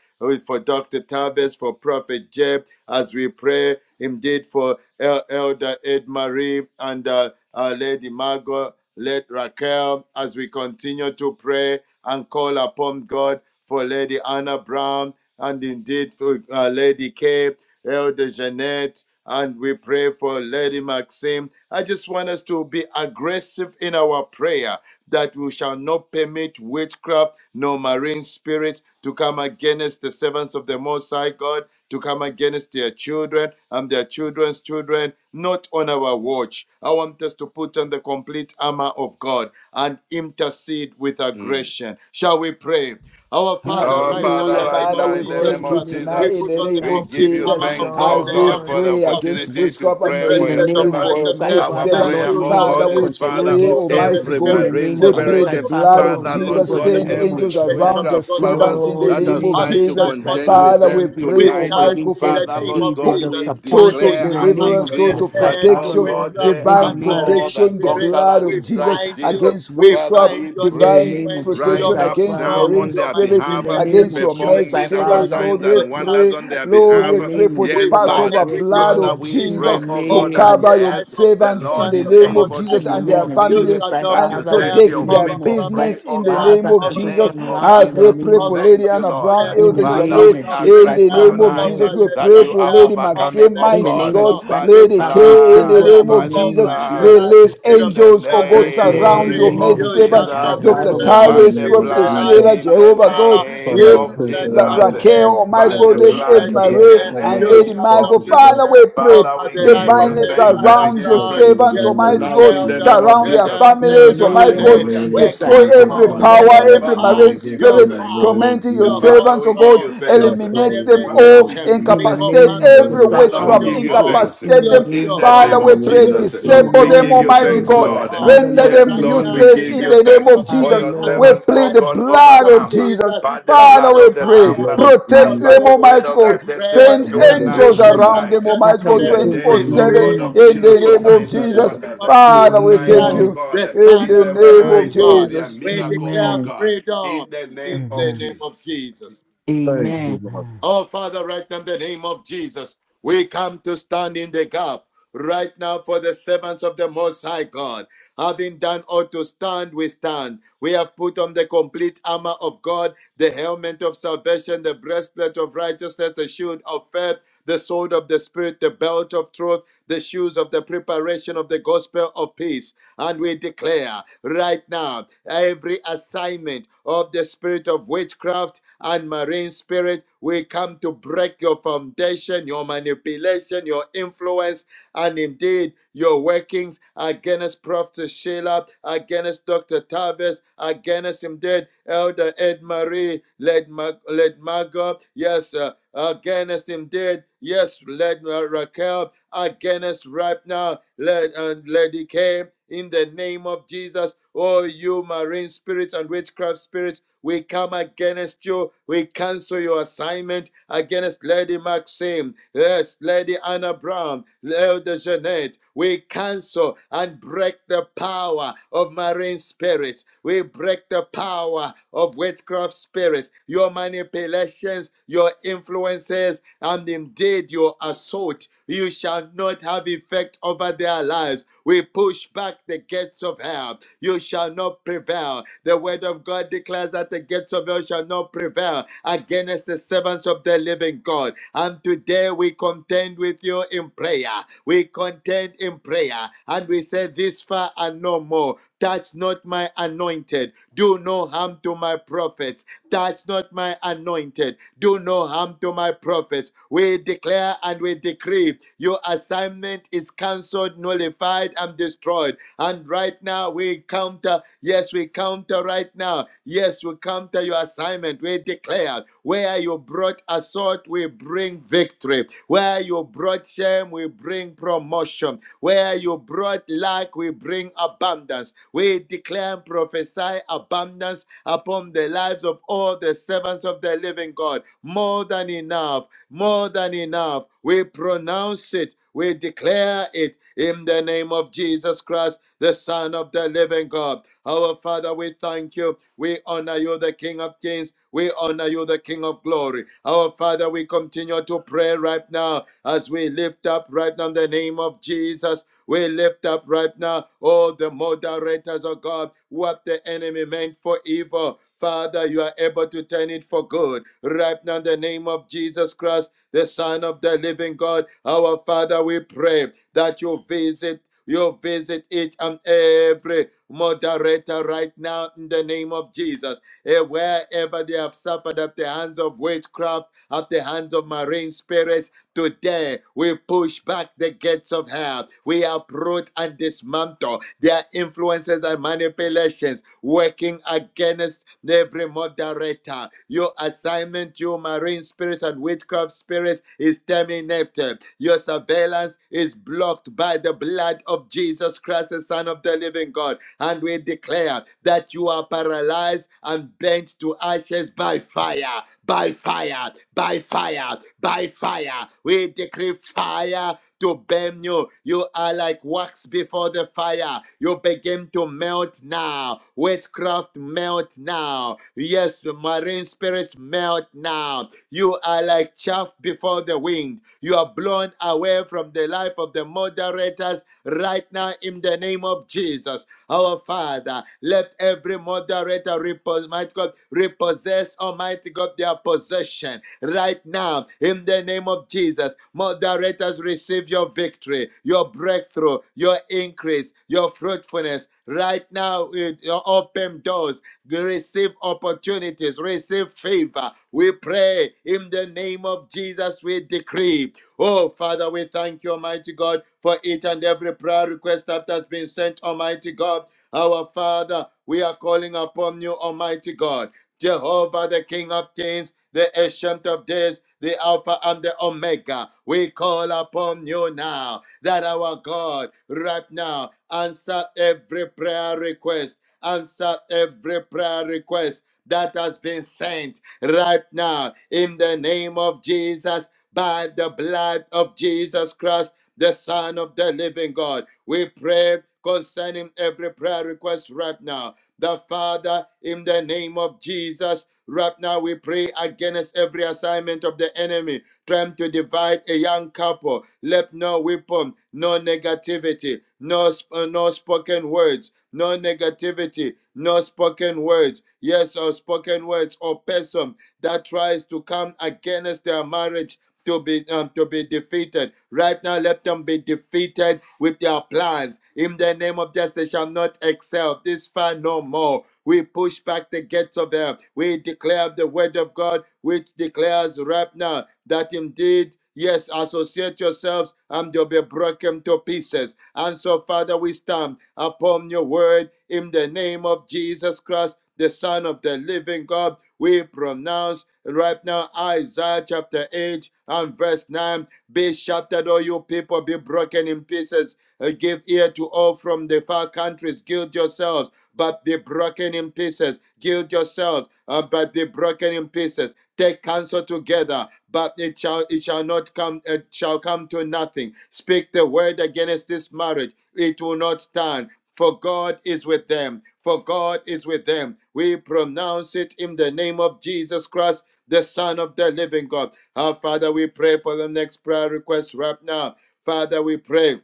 Speaker 4: for Dr. Tavis, for Prophet Jeb, as we pray indeed for. El- Elder Ed Marie and uh, uh, Lady Margot, Lady Raquel, as we continue to pray and call upon God for Lady Anna Brown and indeed for uh, Lady Kay, Elder Jeanette, and we pray for Lady Maxine. I just want us to be aggressive in our prayer that we shall not permit witchcraft nor marine spirits to come against the servants of the Most High God to come against their children and their children's children, not on our watch. I want us to put on the complete armor of God and intercede with
Speaker 5: Mm.
Speaker 4: aggression. Shall we pray? Our
Speaker 2: name of
Speaker 4: Father,
Speaker 5: Our
Speaker 4: right
Speaker 2: Jesus
Speaker 4: now in
Speaker 5: Father,
Speaker 3: Hallelujah.
Speaker 4: the
Speaker 2: Christ.
Speaker 4: name
Speaker 5: right
Speaker 2: Thank
Speaker 3: Father,
Speaker 4: of
Speaker 5: now,
Speaker 2: you,
Speaker 3: we
Speaker 5: in the
Speaker 2: God,
Speaker 4: Jesus
Speaker 5: name
Speaker 2: in
Speaker 3: thank
Speaker 2: the
Speaker 3: you
Speaker 5: of
Speaker 4: Christ,
Speaker 2: name
Speaker 3: tonight
Speaker 2: of
Speaker 4: we
Speaker 5: Jesus,
Speaker 3: in
Speaker 4: put
Speaker 3: the
Speaker 4: on
Speaker 2: Jesus
Speaker 4: the
Speaker 3: name
Speaker 2: Christ.
Speaker 5: we
Speaker 3: of
Speaker 5: give
Speaker 4: complete
Speaker 5: you
Speaker 3: Jesus
Speaker 2: Oh
Speaker 4: armor of
Speaker 5: thanks,
Speaker 4: God,
Speaker 5: oh
Speaker 3: as
Speaker 4: the
Speaker 3: we
Speaker 5: God,
Speaker 2: Lord,
Speaker 5: for
Speaker 4: helmet
Speaker 5: the
Speaker 4: of
Speaker 3: pray against
Speaker 4: salvation,
Speaker 5: opportunity to
Speaker 3: witchcraft
Speaker 4: the
Speaker 3: and
Speaker 5: pray
Speaker 2: in
Speaker 5: for
Speaker 3: marine
Speaker 2: the
Speaker 5: your
Speaker 4: breastplate of
Speaker 2: name
Speaker 3: spirits
Speaker 2: of
Speaker 3: for
Speaker 5: servants.
Speaker 3: your
Speaker 2: Jesus Christ,
Speaker 3: maid
Speaker 4: righteousness,
Speaker 5: Our
Speaker 4: the
Speaker 2: Father,
Speaker 3: servants.
Speaker 5: prayer,
Speaker 2: Lord, in
Speaker 4: shield
Speaker 2: the
Speaker 5: oh
Speaker 2: name
Speaker 4: of
Speaker 2: of
Speaker 3: Father,
Speaker 5: God,
Speaker 2: every
Speaker 4: faith,
Speaker 5: is
Speaker 3: we
Speaker 4: the
Speaker 2: contention
Speaker 5: Father,
Speaker 3: pray,
Speaker 4: sword
Speaker 2: against
Speaker 4: of
Speaker 2: them,
Speaker 4: the
Speaker 3: Almighty
Speaker 5: every
Speaker 2: in
Speaker 3: God,
Speaker 2: the
Speaker 4: Spirit,
Speaker 5: marine
Speaker 2: name
Speaker 3: we
Speaker 2: of
Speaker 4: the
Speaker 7: um,
Speaker 2: Jesus
Speaker 3: plead
Speaker 5: spirit,
Speaker 4: belt
Speaker 3: the
Speaker 2: Christ,
Speaker 4: of
Speaker 2: Father,
Speaker 3: blood
Speaker 4: truth,
Speaker 3: of
Speaker 2: Lord,
Speaker 7: the
Speaker 2: we
Speaker 5: Father,
Speaker 4: the
Speaker 2: pray, oh,
Speaker 5: Lord
Speaker 3: Jesus.
Speaker 4: shoes
Speaker 2: God,
Speaker 7: action
Speaker 2: in
Speaker 5: God,
Speaker 4: of
Speaker 2: the
Speaker 3: Send
Speaker 4: the
Speaker 7: found
Speaker 2: name
Speaker 7: the
Speaker 2: of
Speaker 5: every
Speaker 3: angels
Speaker 2: Jesus
Speaker 4: preparation
Speaker 2: Christ.
Speaker 4: of
Speaker 3: around
Speaker 7: unit
Speaker 4: the
Speaker 3: your
Speaker 5: witchcraft powers
Speaker 4: gospel
Speaker 3: servants
Speaker 4: of
Speaker 3: in the
Speaker 2: Lord,
Speaker 4: peace
Speaker 2: in
Speaker 5: that
Speaker 2: the
Speaker 3: name
Speaker 5: has
Speaker 3: of
Speaker 2: name of
Speaker 5: tried
Speaker 4: having
Speaker 5: to
Speaker 4: done
Speaker 3: Jesus.
Speaker 2: Jesus
Speaker 4: all
Speaker 2: Christ,
Speaker 5: contend
Speaker 4: to
Speaker 7: returned
Speaker 2: Father,
Speaker 5: with
Speaker 3: Father, we
Speaker 4: stand,
Speaker 5: them
Speaker 2: every
Speaker 3: pray,
Speaker 4: we
Speaker 5: tonight.
Speaker 2: contention
Speaker 3: Almighty
Speaker 4: stand
Speaker 3: God,
Speaker 2: against
Speaker 4: in
Speaker 3: for
Speaker 2: them
Speaker 4: the
Speaker 5: Father,
Speaker 4: name
Speaker 5: Lord
Speaker 2: is
Speaker 4: of
Speaker 5: God,
Speaker 4: Jesus
Speaker 5: we
Speaker 7: and
Speaker 4: and
Speaker 3: total
Speaker 2: disappointed
Speaker 4: we
Speaker 2: in
Speaker 5: declare
Speaker 2: the
Speaker 4: come
Speaker 5: and
Speaker 2: name
Speaker 3: deliverance,
Speaker 2: of
Speaker 5: decree
Speaker 4: against
Speaker 3: total
Speaker 2: Jesus
Speaker 7: traveled
Speaker 2: Christ,
Speaker 5: that, oh
Speaker 2: Father,
Speaker 4: every
Speaker 3: protection,
Speaker 5: God,
Speaker 2: Lord,
Speaker 4: witchcraft
Speaker 5: they
Speaker 2: in
Speaker 5: are
Speaker 2: the
Speaker 3: divine
Speaker 4: and
Speaker 7: around
Speaker 2: name of
Speaker 5: more
Speaker 4: marine
Speaker 5: than
Speaker 3: protection, the
Speaker 4: spirits.
Speaker 3: blood
Speaker 5: conquerors
Speaker 4: We
Speaker 3: of
Speaker 5: in
Speaker 3: Jesus
Speaker 5: Christ
Speaker 4: bind
Speaker 5: Jesus.
Speaker 4: you,
Speaker 3: against
Speaker 4: we
Speaker 5: Father,
Speaker 3: witchcraft,
Speaker 4: bind
Speaker 5: we
Speaker 4: your
Speaker 2: in the
Speaker 3: divine
Speaker 5: pray,
Speaker 2: name of
Speaker 4: influence,
Speaker 2: Jesus
Speaker 4: your
Speaker 5: rise
Speaker 3: protection
Speaker 7: prepared
Speaker 2: Christ,
Speaker 5: up
Speaker 3: against
Speaker 2: Father,
Speaker 5: now
Speaker 4: control,
Speaker 7: for
Speaker 3: marine
Speaker 5: on
Speaker 2: Lord,
Speaker 4: your
Speaker 7: the
Speaker 5: their
Speaker 3: spirits,
Speaker 2: in
Speaker 7: French
Speaker 5: behalf,
Speaker 2: the
Speaker 4: manipulation,
Speaker 2: name
Speaker 3: against
Speaker 2: of
Speaker 3: your
Speaker 4: your
Speaker 2: Jesus
Speaker 3: maid
Speaker 5: perform
Speaker 2: Christ,
Speaker 5: miracle
Speaker 4: deceit,
Speaker 3: servants,
Speaker 2: Father,
Speaker 3: Lord.
Speaker 5: signs
Speaker 3: We
Speaker 4: your
Speaker 5: and wonders
Speaker 3: pray,
Speaker 4: damage
Speaker 5: on
Speaker 4: and
Speaker 5: their
Speaker 2: In
Speaker 3: Lord,
Speaker 2: the
Speaker 3: we
Speaker 5: behalf.
Speaker 4: destruction.
Speaker 3: pray
Speaker 2: name
Speaker 3: for
Speaker 2: of
Speaker 3: the
Speaker 4: We
Speaker 5: Yes,
Speaker 2: Jesus Christ,
Speaker 5: Lord.
Speaker 4: bind,
Speaker 3: Passover
Speaker 4: we
Speaker 2: yes,
Speaker 3: blood
Speaker 5: Father,
Speaker 2: Lord.
Speaker 3: of
Speaker 7: uniform.
Speaker 5: we
Speaker 4: discontinue
Speaker 2: In the
Speaker 5: pray,
Speaker 3: Jesus
Speaker 5: oh
Speaker 3: to
Speaker 4: over
Speaker 5: God,
Speaker 2: name
Speaker 5: that
Speaker 2: of
Speaker 4: the
Speaker 3: cover your
Speaker 4: life
Speaker 5: yes,
Speaker 4: of the
Speaker 5: the
Speaker 3: servants in
Speaker 5: Lord
Speaker 4: servants
Speaker 3: the
Speaker 7: Regina
Speaker 4: of
Speaker 5: is
Speaker 4: the
Speaker 3: name
Speaker 7: found
Speaker 3: of
Speaker 5: able
Speaker 4: Most
Speaker 5: to
Speaker 4: High
Speaker 3: Jesus
Speaker 7: that
Speaker 2: in the
Speaker 5: do
Speaker 3: and
Speaker 4: God.
Speaker 3: their
Speaker 5: all
Speaker 2: name of
Speaker 7: she
Speaker 4: You
Speaker 5: things
Speaker 2: Jesus
Speaker 3: families
Speaker 4: shall
Speaker 2: Christ,
Speaker 4: not
Speaker 5: that you
Speaker 3: and
Speaker 2: Father, we
Speaker 7: carefully
Speaker 4: prevail
Speaker 5: set
Speaker 2: pray
Speaker 7: the
Speaker 2: in
Speaker 3: protect
Speaker 5: your
Speaker 2: the
Speaker 3: their
Speaker 4: over
Speaker 2: name of
Speaker 5: people
Speaker 7: magazine
Speaker 2: Jesus
Speaker 5: free,
Speaker 4: Prophet
Speaker 3: business
Speaker 2: Christ,
Speaker 5: oh
Speaker 3: in the
Speaker 5: God,
Speaker 4: Sarah,
Speaker 3: name
Speaker 2: Father,
Speaker 5: in
Speaker 3: of
Speaker 5: the
Speaker 4: over
Speaker 2: total
Speaker 3: Jesus.
Speaker 5: name
Speaker 2: turn
Speaker 4: Dr.
Speaker 5: of
Speaker 2: around
Speaker 3: As
Speaker 2: in the
Speaker 4: Tavis,
Speaker 3: we
Speaker 5: Jesus.
Speaker 3: pray
Speaker 2: name
Speaker 3: for
Speaker 4: over
Speaker 2: of
Speaker 3: Lady
Speaker 5: Thank you,
Speaker 3: Anna
Speaker 4: Prophet
Speaker 7: We
Speaker 5: Lord.
Speaker 3: Brown,
Speaker 4: Jeff.
Speaker 2: in
Speaker 3: Elder
Speaker 2: the
Speaker 4: You
Speaker 2: name
Speaker 5: Father,
Speaker 4: shall
Speaker 3: Janet,
Speaker 5: we
Speaker 4: not
Speaker 5: are
Speaker 3: in the
Speaker 5: grateful
Speaker 4: prevail
Speaker 3: name of
Speaker 5: tonight
Speaker 2: of
Speaker 3: Jesus,
Speaker 4: over
Speaker 3: we
Speaker 4: Led
Speaker 5: that
Speaker 3: pray
Speaker 5: you
Speaker 3: for
Speaker 5: are
Speaker 3: Lady
Speaker 4: Raquel, over
Speaker 5: overcoming,
Speaker 3: Maxine,
Speaker 4: Led
Speaker 5: oh
Speaker 2: in the name of
Speaker 3: mighty
Speaker 5: God,
Speaker 3: God,
Speaker 4: Mango.
Speaker 2: Christ,
Speaker 5: by the
Speaker 4: We
Speaker 3: Lady
Speaker 4: shall
Speaker 2: Father, we
Speaker 4: not
Speaker 3: K. In
Speaker 2: pray,
Speaker 3: the
Speaker 5: blood,
Speaker 2: God,
Speaker 4: prevail
Speaker 3: name
Speaker 2: in the
Speaker 5: by
Speaker 3: of
Speaker 5: the
Speaker 2: name
Speaker 3: Jesus,
Speaker 2: of
Speaker 4: over the
Speaker 2: Jesus.
Speaker 5: blood
Speaker 2: Christ,
Speaker 4: life
Speaker 3: release
Speaker 4: indeed
Speaker 5: in
Speaker 4: of
Speaker 5: the
Speaker 3: angels, oh
Speaker 4: Elder
Speaker 3: God,
Speaker 2: Yes,
Speaker 4: Ed
Speaker 2: Lord,
Speaker 7: need
Speaker 3: surround
Speaker 2: in
Speaker 5: name
Speaker 3: your
Speaker 4: Marie.
Speaker 3: maid
Speaker 5: of
Speaker 7: angels
Speaker 4: You
Speaker 7: that are
Speaker 3: servants,
Speaker 4: shall
Speaker 2: that
Speaker 5: Jesus.
Speaker 4: not
Speaker 7: angels
Speaker 6: Yes,
Speaker 3: Dr.
Speaker 7: with
Speaker 2: Father, we
Speaker 6: Lord, in
Speaker 4: prevail
Speaker 6: the
Speaker 2: pray.
Speaker 5: By
Speaker 3: Tyrus,
Speaker 5: the
Speaker 7: surrounding
Speaker 6: name
Speaker 4: in
Speaker 6: of
Speaker 7: the
Speaker 3: Prophet
Speaker 4: the
Speaker 5: blood
Speaker 4: life
Speaker 6: Jesus.
Speaker 3: Sheila,
Speaker 5: in
Speaker 4: right
Speaker 5: the
Speaker 3: Jehovah God,
Speaker 4: now.
Speaker 7: righteous.
Speaker 6: Father,
Speaker 5: name
Speaker 4: Yes,
Speaker 6: I
Speaker 3: Lady
Speaker 4: of
Speaker 5: of
Speaker 7: No
Speaker 6: pray
Speaker 7: joy,
Speaker 6: for
Speaker 4: Lady
Speaker 3: La-
Speaker 6: all
Speaker 7: no
Speaker 5: Jesus.
Speaker 6: God, in
Speaker 3: Raquel,
Speaker 4: Maxim.
Speaker 7: conscience
Speaker 6: the
Speaker 7: can
Speaker 6: name
Speaker 3: Almighty
Speaker 5: By
Speaker 6: of
Speaker 3: God,
Speaker 5: the
Speaker 4: Lady,
Speaker 6: God,
Speaker 3: Lady Ed
Speaker 7: shine
Speaker 5: blood
Speaker 6: that
Speaker 4: Lady
Speaker 6: you
Speaker 5: in
Speaker 7: and
Speaker 6: have
Speaker 3: Marie,
Speaker 5: the
Speaker 4: Care,
Speaker 6: come
Speaker 3: and
Speaker 6: of
Speaker 4: you
Speaker 7: suffer.
Speaker 3: Lady
Speaker 5: name
Speaker 4: shall
Speaker 6: Thank
Speaker 5: of
Speaker 3: Michael.
Speaker 6: you,
Speaker 4: not
Speaker 5: Jesus.
Speaker 6: Lord.
Speaker 3: Father, we
Speaker 4: prevail
Speaker 3: pray
Speaker 5: Father,
Speaker 4: over
Speaker 5: we
Speaker 4: the
Speaker 6: In the
Speaker 4: life
Speaker 5: give
Speaker 4: of
Speaker 6: name
Speaker 5: you
Speaker 3: divinely
Speaker 6: of
Speaker 4: Lady
Speaker 5: thanks and we
Speaker 4: Anna
Speaker 6: Jesus,
Speaker 3: surround
Speaker 5: give you
Speaker 3: your
Speaker 6: you are
Speaker 4: Brown.
Speaker 5: praise.
Speaker 6: doing
Speaker 3: servants,
Speaker 4: Yes, um,
Speaker 6: only
Speaker 3: Almighty
Speaker 6: you
Speaker 5: Tonight
Speaker 6: can
Speaker 5: in the
Speaker 3: God,
Speaker 6: do,
Speaker 4: Elder,
Speaker 5: name of
Speaker 6: Lord.
Speaker 3: surround
Speaker 4: yeah,
Speaker 3: their
Speaker 5: Jesus.
Speaker 4: um,
Speaker 2: In the
Speaker 3: families,
Speaker 4: Elder
Speaker 3: Almighty
Speaker 6: In
Speaker 2: name
Speaker 6: the
Speaker 3: God,
Speaker 2: of
Speaker 4: Jeanette,
Speaker 5: Hallelujah.
Speaker 6: name of
Speaker 2: Jesus
Speaker 4: we
Speaker 5: Thank
Speaker 2: Christ,
Speaker 3: destroy
Speaker 5: you,
Speaker 6: Jesus,
Speaker 4: cancel,
Speaker 3: every
Speaker 2: Father,
Speaker 6: in
Speaker 5: Lord.
Speaker 6: the
Speaker 4: we
Speaker 3: power,
Speaker 2: Lord,
Speaker 6: name of
Speaker 3: every
Speaker 5: Father,
Speaker 4: nullify
Speaker 5: we
Speaker 3: marine
Speaker 6: Jesus,
Speaker 5: give you
Speaker 4: your
Speaker 6: in the
Speaker 3: spirit
Speaker 5: thanks.
Speaker 6: name
Speaker 4: power,
Speaker 6: of
Speaker 3: tormenting your
Speaker 4: your
Speaker 6: Jesus.
Speaker 5: Father,
Speaker 3: servants,
Speaker 5: we
Speaker 3: oh
Speaker 5: give
Speaker 3: God.
Speaker 5: you
Speaker 4: control, your
Speaker 6: Yes,
Speaker 5: thanks.
Speaker 3: Eliminate
Speaker 6: Lord, in
Speaker 3: them
Speaker 6: the name
Speaker 5: Father,
Speaker 3: all,
Speaker 6: of
Speaker 5: we
Speaker 4: manipulation.
Speaker 5: give you
Speaker 2: in
Speaker 4: We
Speaker 2: the
Speaker 6: Jesus,
Speaker 5: thanks.
Speaker 6: in
Speaker 3: incapacitate
Speaker 6: the
Speaker 2: name
Speaker 4: command
Speaker 2: of
Speaker 4: you
Speaker 3: every
Speaker 2: Jesus
Speaker 6: name
Speaker 4: to
Speaker 6: of
Speaker 2: Christ,
Speaker 5: Father,
Speaker 4: lose
Speaker 5: we
Speaker 2: Father,
Speaker 3: witchcraft,
Speaker 5: give
Speaker 4: your
Speaker 2: we
Speaker 5: you
Speaker 6: Jesus.
Speaker 2: pray,
Speaker 4: hold,
Speaker 2: God,
Speaker 5: thanks.
Speaker 2: in the
Speaker 3: incapacitate them.
Speaker 4: lose
Speaker 5: In
Speaker 4: your
Speaker 2: name,
Speaker 5: the
Speaker 6: In
Speaker 3: Father,
Speaker 5: name
Speaker 4: hold,
Speaker 6: the
Speaker 3: we
Speaker 5: of
Speaker 3: pray,
Speaker 6: name of
Speaker 5: Jesus,
Speaker 4: lose
Speaker 2: in
Speaker 4: your
Speaker 2: the
Speaker 3: disable
Speaker 5: we
Speaker 6: Jesus,
Speaker 4: hold,
Speaker 3: them,
Speaker 2: name
Speaker 5: give
Speaker 6: in
Speaker 2: of
Speaker 5: you
Speaker 3: Almighty
Speaker 6: the
Speaker 4: lose
Speaker 5: thanks,
Speaker 2: Jesus
Speaker 3: God.
Speaker 6: name of
Speaker 4: your
Speaker 2: Christ,
Speaker 5: Lord.
Speaker 4: hold.
Speaker 6: Jesus,
Speaker 2: Father,
Speaker 3: Render
Speaker 2: Lord, in
Speaker 5: Yes,
Speaker 3: them
Speaker 4: Right
Speaker 2: the
Speaker 6: in the
Speaker 5: Lord,
Speaker 2: name
Speaker 6: name
Speaker 4: now,
Speaker 5: we
Speaker 6: of
Speaker 2: of
Speaker 3: useless
Speaker 4: in
Speaker 5: give
Speaker 3: in
Speaker 5: you
Speaker 4: the
Speaker 3: the
Speaker 6: Jesus.
Speaker 4: name
Speaker 3: name
Speaker 5: thanks
Speaker 4: of
Speaker 3: of
Speaker 5: for
Speaker 2: Father,
Speaker 3: Jesus.
Speaker 5: your
Speaker 4: Jesus,
Speaker 3: We
Speaker 2: Lord.
Speaker 5: servants, oh
Speaker 4: by
Speaker 3: plead the
Speaker 4: the
Speaker 5: God,
Speaker 4: blood
Speaker 3: blood
Speaker 4: of
Speaker 3: of
Speaker 5: overcome
Speaker 3: Jesus.
Speaker 4: Jesus,
Speaker 5: by the
Speaker 4: by
Speaker 3: Father,
Speaker 5: blood
Speaker 4: the
Speaker 3: we
Speaker 5: of the
Speaker 3: pray,
Speaker 4: fire
Speaker 5: Lamb
Speaker 6: blood
Speaker 4: of
Speaker 6: of
Speaker 4: the
Speaker 3: protect
Speaker 5: and
Speaker 4: Holy
Speaker 5: by
Speaker 6: Jesus,
Speaker 3: them,
Speaker 5: the
Speaker 4: Ghost.
Speaker 5: word
Speaker 3: Almighty
Speaker 5: of
Speaker 4: We
Speaker 3: God.
Speaker 5: their
Speaker 4: pray
Speaker 5: testimony.
Speaker 6: the
Speaker 3: Send
Speaker 6: blood
Speaker 4: that
Speaker 2: name
Speaker 6: of
Speaker 2: of
Speaker 4: whom
Speaker 3: angels
Speaker 5: Tonight,
Speaker 4: the
Speaker 2: Jesus.
Speaker 4: Son
Speaker 3: around
Speaker 6: Jesus,
Speaker 5: tonight
Speaker 3: them,
Speaker 4: sets
Speaker 3: Almighty
Speaker 6: the
Speaker 2: Father,
Speaker 3: God,
Speaker 2: we
Speaker 5: is
Speaker 4: free
Speaker 6: blood
Speaker 5: a
Speaker 6: of
Speaker 2: pray,
Speaker 3: 24
Speaker 2: but
Speaker 5: day,
Speaker 4: is
Speaker 2: in the
Speaker 5: oh
Speaker 3: 7
Speaker 6: Jesus.
Speaker 4: free
Speaker 2: name
Speaker 5: God,
Speaker 2: of
Speaker 5: of
Speaker 3: in the
Speaker 2: Jesus,
Speaker 5: miracle
Speaker 4: indeed.
Speaker 3: name
Speaker 2: that
Speaker 3: of
Speaker 2: will
Speaker 5: signs
Speaker 4: In
Speaker 2: be
Speaker 5: and
Speaker 2: so
Speaker 4: the
Speaker 3: Jesus.
Speaker 2: good.
Speaker 4: name
Speaker 5: wonders.
Speaker 4: of
Speaker 3: Father,
Speaker 4: Jesus
Speaker 3: we
Speaker 5: Tonight,
Speaker 3: thank
Speaker 4: Christ,
Speaker 5: oh
Speaker 6: Oh,
Speaker 2: Amen.
Speaker 3: you
Speaker 4: the
Speaker 5: God,
Speaker 3: in
Speaker 4: Son
Speaker 5: is
Speaker 3: the
Speaker 4: of
Speaker 5: a
Speaker 4: the
Speaker 3: name of
Speaker 4: living
Speaker 5: night
Speaker 6: thank you,
Speaker 5: of
Speaker 4: God,
Speaker 6: Lord.
Speaker 5: their
Speaker 3: Jesus.
Speaker 4: we
Speaker 5: miracle, oh
Speaker 4: declare
Speaker 2: Amen.
Speaker 5: God,
Speaker 4: freedom
Speaker 5: in the
Speaker 4: in
Speaker 5: name
Speaker 3: Amen.
Speaker 5: of
Speaker 4: the name of
Speaker 5: Jesus.
Speaker 4: Jesus.
Speaker 6: Thank you,
Speaker 2: Amen.
Speaker 6: Lord.
Speaker 4: Oh, Father, right now in the name of Jesus, we come to stand in the gap right now for the servants of the Most High God. Having done all to stand, we stand. We have put on the complete armor of God, the helmet of salvation, the breastplate of righteousness, the shield of faith, the sword of the Spirit, the belt of truth the shoes of the preparation of the gospel of peace. And we declare right now every assignment of the spirit of witchcraft and marine spirit, we come to break your foundation, your manipulation, your influence and indeed your workings against Prophet Sheila, against Dr. Tavis, against him dead, Elder Ed Marie, led, Mag- Margot, yes, uh, against him dead, yes, led uh, Raquel, against right now, led and Lady K in the name of Jesus. Oh, you marine spirits and witchcraft spirits, we come against you. We cancel your assignment against Lady Maxine, yes, Lady Anna Brown, Elder Jeanette. We cancel and break the power power of marine spirits. We break the power of witchcraft spirits, your manipulations, your influences, and indeed your assault. You shall not have effect over their lives. We push back the gates of hell you shall not prevail. The word of God declares that the gates of hell shall not prevail against the servants of the living God. And today we contend with you in prayer. We contend in prayer and we say, This far and no more. Touch not my anointed. Do no harm to my prophets. Touch not my anointed. Do no harm to my prophets. We declare and we decree your assignment is cancelled, nullified, and destroyed and right now we counter, yes, we counter right now. Yes, we counter your assignment. We declare where you brought assault, we bring victory. Where you brought shame, we bring promotion. Where you brought lack, we bring abundance. We declare and prophesy abundance upon the lives of all the servants of the living God. More than enough more than enough. We pronounce it, we declare it in the name of Jesus Christ, the Son of the living God. Our Father, we thank you. We honor you, the King of Kings. We honor you, the King of Glory. Our Father, we continue to pray right now as we lift up right now the name of Jesus. We lift up right now all the moderators of God, what the enemy meant for evil. Father, you are able to turn it for good. Right now, in the name of Jesus Christ, the Son of the living God, our Father, we pray that you visit. You visit each and every moderator right now in the name of Jesus. Eh, Wherever they have suffered at the hands of witchcraft, at the hands of marine spirits, Today, we push back the gates of hell. We uproot and dismantle their influences and manipulations working against every moderator. Your assignment, you marine spirits and witchcraft spirits, is terminated. Lord. Your surveillance is blocked by the blood of Jesus Christ, the Son of the living God. And we declare that you are paralyzed and bent to ashes by fire, by fire, by fire, by fire. We decree fire to burn you. You are like wax before the fire. You begin to melt now. Witchcraft melt now. Yes, marine spirits melt now. You are like chaff before the wind. You are blown away from the life of the moderators right now in the name of Jesus. Our Father, let every moderator, repos- mighty God, repossess, Almighty God, their possession right now in the name of Jesus. Moderators, receive your victory, your breakthrough, your increase, your fruitfulness. Right now, in your open doors, receive opportunities, receive favor. We pray in the name of Jesus. We decree Oh, Father, we thank you, Almighty God, for each and every prayer request that has been sent, Almighty God. Our Father, we are calling upon you, Almighty God. Jehovah, the King of Kings, the Ancient of Days, the Alpha and the Omega. We call upon you now that our God, right now, answer every prayer request. Answer every prayer request that has been sent right now in the name of Jesus by the blood of Jesus Christ, the Son of the living God. We pray concerning every prayer request right now. The Father, in the name of Jesus, right now we pray against every assignment of the enemy trying to divide a young couple. Let no weapon, no negativity, no, sp- uh, no spoken words, no negativity, no spoken words, yes, or spoken words or person that tries to come against their marriage to be um, to be defeated. Right now, let them be defeated with their plans. In the name of Jesus, they shall not excel this far no more. We push back the gates of hell. We declare the word of God, which declares right now that indeed. Yes, associate yourselves and you'll be broken to pieces. And so, Father, we stand upon your word in the name of Jesus Christ the Son of the Living God. We pronounce right now Isaiah chapter 8 and verse 9 be shattered, all you people, be broken in pieces. Uh, Give ear to all from the far countries. Gild yourselves, but be broken in pieces. Gild yourselves, uh, but be broken in pieces. Take counsel together, but it shall it shall not come. It shall come to nothing. Speak the word against this marriage; it will not stand. For God is with them. For God is with them. We pronounce it in the name of Jesus Christ, the Son of the living God. Our Father, we pray for the next prayer request right now. Father, we pray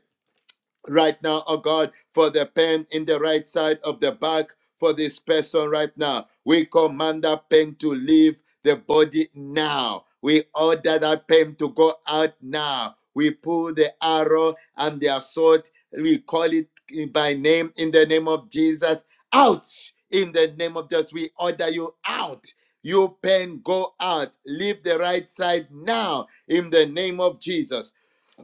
Speaker 4: right now, oh God, for the pain in the right side of the back for this person right now. We command that pain to leave the body now. We order that pain to go out now. We pull the arrow and the assault. We call it by name in the name of Jesus. Out in the name of Jesus. We order you out. You pain, go out. Leave the right side now in the name of Jesus.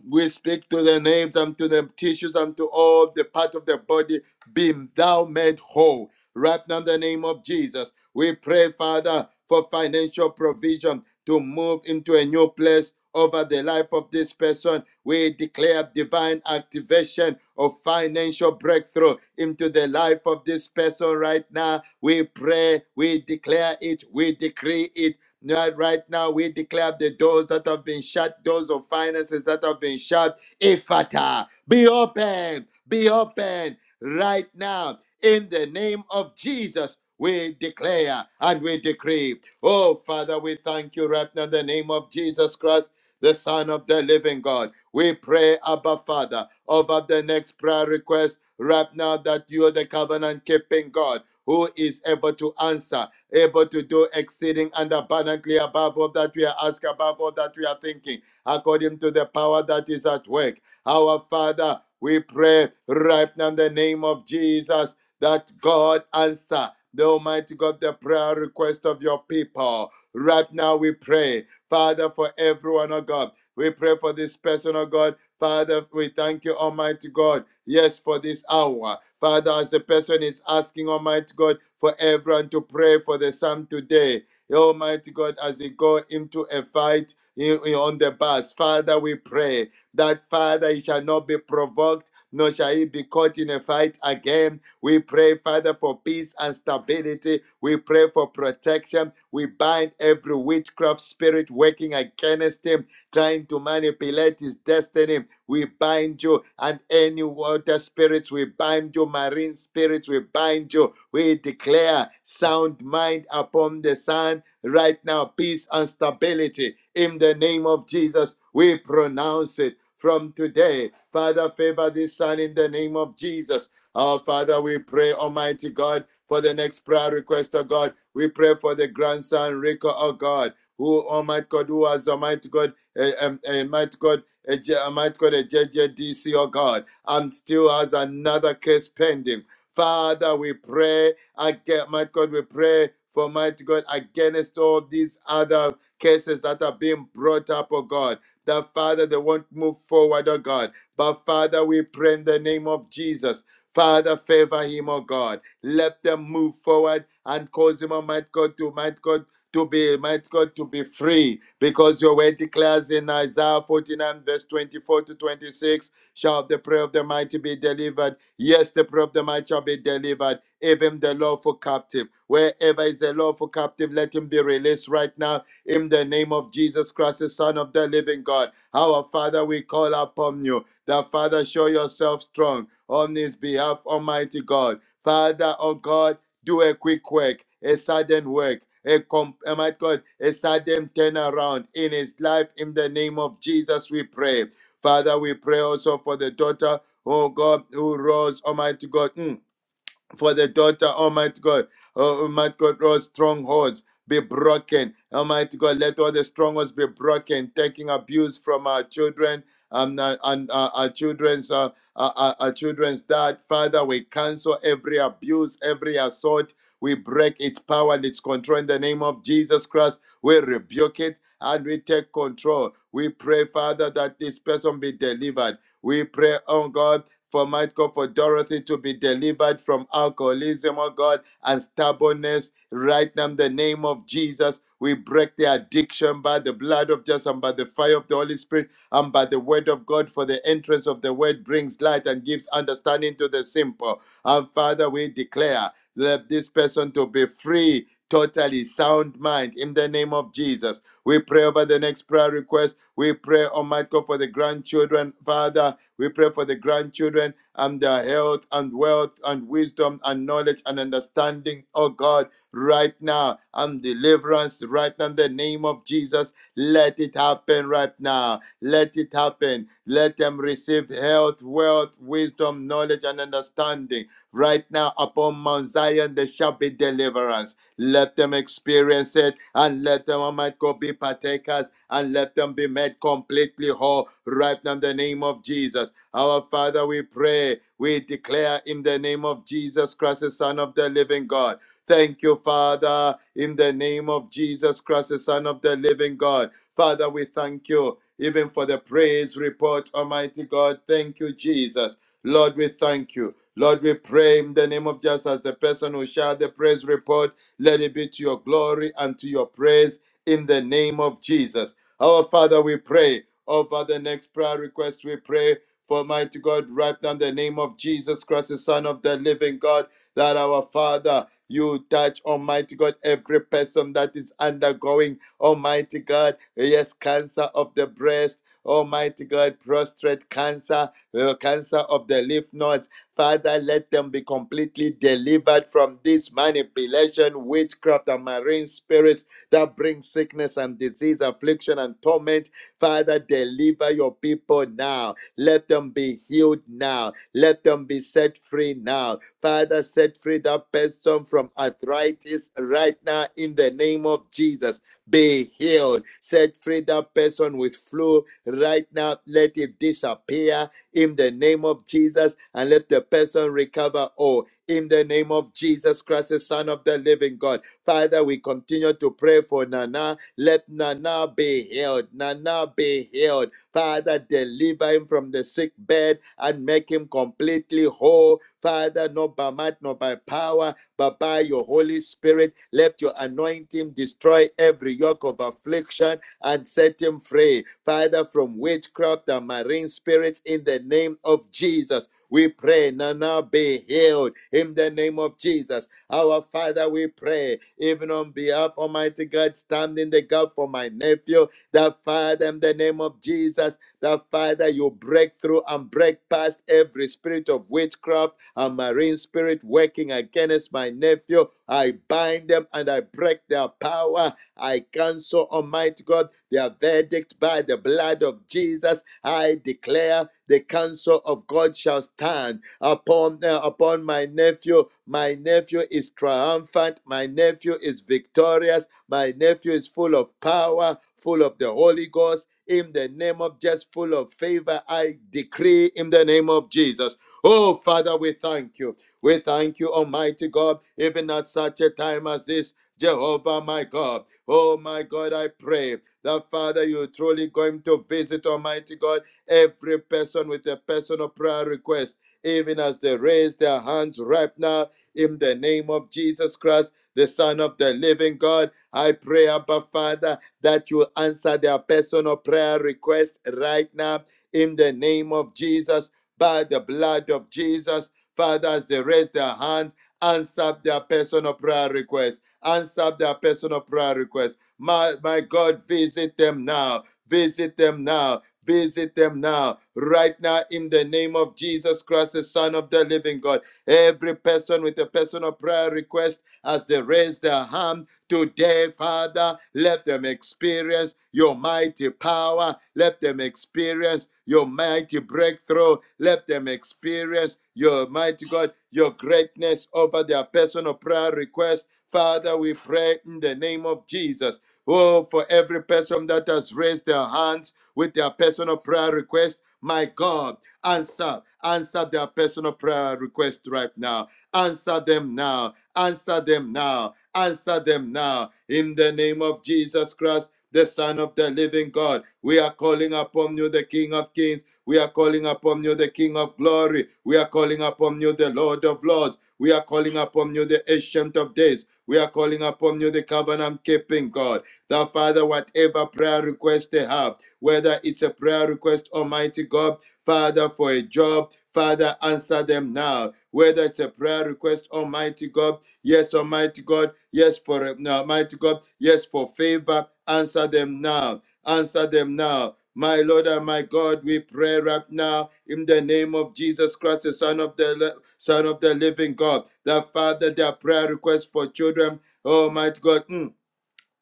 Speaker 4: We speak to the names and to the tissues and to all the parts of the body, be thou made whole. Right now, in the name of Jesus, we pray, Father, for financial provision to move into a new place over the life of this person. We declare divine activation of financial breakthrough into the life of this person right now. We pray, we declare it, we decree it Lord, right now we declare the doors that have been shut, doors of finances that have been shut, ifata, be open, be open right now. In the name of Jesus, we declare and we decree. Oh, Father, we thank you right now in the name of Jesus Christ, the Son of the living God. We pray, Abba Father, over the next prayer request right now that you are the covenant keeping God who is able to answer able to do exceeding and abundantly above all that we are asking, above all that we are thinking, according to the power that is at work. Our Father, we pray right now in the name of Jesus that God answer. The Almighty God, the prayer request of your people. Right now we pray, Father, for everyone, oh God. We pray for this person, oh God. Father, we thank you, Almighty God. Yes, for this hour. Father, as the person is asking Almighty God for everyone to pray for the son today, Almighty God, as he go into a fight in- in- on the bus, Father, we pray that Father, he shall not be provoked, nor shall he be caught in a fight again. We pray, Father, for peace and stability. We pray for protection. We bind every witchcraft spirit working against him, trying to manipulate his destiny. We bind you and any water spirits. We bind you, marine spirits. We bind you. We declare sound mind upon the sand right now, peace and stability. In the name of Jesus, we pronounce it from today. Father, favor this son in the name of Jesus. Our Father, we pray, Almighty God, for the next prayer request, of God. We pray for the grandson, Rico, oh God, who, Almighty God, who has, Almighty God, uh, um, uh, Almighty God, a J- I might call it a J J D C, oh God, and still has another case pending. Father, we pray again, might God, we pray for mighty God against all these other cases that are being brought up, oh God. That Father, they won't move forward, oh God. But Father, we pray in the name of Jesus. Father, favor him, oh God. Let them move forward and cause him, oh might God, to might God to be, might God, to be free, because your word declares in Isaiah 49, verse 24 to 26, shall the prayer of the mighty be delivered. Yes, the prayer of the mighty shall be delivered, even the lawful captive. Wherever is a lawful captive, let him be released right now in the name of Jesus Christ, the Son of the living God. Our Father, we call upon you. That Father, show yourself strong on his behalf, Almighty God. Father, oh God, do a quick work, a sudden work, a com- oh my God, a sudden turnaround in his life. In the name of Jesus, we pray. Father, we pray also for the daughter, oh God, who rose, Almighty God. mm, for the daughter, Almighty God, oh, Almighty God, all strongholds be broken. Almighty God, let all the strongholds be broken, taking abuse from our children um, uh, and uh, our children's uh, our, our our children's dad. Father, we cancel every abuse, every assault. We break its power and its control in the name of Jesus Christ. We rebuke it and we take control. We pray, Father, that this person be delivered. We pray, oh God for my God, for Dorothy to be delivered from alcoholism, oh God, and stubbornness. Right now, in the name of Jesus, we break the addiction by the blood of Jesus and by the fire of the Holy Spirit and by the word of God, for the entrance of the word brings light and gives understanding to the simple. And Father, we declare let this person to be free totally sound mind in the name of jesus we pray over the next prayer request we pray almighty god for the grandchildren father we pray for the grandchildren and their health and wealth and wisdom and knowledge and understanding, oh God, right now and deliverance right now in the name of Jesus. Let it happen right now. Let it happen. Let them receive health, wealth, wisdom, knowledge, and understanding. Right now upon Mount Zion, there shall be deliverance. Let them experience it and let them, Almighty God, be partakers and let them be made completely whole right now in the name of Jesus. Our Father, we pray, we declare in the name of Jesus Christ, the Son of the living God. Thank you, Father, in the name of Jesus Christ, the Son of the living God. Father, we thank you. Even for the praise report, Almighty God. Thank you, Jesus. Lord, we thank you. Lord, we pray in the name of Jesus as the person who shared the praise report, let it be to your glory and to your praise in the name of Jesus. Our Father, we pray over the next prayer request. We pray for mighty God, right now in the name of Jesus Christ, the Son of the living God, that our Father, you touch, Almighty God, every person that is undergoing, Almighty God, yes, cancer of the breast, Almighty God, prostate cancer, uh, cancer of the lymph nodes. Father, let them be completely delivered from this manipulation, witchcraft, and marine spirits that bring sickness and disease, affliction, and torment. Father, deliver your people now let them be healed now. Let them be set free now. Father, set free that person from arthritis right now in the name of Jesus. Be healed. Set free that person with flu right now. Let it disappear in the name of Jesus and let the person recover all. In the name of Jesus Christ, the Son of the Living God. Father, we continue to pray for Nana. Let Nana be healed. Nana be healed. Father, deliver him from the sick bed and make him completely whole. Father, not by might, not by power, but by your Holy Spirit. Let your anointing destroy every yoke of affliction and set him free. Father, from witchcraft and marine spirits, in the name of Jesus, we pray. Nana be healed in the name of Jesus. Our Father, we pray, even on behalf, of Almighty God, stand in the gap for my nephew. That Father, in the name of Jesus, that Father, you break through and break past every spirit of witchcraft and marine spirit working against my nephew. I bind them and I break their power. I cancel, Almighty God, their verdict by the blood of Jesus. I declare the counsel of God shall stand upon uh, upon my nephew. My nephew is triumphant. My nephew is victorious. My nephew is full of power, full of the Holy Ghost. In the name of just full of favor, I decree in the name of Jesus. Oh, Father, we thank you. We thank you, Almighty God, even at such a time as this, Jehovah, my God. Oh, my God, I pray that, Father, you're truly going to visit, Almighty God, every person with a personal prayer request, even as they raise their hands right now in the name of Jesus Christ, the Son of the living God. I pray, Abba Father, that you answer their personal prayer request right now in the name of Jesus, by the blood of Jesus. Father, as they raise their hand, answer their personal prayer request. Answer their personal prayer request. My, my God, visit them now. Visit them now. Visit them now, right now, in the name of Jesus Christ, the Son of the Living God. Every person with a personal prayer request, as they raise their hand, Today, Father, let them experience your mighty power. Let them experience your mighty breakthrough. Let them experience your mighty God, your greatness over their personal prayer requests. Father, we pray in the name of Jesus. Oh, for every person that has raised their hands with their personal prayer request, my God, answer, answer their personal prayer request right now. Answer them now. Answer them now Answer them now in the name of Jesus Christ, the Son of the living God. We are calling upon you, the King of Kings. We are calling upon you, the King of Glory. We are calling upon you, the Lord of Lords. We are calling upon you, the Ancient of Days. We are calling upon you, the covenant keeping God. The Father, whatever prayer request they have, whether it's a prayer request, Almighty God, Father, for a job, Father, answer them now. Whether it's a prayer request, Almighty God, Yes, Almighty God. Yes, for uh, no, Almighty God. Yes, for favor. Answer them now. Answer them now. My Lord and my God, we pray right now in the name of Jesus Christ, the Son of the li- Son of the Living God. The Father, their prayer requests for children. Almighty God. mm,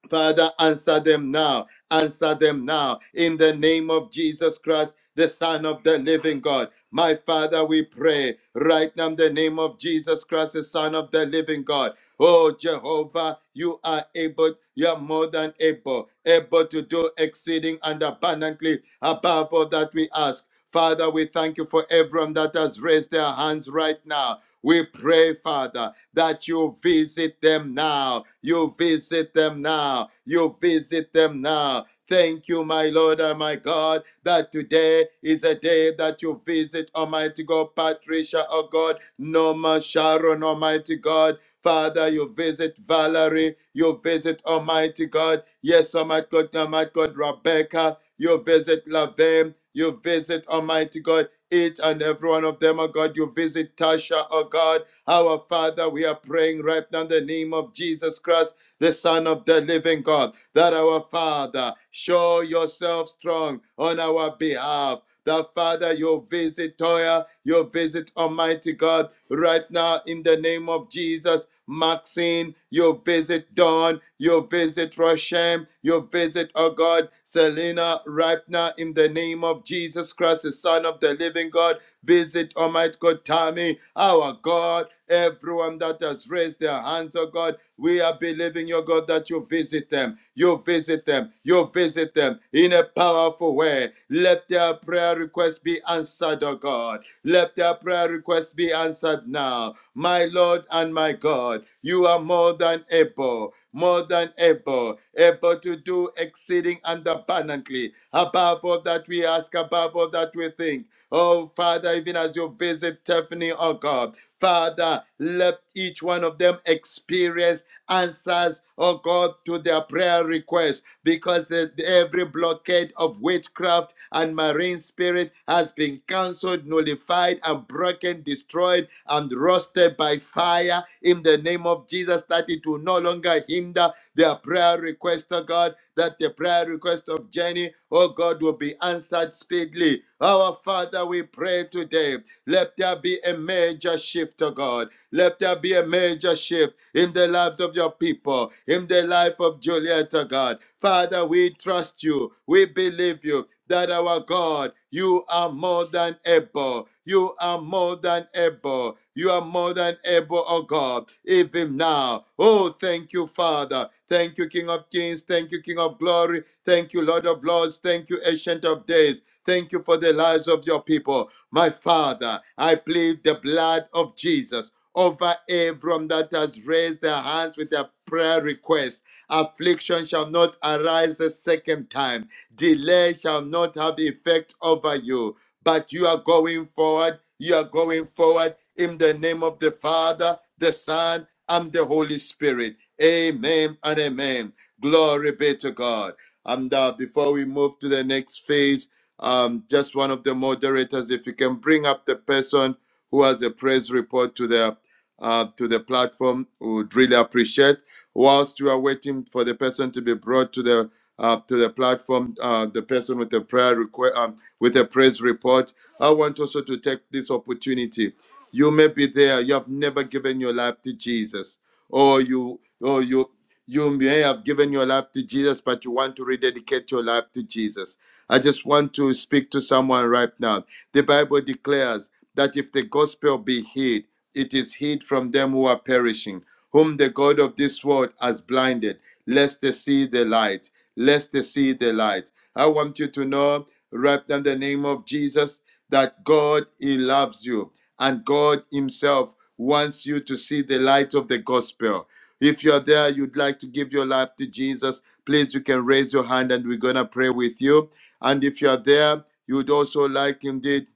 Speaker 4: Father, answer them now. Answer them now. In the name of Jesus Christ, the Son of the living God. My Father, we pray right now in the name of Jesus Christ, the Son of the living God. Oh, Jehovah, you are able, you are more than able, able to do exceeding and abundantly above all that we ask. Father, we thank you for everyone that has raised their hands right now. We pray, Father that you visit them now. You visit them now. You visit them now. Thank you, my Lord and my God, that today is a day that you visit Almighty God, Patricia, oh God, Norma, Sharon, Almighty God. Father, you visit Valerie, you visit Almighty God. Yes, Almighty God, Almighty God, Rebecca, you visit Lavem, you visit Almighty God, each and every one of them, oh God. You visit Tasha, oh God. Our Father, we are praying right now in the name of Jesus Christ, the Son of the living God, that our Father, show yourself strong on our behalf. That Father, you visit Toya, you visit Almighty God right now in the name of Jesus. Maxine, you visit Dawn, you visit Roshem, you visit, oh God, Selena, right now in the name of Jesus Christ, the Son of the living God. Visit, Almighty God, Tammy, our God, everyone that has raised their hands, oh God. We are believing, your God, that you visit them. You visit them. You visit them in a powerful way. Let their prayer requests be answered, oh God. Let their prayer requests be answered now. My Lord and my God, you are more than able, more than able, able to do exceeding and abundantly above all that we ask, above all that we think Oh, Father, even as you visit Tiffany, oh God. Father, let each one of them experience answers, oh God, to their prayer requests because the- every blockade of witchcraft and marine spirit has been cancelled canceled, nullified, and broken, destroyed, and roasted by fire in the name of Jesus, that it will no longer hinder their prayer request, oh God, that the prayer request of Jenny, oh God, will be answered speedily. Our Father, we pray today, let there be a major shift, oh God let there be a major shift in the lives of your people, in the life of Juliet, oh God. Father, we trust you. We believe you that our God, you are more than able. You are more than able. You are more than able, oh God, even now. Oh, thank you, Father. Thank you, King of Kings. Thank you, King of Glory. Thank you, Lord of Lords. Thank you, Ancient of Days. Thank you for the lives of your people. My Father, I plead the blood of Jesus over everyone that has raised their hands with their prayer request. Affliction shall not arise a second time. Delay shall not have effect over you. But you are going forward. You are going forward in the name of the Father, the Son, and the Holy Spirit. Amen and amen. Glory be to God. And uh, before we move to the next phase, um, just one of the moderators, if you can bring up the person who has a praise report to the uh, to the platform we would really appreciate. Whilst you are waiting for the person to be brought to the uh, to the platform, uh, the person with a prayer request um, with a praise report, I want also to take this opportunity you may be there. You have never given your life to Jesus, or you, or you, you may have given your life to Jesus, but you want to rededicate your life to Jesus. I just want to speak to someone right now. The Bible declares that if the gospel be hid, it is hid from them who are perishing, whom the God of this world has blinded, lest they see the light, lest they see the light. I want you to know, right now, in the name of Jesus, that God, He loves you and God Himself wants you to see the light of the gospel. If you're there, you'd like to give your life to Jesus, please you can raise your hand and we're gonna pray with you. And if you're there, you'd also like indeed,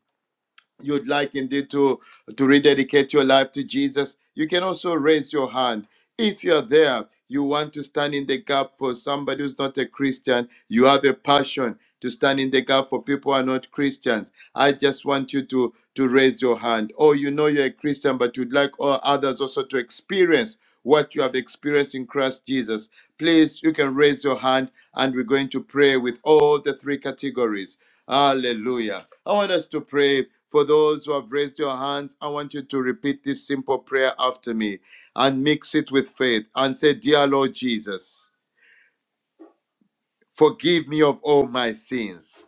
Speaker 4: you'd like indeed to to rededicate your life to Jesus, you can also raise your hand if you're there, you want to stand in the gap for somebody who's not a Christian, you have a passion to stand in the gap for people who are not Christians. I just want you to, to raise your hand. Or you know you're a Christian, but you'd like all others also to experience what you have experienced in Christ Jesus. Please, you can raise your hand and we're going to pray with all the three categories. Hallelujah. I want us to pray for those who have raised your hands. I want you to repeat this simple prayer after me and mix it with faith and say, Dear Lord Jesus, forgive me of all my sins.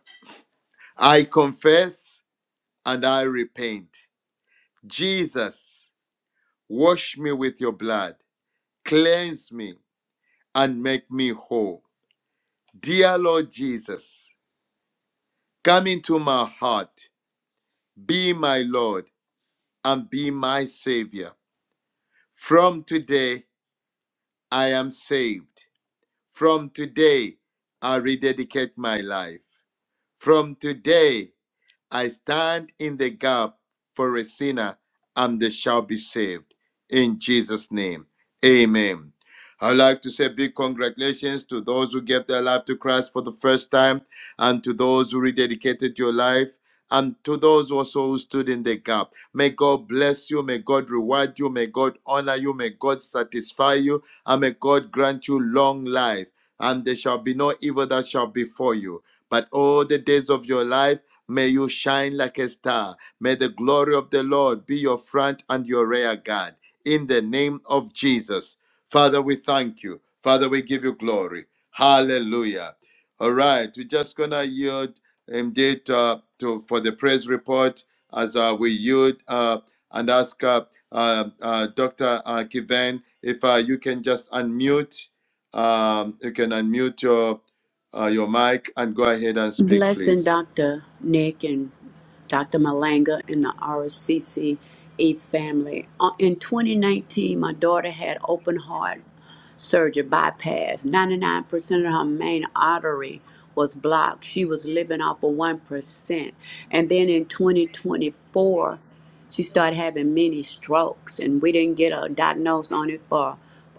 Speaker 4: I confess and I repent. Jesus, wash me with your blood, cleanse me, and make me whole. Dear Lord Jesus, come into my heart, be my Lord, and be my Savior. From today, I am saved. From today, I rededicate my life. From today, I stand in the gap for a sinner and they shall be saved. In Jesus' name, amen. I'd like to say big congratulations to those who gave their life to Christ for the first time and to those who rededicated your life. And to those also who stood in the gap, may God bless you, may God reward you, may God honor you, may God satisfy you, and may God grant you long life. And there shall be no evil that shall befall you, but all the days of your life May you shine like a star. May the glory of the Lord be your front and your rear guard. In the name of Jesus. Father, we thank you. Father, we give you glory. Hallelujah. All right, we're just going to yield indeed uh, to, for the praise report as uh, we yield uh, and ask uh, uh, uh, Dr. Uh, Kiven if uh, you can just unmute. Um, you can unmute your, uh, your mic and go ahead and speak,
Speaker 8: Blessing
Speaker 4: please.
Speaker 8: Dr. Nick and Dr. Malanga and the RCCE family. Uh, In 2019, my daughter had open heart surgery bypass. 99% of her main artery was blocked. She was living off of 1%. And then in 2024, she started having many strokes, and we didn't get a diagnosis on it for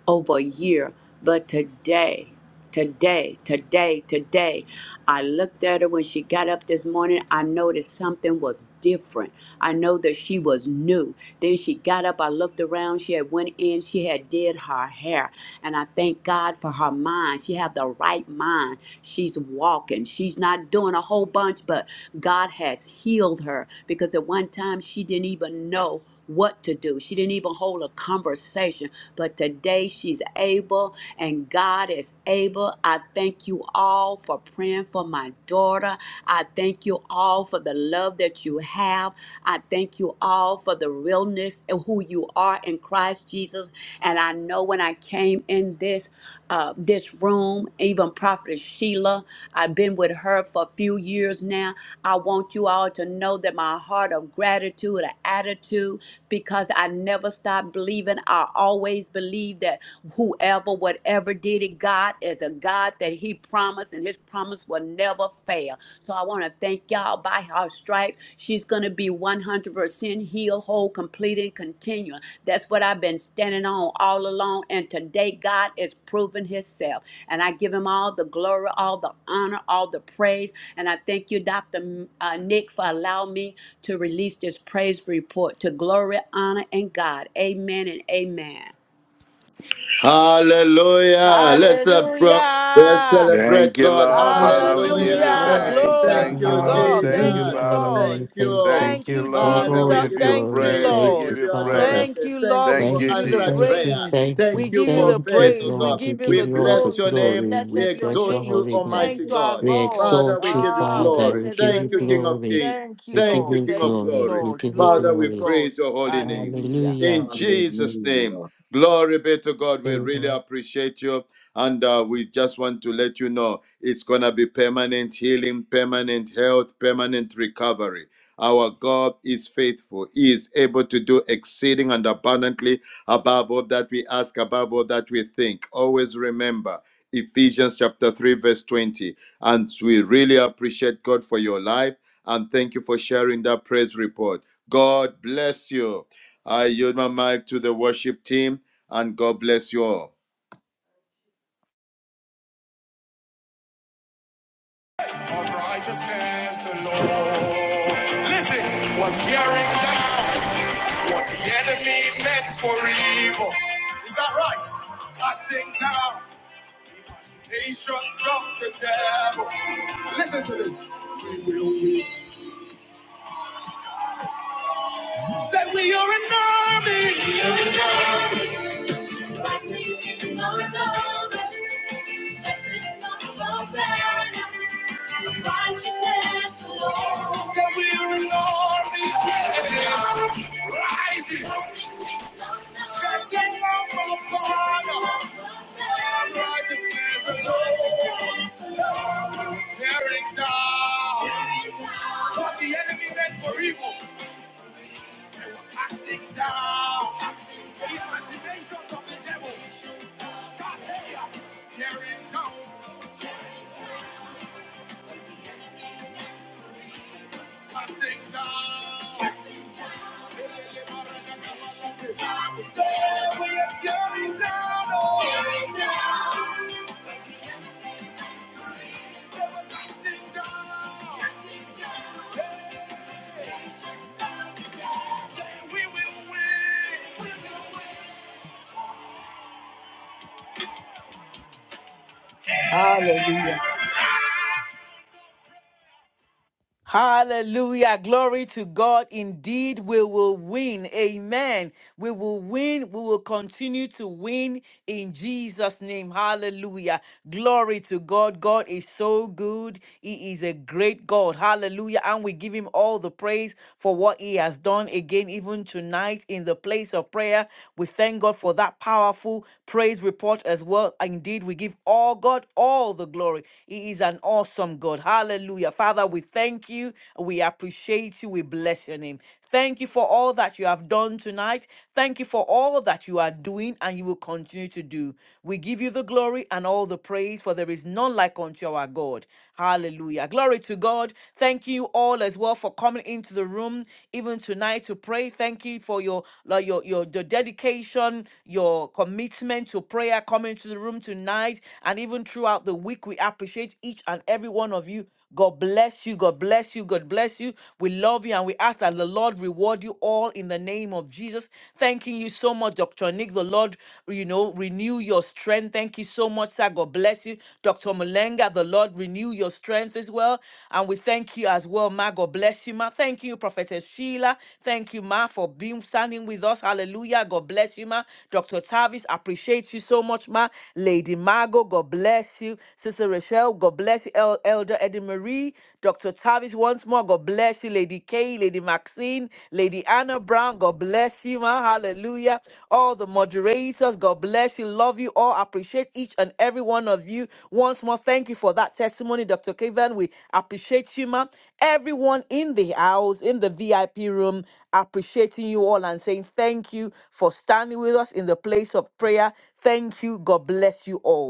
Speaker 8: over a year. But today, Today, today, today. I looked at her when she got up this morning. I noticed something was different. I know that she was new. Then she got up. I looked around. She had went in. She had did her hair. And I thank God for her mind. She had the right mind. She's walking. She's not doing a whole bunch, but God has healed her because at one time she didn't even know what to do. She didn't even hold a conversation, but today she's able and God is able. I thank you all for praying for my daughter. I thank you all for the love that you have. I thank you all for the realness of who you are in Christ Jesus. And I know when I came in this uh, this this room, even Prophet Sheila. I've been with her for a few years now. I want you all to know that my heart of gratitude, an attitude, because I never stop believing. I always believe that whoever, whatever did it, God is a God that He promised, and His promise will never fail. So I want to thank y'all by her stripes stripe, she's going to be 100% healed, whole, complete, and continuing. That's what I've been standing on all along. And today, God is proving Himself. And I give Him all the glory, all the honor, all the praise. And I thank you, Dr. uh, Nick, for allowing me to release this praise report to glory, honor, and God. Amen and amen.
Speaker 4: Hallelujah. Let's, appro- let's
Speaker 2: Hallelujah.
Speaker 4: celebrate
Speaker 5: Thank you,
Speaker 4: God.
Speaker 5: Lord. Father, we give
Speaker 9: Hallelujah.
Speaker 5: you
Speaker 2: Hallelujah.
Speaker 4: Hallelujah.
Speaker 9: Glory to
Speaker 5: thanks.
Speaker 4: Thank
Speaker 2: Glory
Speaker 9: God.
Speaker 5: Thank
Speaker 2: to
Speaker 5: you,
Speaker 4: you,
Speaker 7: Lord,
Speaker 5: Lord.
Speaker 2: God.
Speaker 7: we
Speaker 5: Thank
Speaker 7: give
Speaker 5: you,
Speaker 2: Thank
Speaker 7: you
Speaker 9: Hallelujah.
Speaker 2: you,
Speaker 4: Jesus.
Speaker 5: Father.
Speaker 2: Lord.
Speaker 7: glory.
Speaker 4: Thank
Speaker 7: Thank
Speaker 4: you.
Speaker 7: you.
Speaker 5: Thank
Speaker 2: Thank
Speaker 5: you,
Speaker 7: Give
Speaker 2: you,
Speaker 7: God
Speaker 5: Lord. We
Speaker 4: Father,
Speaker 7: all
Speaker 4: we
Speaker 7: the
Speaker 2: Jesus.
Speaker 5: give
Speaker 4: give
Speaker 5: you
Speaker 4: you
Speaker 2: Thank you,
Speaker 7: glory.
Speaker 5: praise.
Speaker 4: praise.
Speaker 5: We
Speaker 4: We
Speaker 7: Thank
Speaker 5: give
Speaker 7: you,
Speaker 2: Lord.
Speaker 4: give you
Speaker 5: you
Speaker 7: Father.
Speaker 2: Thank
Speaker 5: praise.
Speaker 4: adoration.
Speaker 2: you.
Speaker 4: Thank you
Speaker 5: Thank
Speaker 4: for
Speaker 5: you,
Speaker 7: Thank you,
Speaker 2: the
Speaker 4: answered
Speaker 7: thank you,
Speaker 5: Jesus.
Speaker 4: prayer.
Speaker 2: praise.
Speaker 7: thank
Speaker 4: Thank
Speaker 2: We
Speaker 7: you,
Speaker 4: you
Speaker 2: give you
Speaker 4: for
Speaker 2: the
Speaker 7: thank
Speaker 4: faith,
Speaker 7: you,
Speaker 4: oh
Speaker 2: praise. We
Speaker 4: God.
Speaker 7: Lord. We
Speaker 2: give you
Speaker 4: We
Speaker 7: give
Speaker 2: the
Speaker 7: you all the
Speaker 4: bless
Speaker 2: glory.
Speaker 4: your
Speaker 2: We say,
Speaker 4: name.
Speaker 7: glory.
Speaker 4: We
Speaker 7: We
Speaker 2: Blessed be your
Speaker 7: bless your
Speaker 4: exalt
Speaker 2: name.
Speaker 4: you,
Speaker 7: holy name.
Speaker 2: Thank
Speaker 6: Thank
Speaker 4: Almighty
Speaker 2: you,
Speaker 6: you,
Speaker 2: our
Speaker 4: God.
Speaker 7: We
Speaker 2: God.
Speaker 6: Jesus.
Speaker 4: Father,
Speaker 7: exalt
Speaker 4: we
Speaker 7: you,
Speaker 4: give you
Speaker 2: Ah,
Speaker 7: Father.
Speaker 4: glory.
Speaker 7: We
Speaker 2: blessed be
Speaker 7: give
Speaker 2: your
Speaker 4: Thank
Speaker 7: you
Speaker 4: you,
Speaker 2: name.
Speaker 4: King of
Speaker 7: glory.
Speaker 4: Kings.
Speaker 2: Thank you,
Speaker 7: We give
Speaker 4: Thank
Speaker 2: Lord.
Speaker 4: you,
Speaker 7: you
Speaker 4: King of
Speaker 2: Thank you,
Speaker 7: glory.
Speaker 4: Glory.
Speaker 7: We
Speaker 2: Lord.
Speaker 7: give you
Speaker 2: Glory
Speaker 4: Father,
Speaker 2: to
Speaker 4: we
Speaker 7: glory.
Speaker 2: God.
Speaker 4: praise your holy name.
Speaker 2: Hallelujah.
Speaker 7: Hallelujah.
Speaker 4: In Jesus' name.
Speaker 6: Hallelujah.
Speaker 4: Glory be to God. We really appreciate you. And uh, we just want to let you know it's going to be permanent healing, permanent health, permanent recovery. Our God is faithful. He is able to do exceeding and abundantly above all that we ask, above all that we think. Always remember Ephesians chapter 3, verse 20. And we really appreciate God for your life. And thank you for sharing that praise report. God bless you. I yield my mic to the worship team, and God bless you all.
Speaker 1: Of righteousness alone. Listen, what's tearing down? What the enemy meant for evil. Is that right? Casting down nations of the devil. Listen to this. We will win. Say we are an army. We are an army. Resting in our darkness, setting on the banner of righteousness alone. Said we're an army of enemy, rising, setting up our banner of righteousness alone. Tearing down what the enemy meant for evil. Casting down casting down imaginations of the devil. Shahaya. Tearing down. Casting down. Casting down. imaginations Say we are tearing down. oh. Tearing down. Say we're casting down. Casting down. Hey. Imaginations of the devil. Say we will.
Speaker 2: Hallelujah. Hallelujah. Glory to God. Indeed, we will win. Amen. We will win. We will continue to win in Jesus' name. Hallelujah. Glory to God. God is so good. He is a great God. Hallelujah. And we give him all the praise for what he has done again, even tonight in the place of prayer. We thank God for that powerful praise report as well. Indeed, we give all God all the glory. He is an awesome God. Hallelujah. Hallelujah. Father, we thank you. We appreciate you. We bless your name. Thank you for all that you have done tonight. Thank you for all that you are doing and you will continue to do. We give you the glory and all the praise, for there is none like unto our God. Hallelujah. Glory to God. Thank you all as well for coming into the room even tonight to pray. Thank you for your like, your your, your dedication, your commitment to prayer coming to the room tonight and even throughout the week. We appreciate each and every one of you God bless you. God bless you. God bless you. We love you and we ask that the Lord reward you all in the name of Jesus. Thanking you so much, Dr. Nick. The Lord, you know, renew your strength. Thank you so much, sir. God bless you. Dr. Mulenga. the Lord renew your strength as well. And we thank you as well, Ma. God bless you, Ma. Thank you, Professor Sheila. Thank you, Ma, for being standing with us. Hallelujah. God bless you, Ma. Dr. Tavis, appreciate you so much, Ma. Lady Margot, God bless you. Sister Rachel. Michelle. God bless you, El- Elder Eddie Marie. Dr. Tavis once more. God bless you, Lady Kay, Lady Maxine, Lady Anna Brown. God bless you, ma. Hallelujah. All the moderators. God bless you. Love you all. Appreciate each and every one of you. Once more, thank you for that testimony, Dr. Kevin. We appreciate you, ma. Everyone in the house, in the VIP room, appreciating you all and saying thank you for standing with us in the place of prayer. Thank you. God bless you all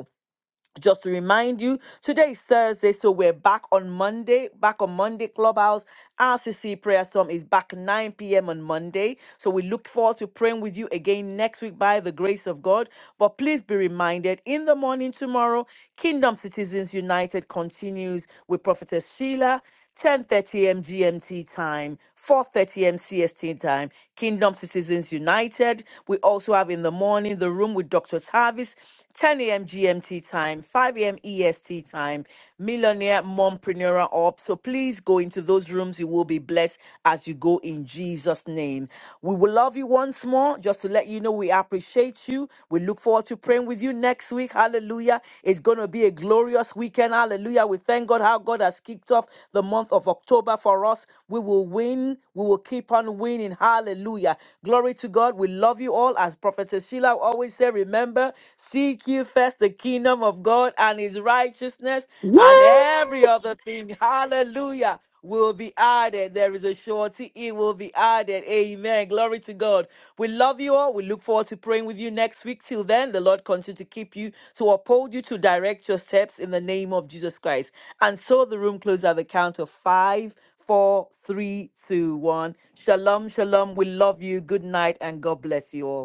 Speaker 2: just to remind you, today is Thursday, so we're back on Monday, back on Monday Clubhouse. RCC Prayer Storm is back 9 p.m. on Monday. So we look forward to praying with you again next week by the grace of God. But please be reminded in the morning tomorrow, Kingdom Citizens United continues with Prophetess Sheila. 10:30 a.m. GMT time, 4:30 a.m. CST time. Kingdom Citizens United. We also have in the morning the room with Dr. Tavis. 10 a.m. GMT time, 5 a.m. EST time, Millionaire Mompreneur Up. So please go into those rooms. You will be blessed as you go in Jesus' name. We will love you once more. Just to let you know, we appreciate you. We look forward to praying with you next week. Hallelujah. It's going to be a glorious weekend. Hallelujah. We thank God how God has kicked off the month of October for us. We will win. We will keep on winning. Hallelujah. Glory to God. We love you all. As Prophetess Sheila always said, remember, seek ye first the kingdom of God and his righteousness and every
Speaker 10: What?
Speaker 2: other thing. Hallelujah will be added. There is a surety, it will be added. Amen. Glory to God. We love you all. We look forward to praying with you next week. Till then, the Lord continue to keep you, to uphold you, to direct your steps in the name of Jesus Christ. And so the room closed at the count of five, four, three, two, one. Shalom, shalom. We love you. Good night, and God bless you all.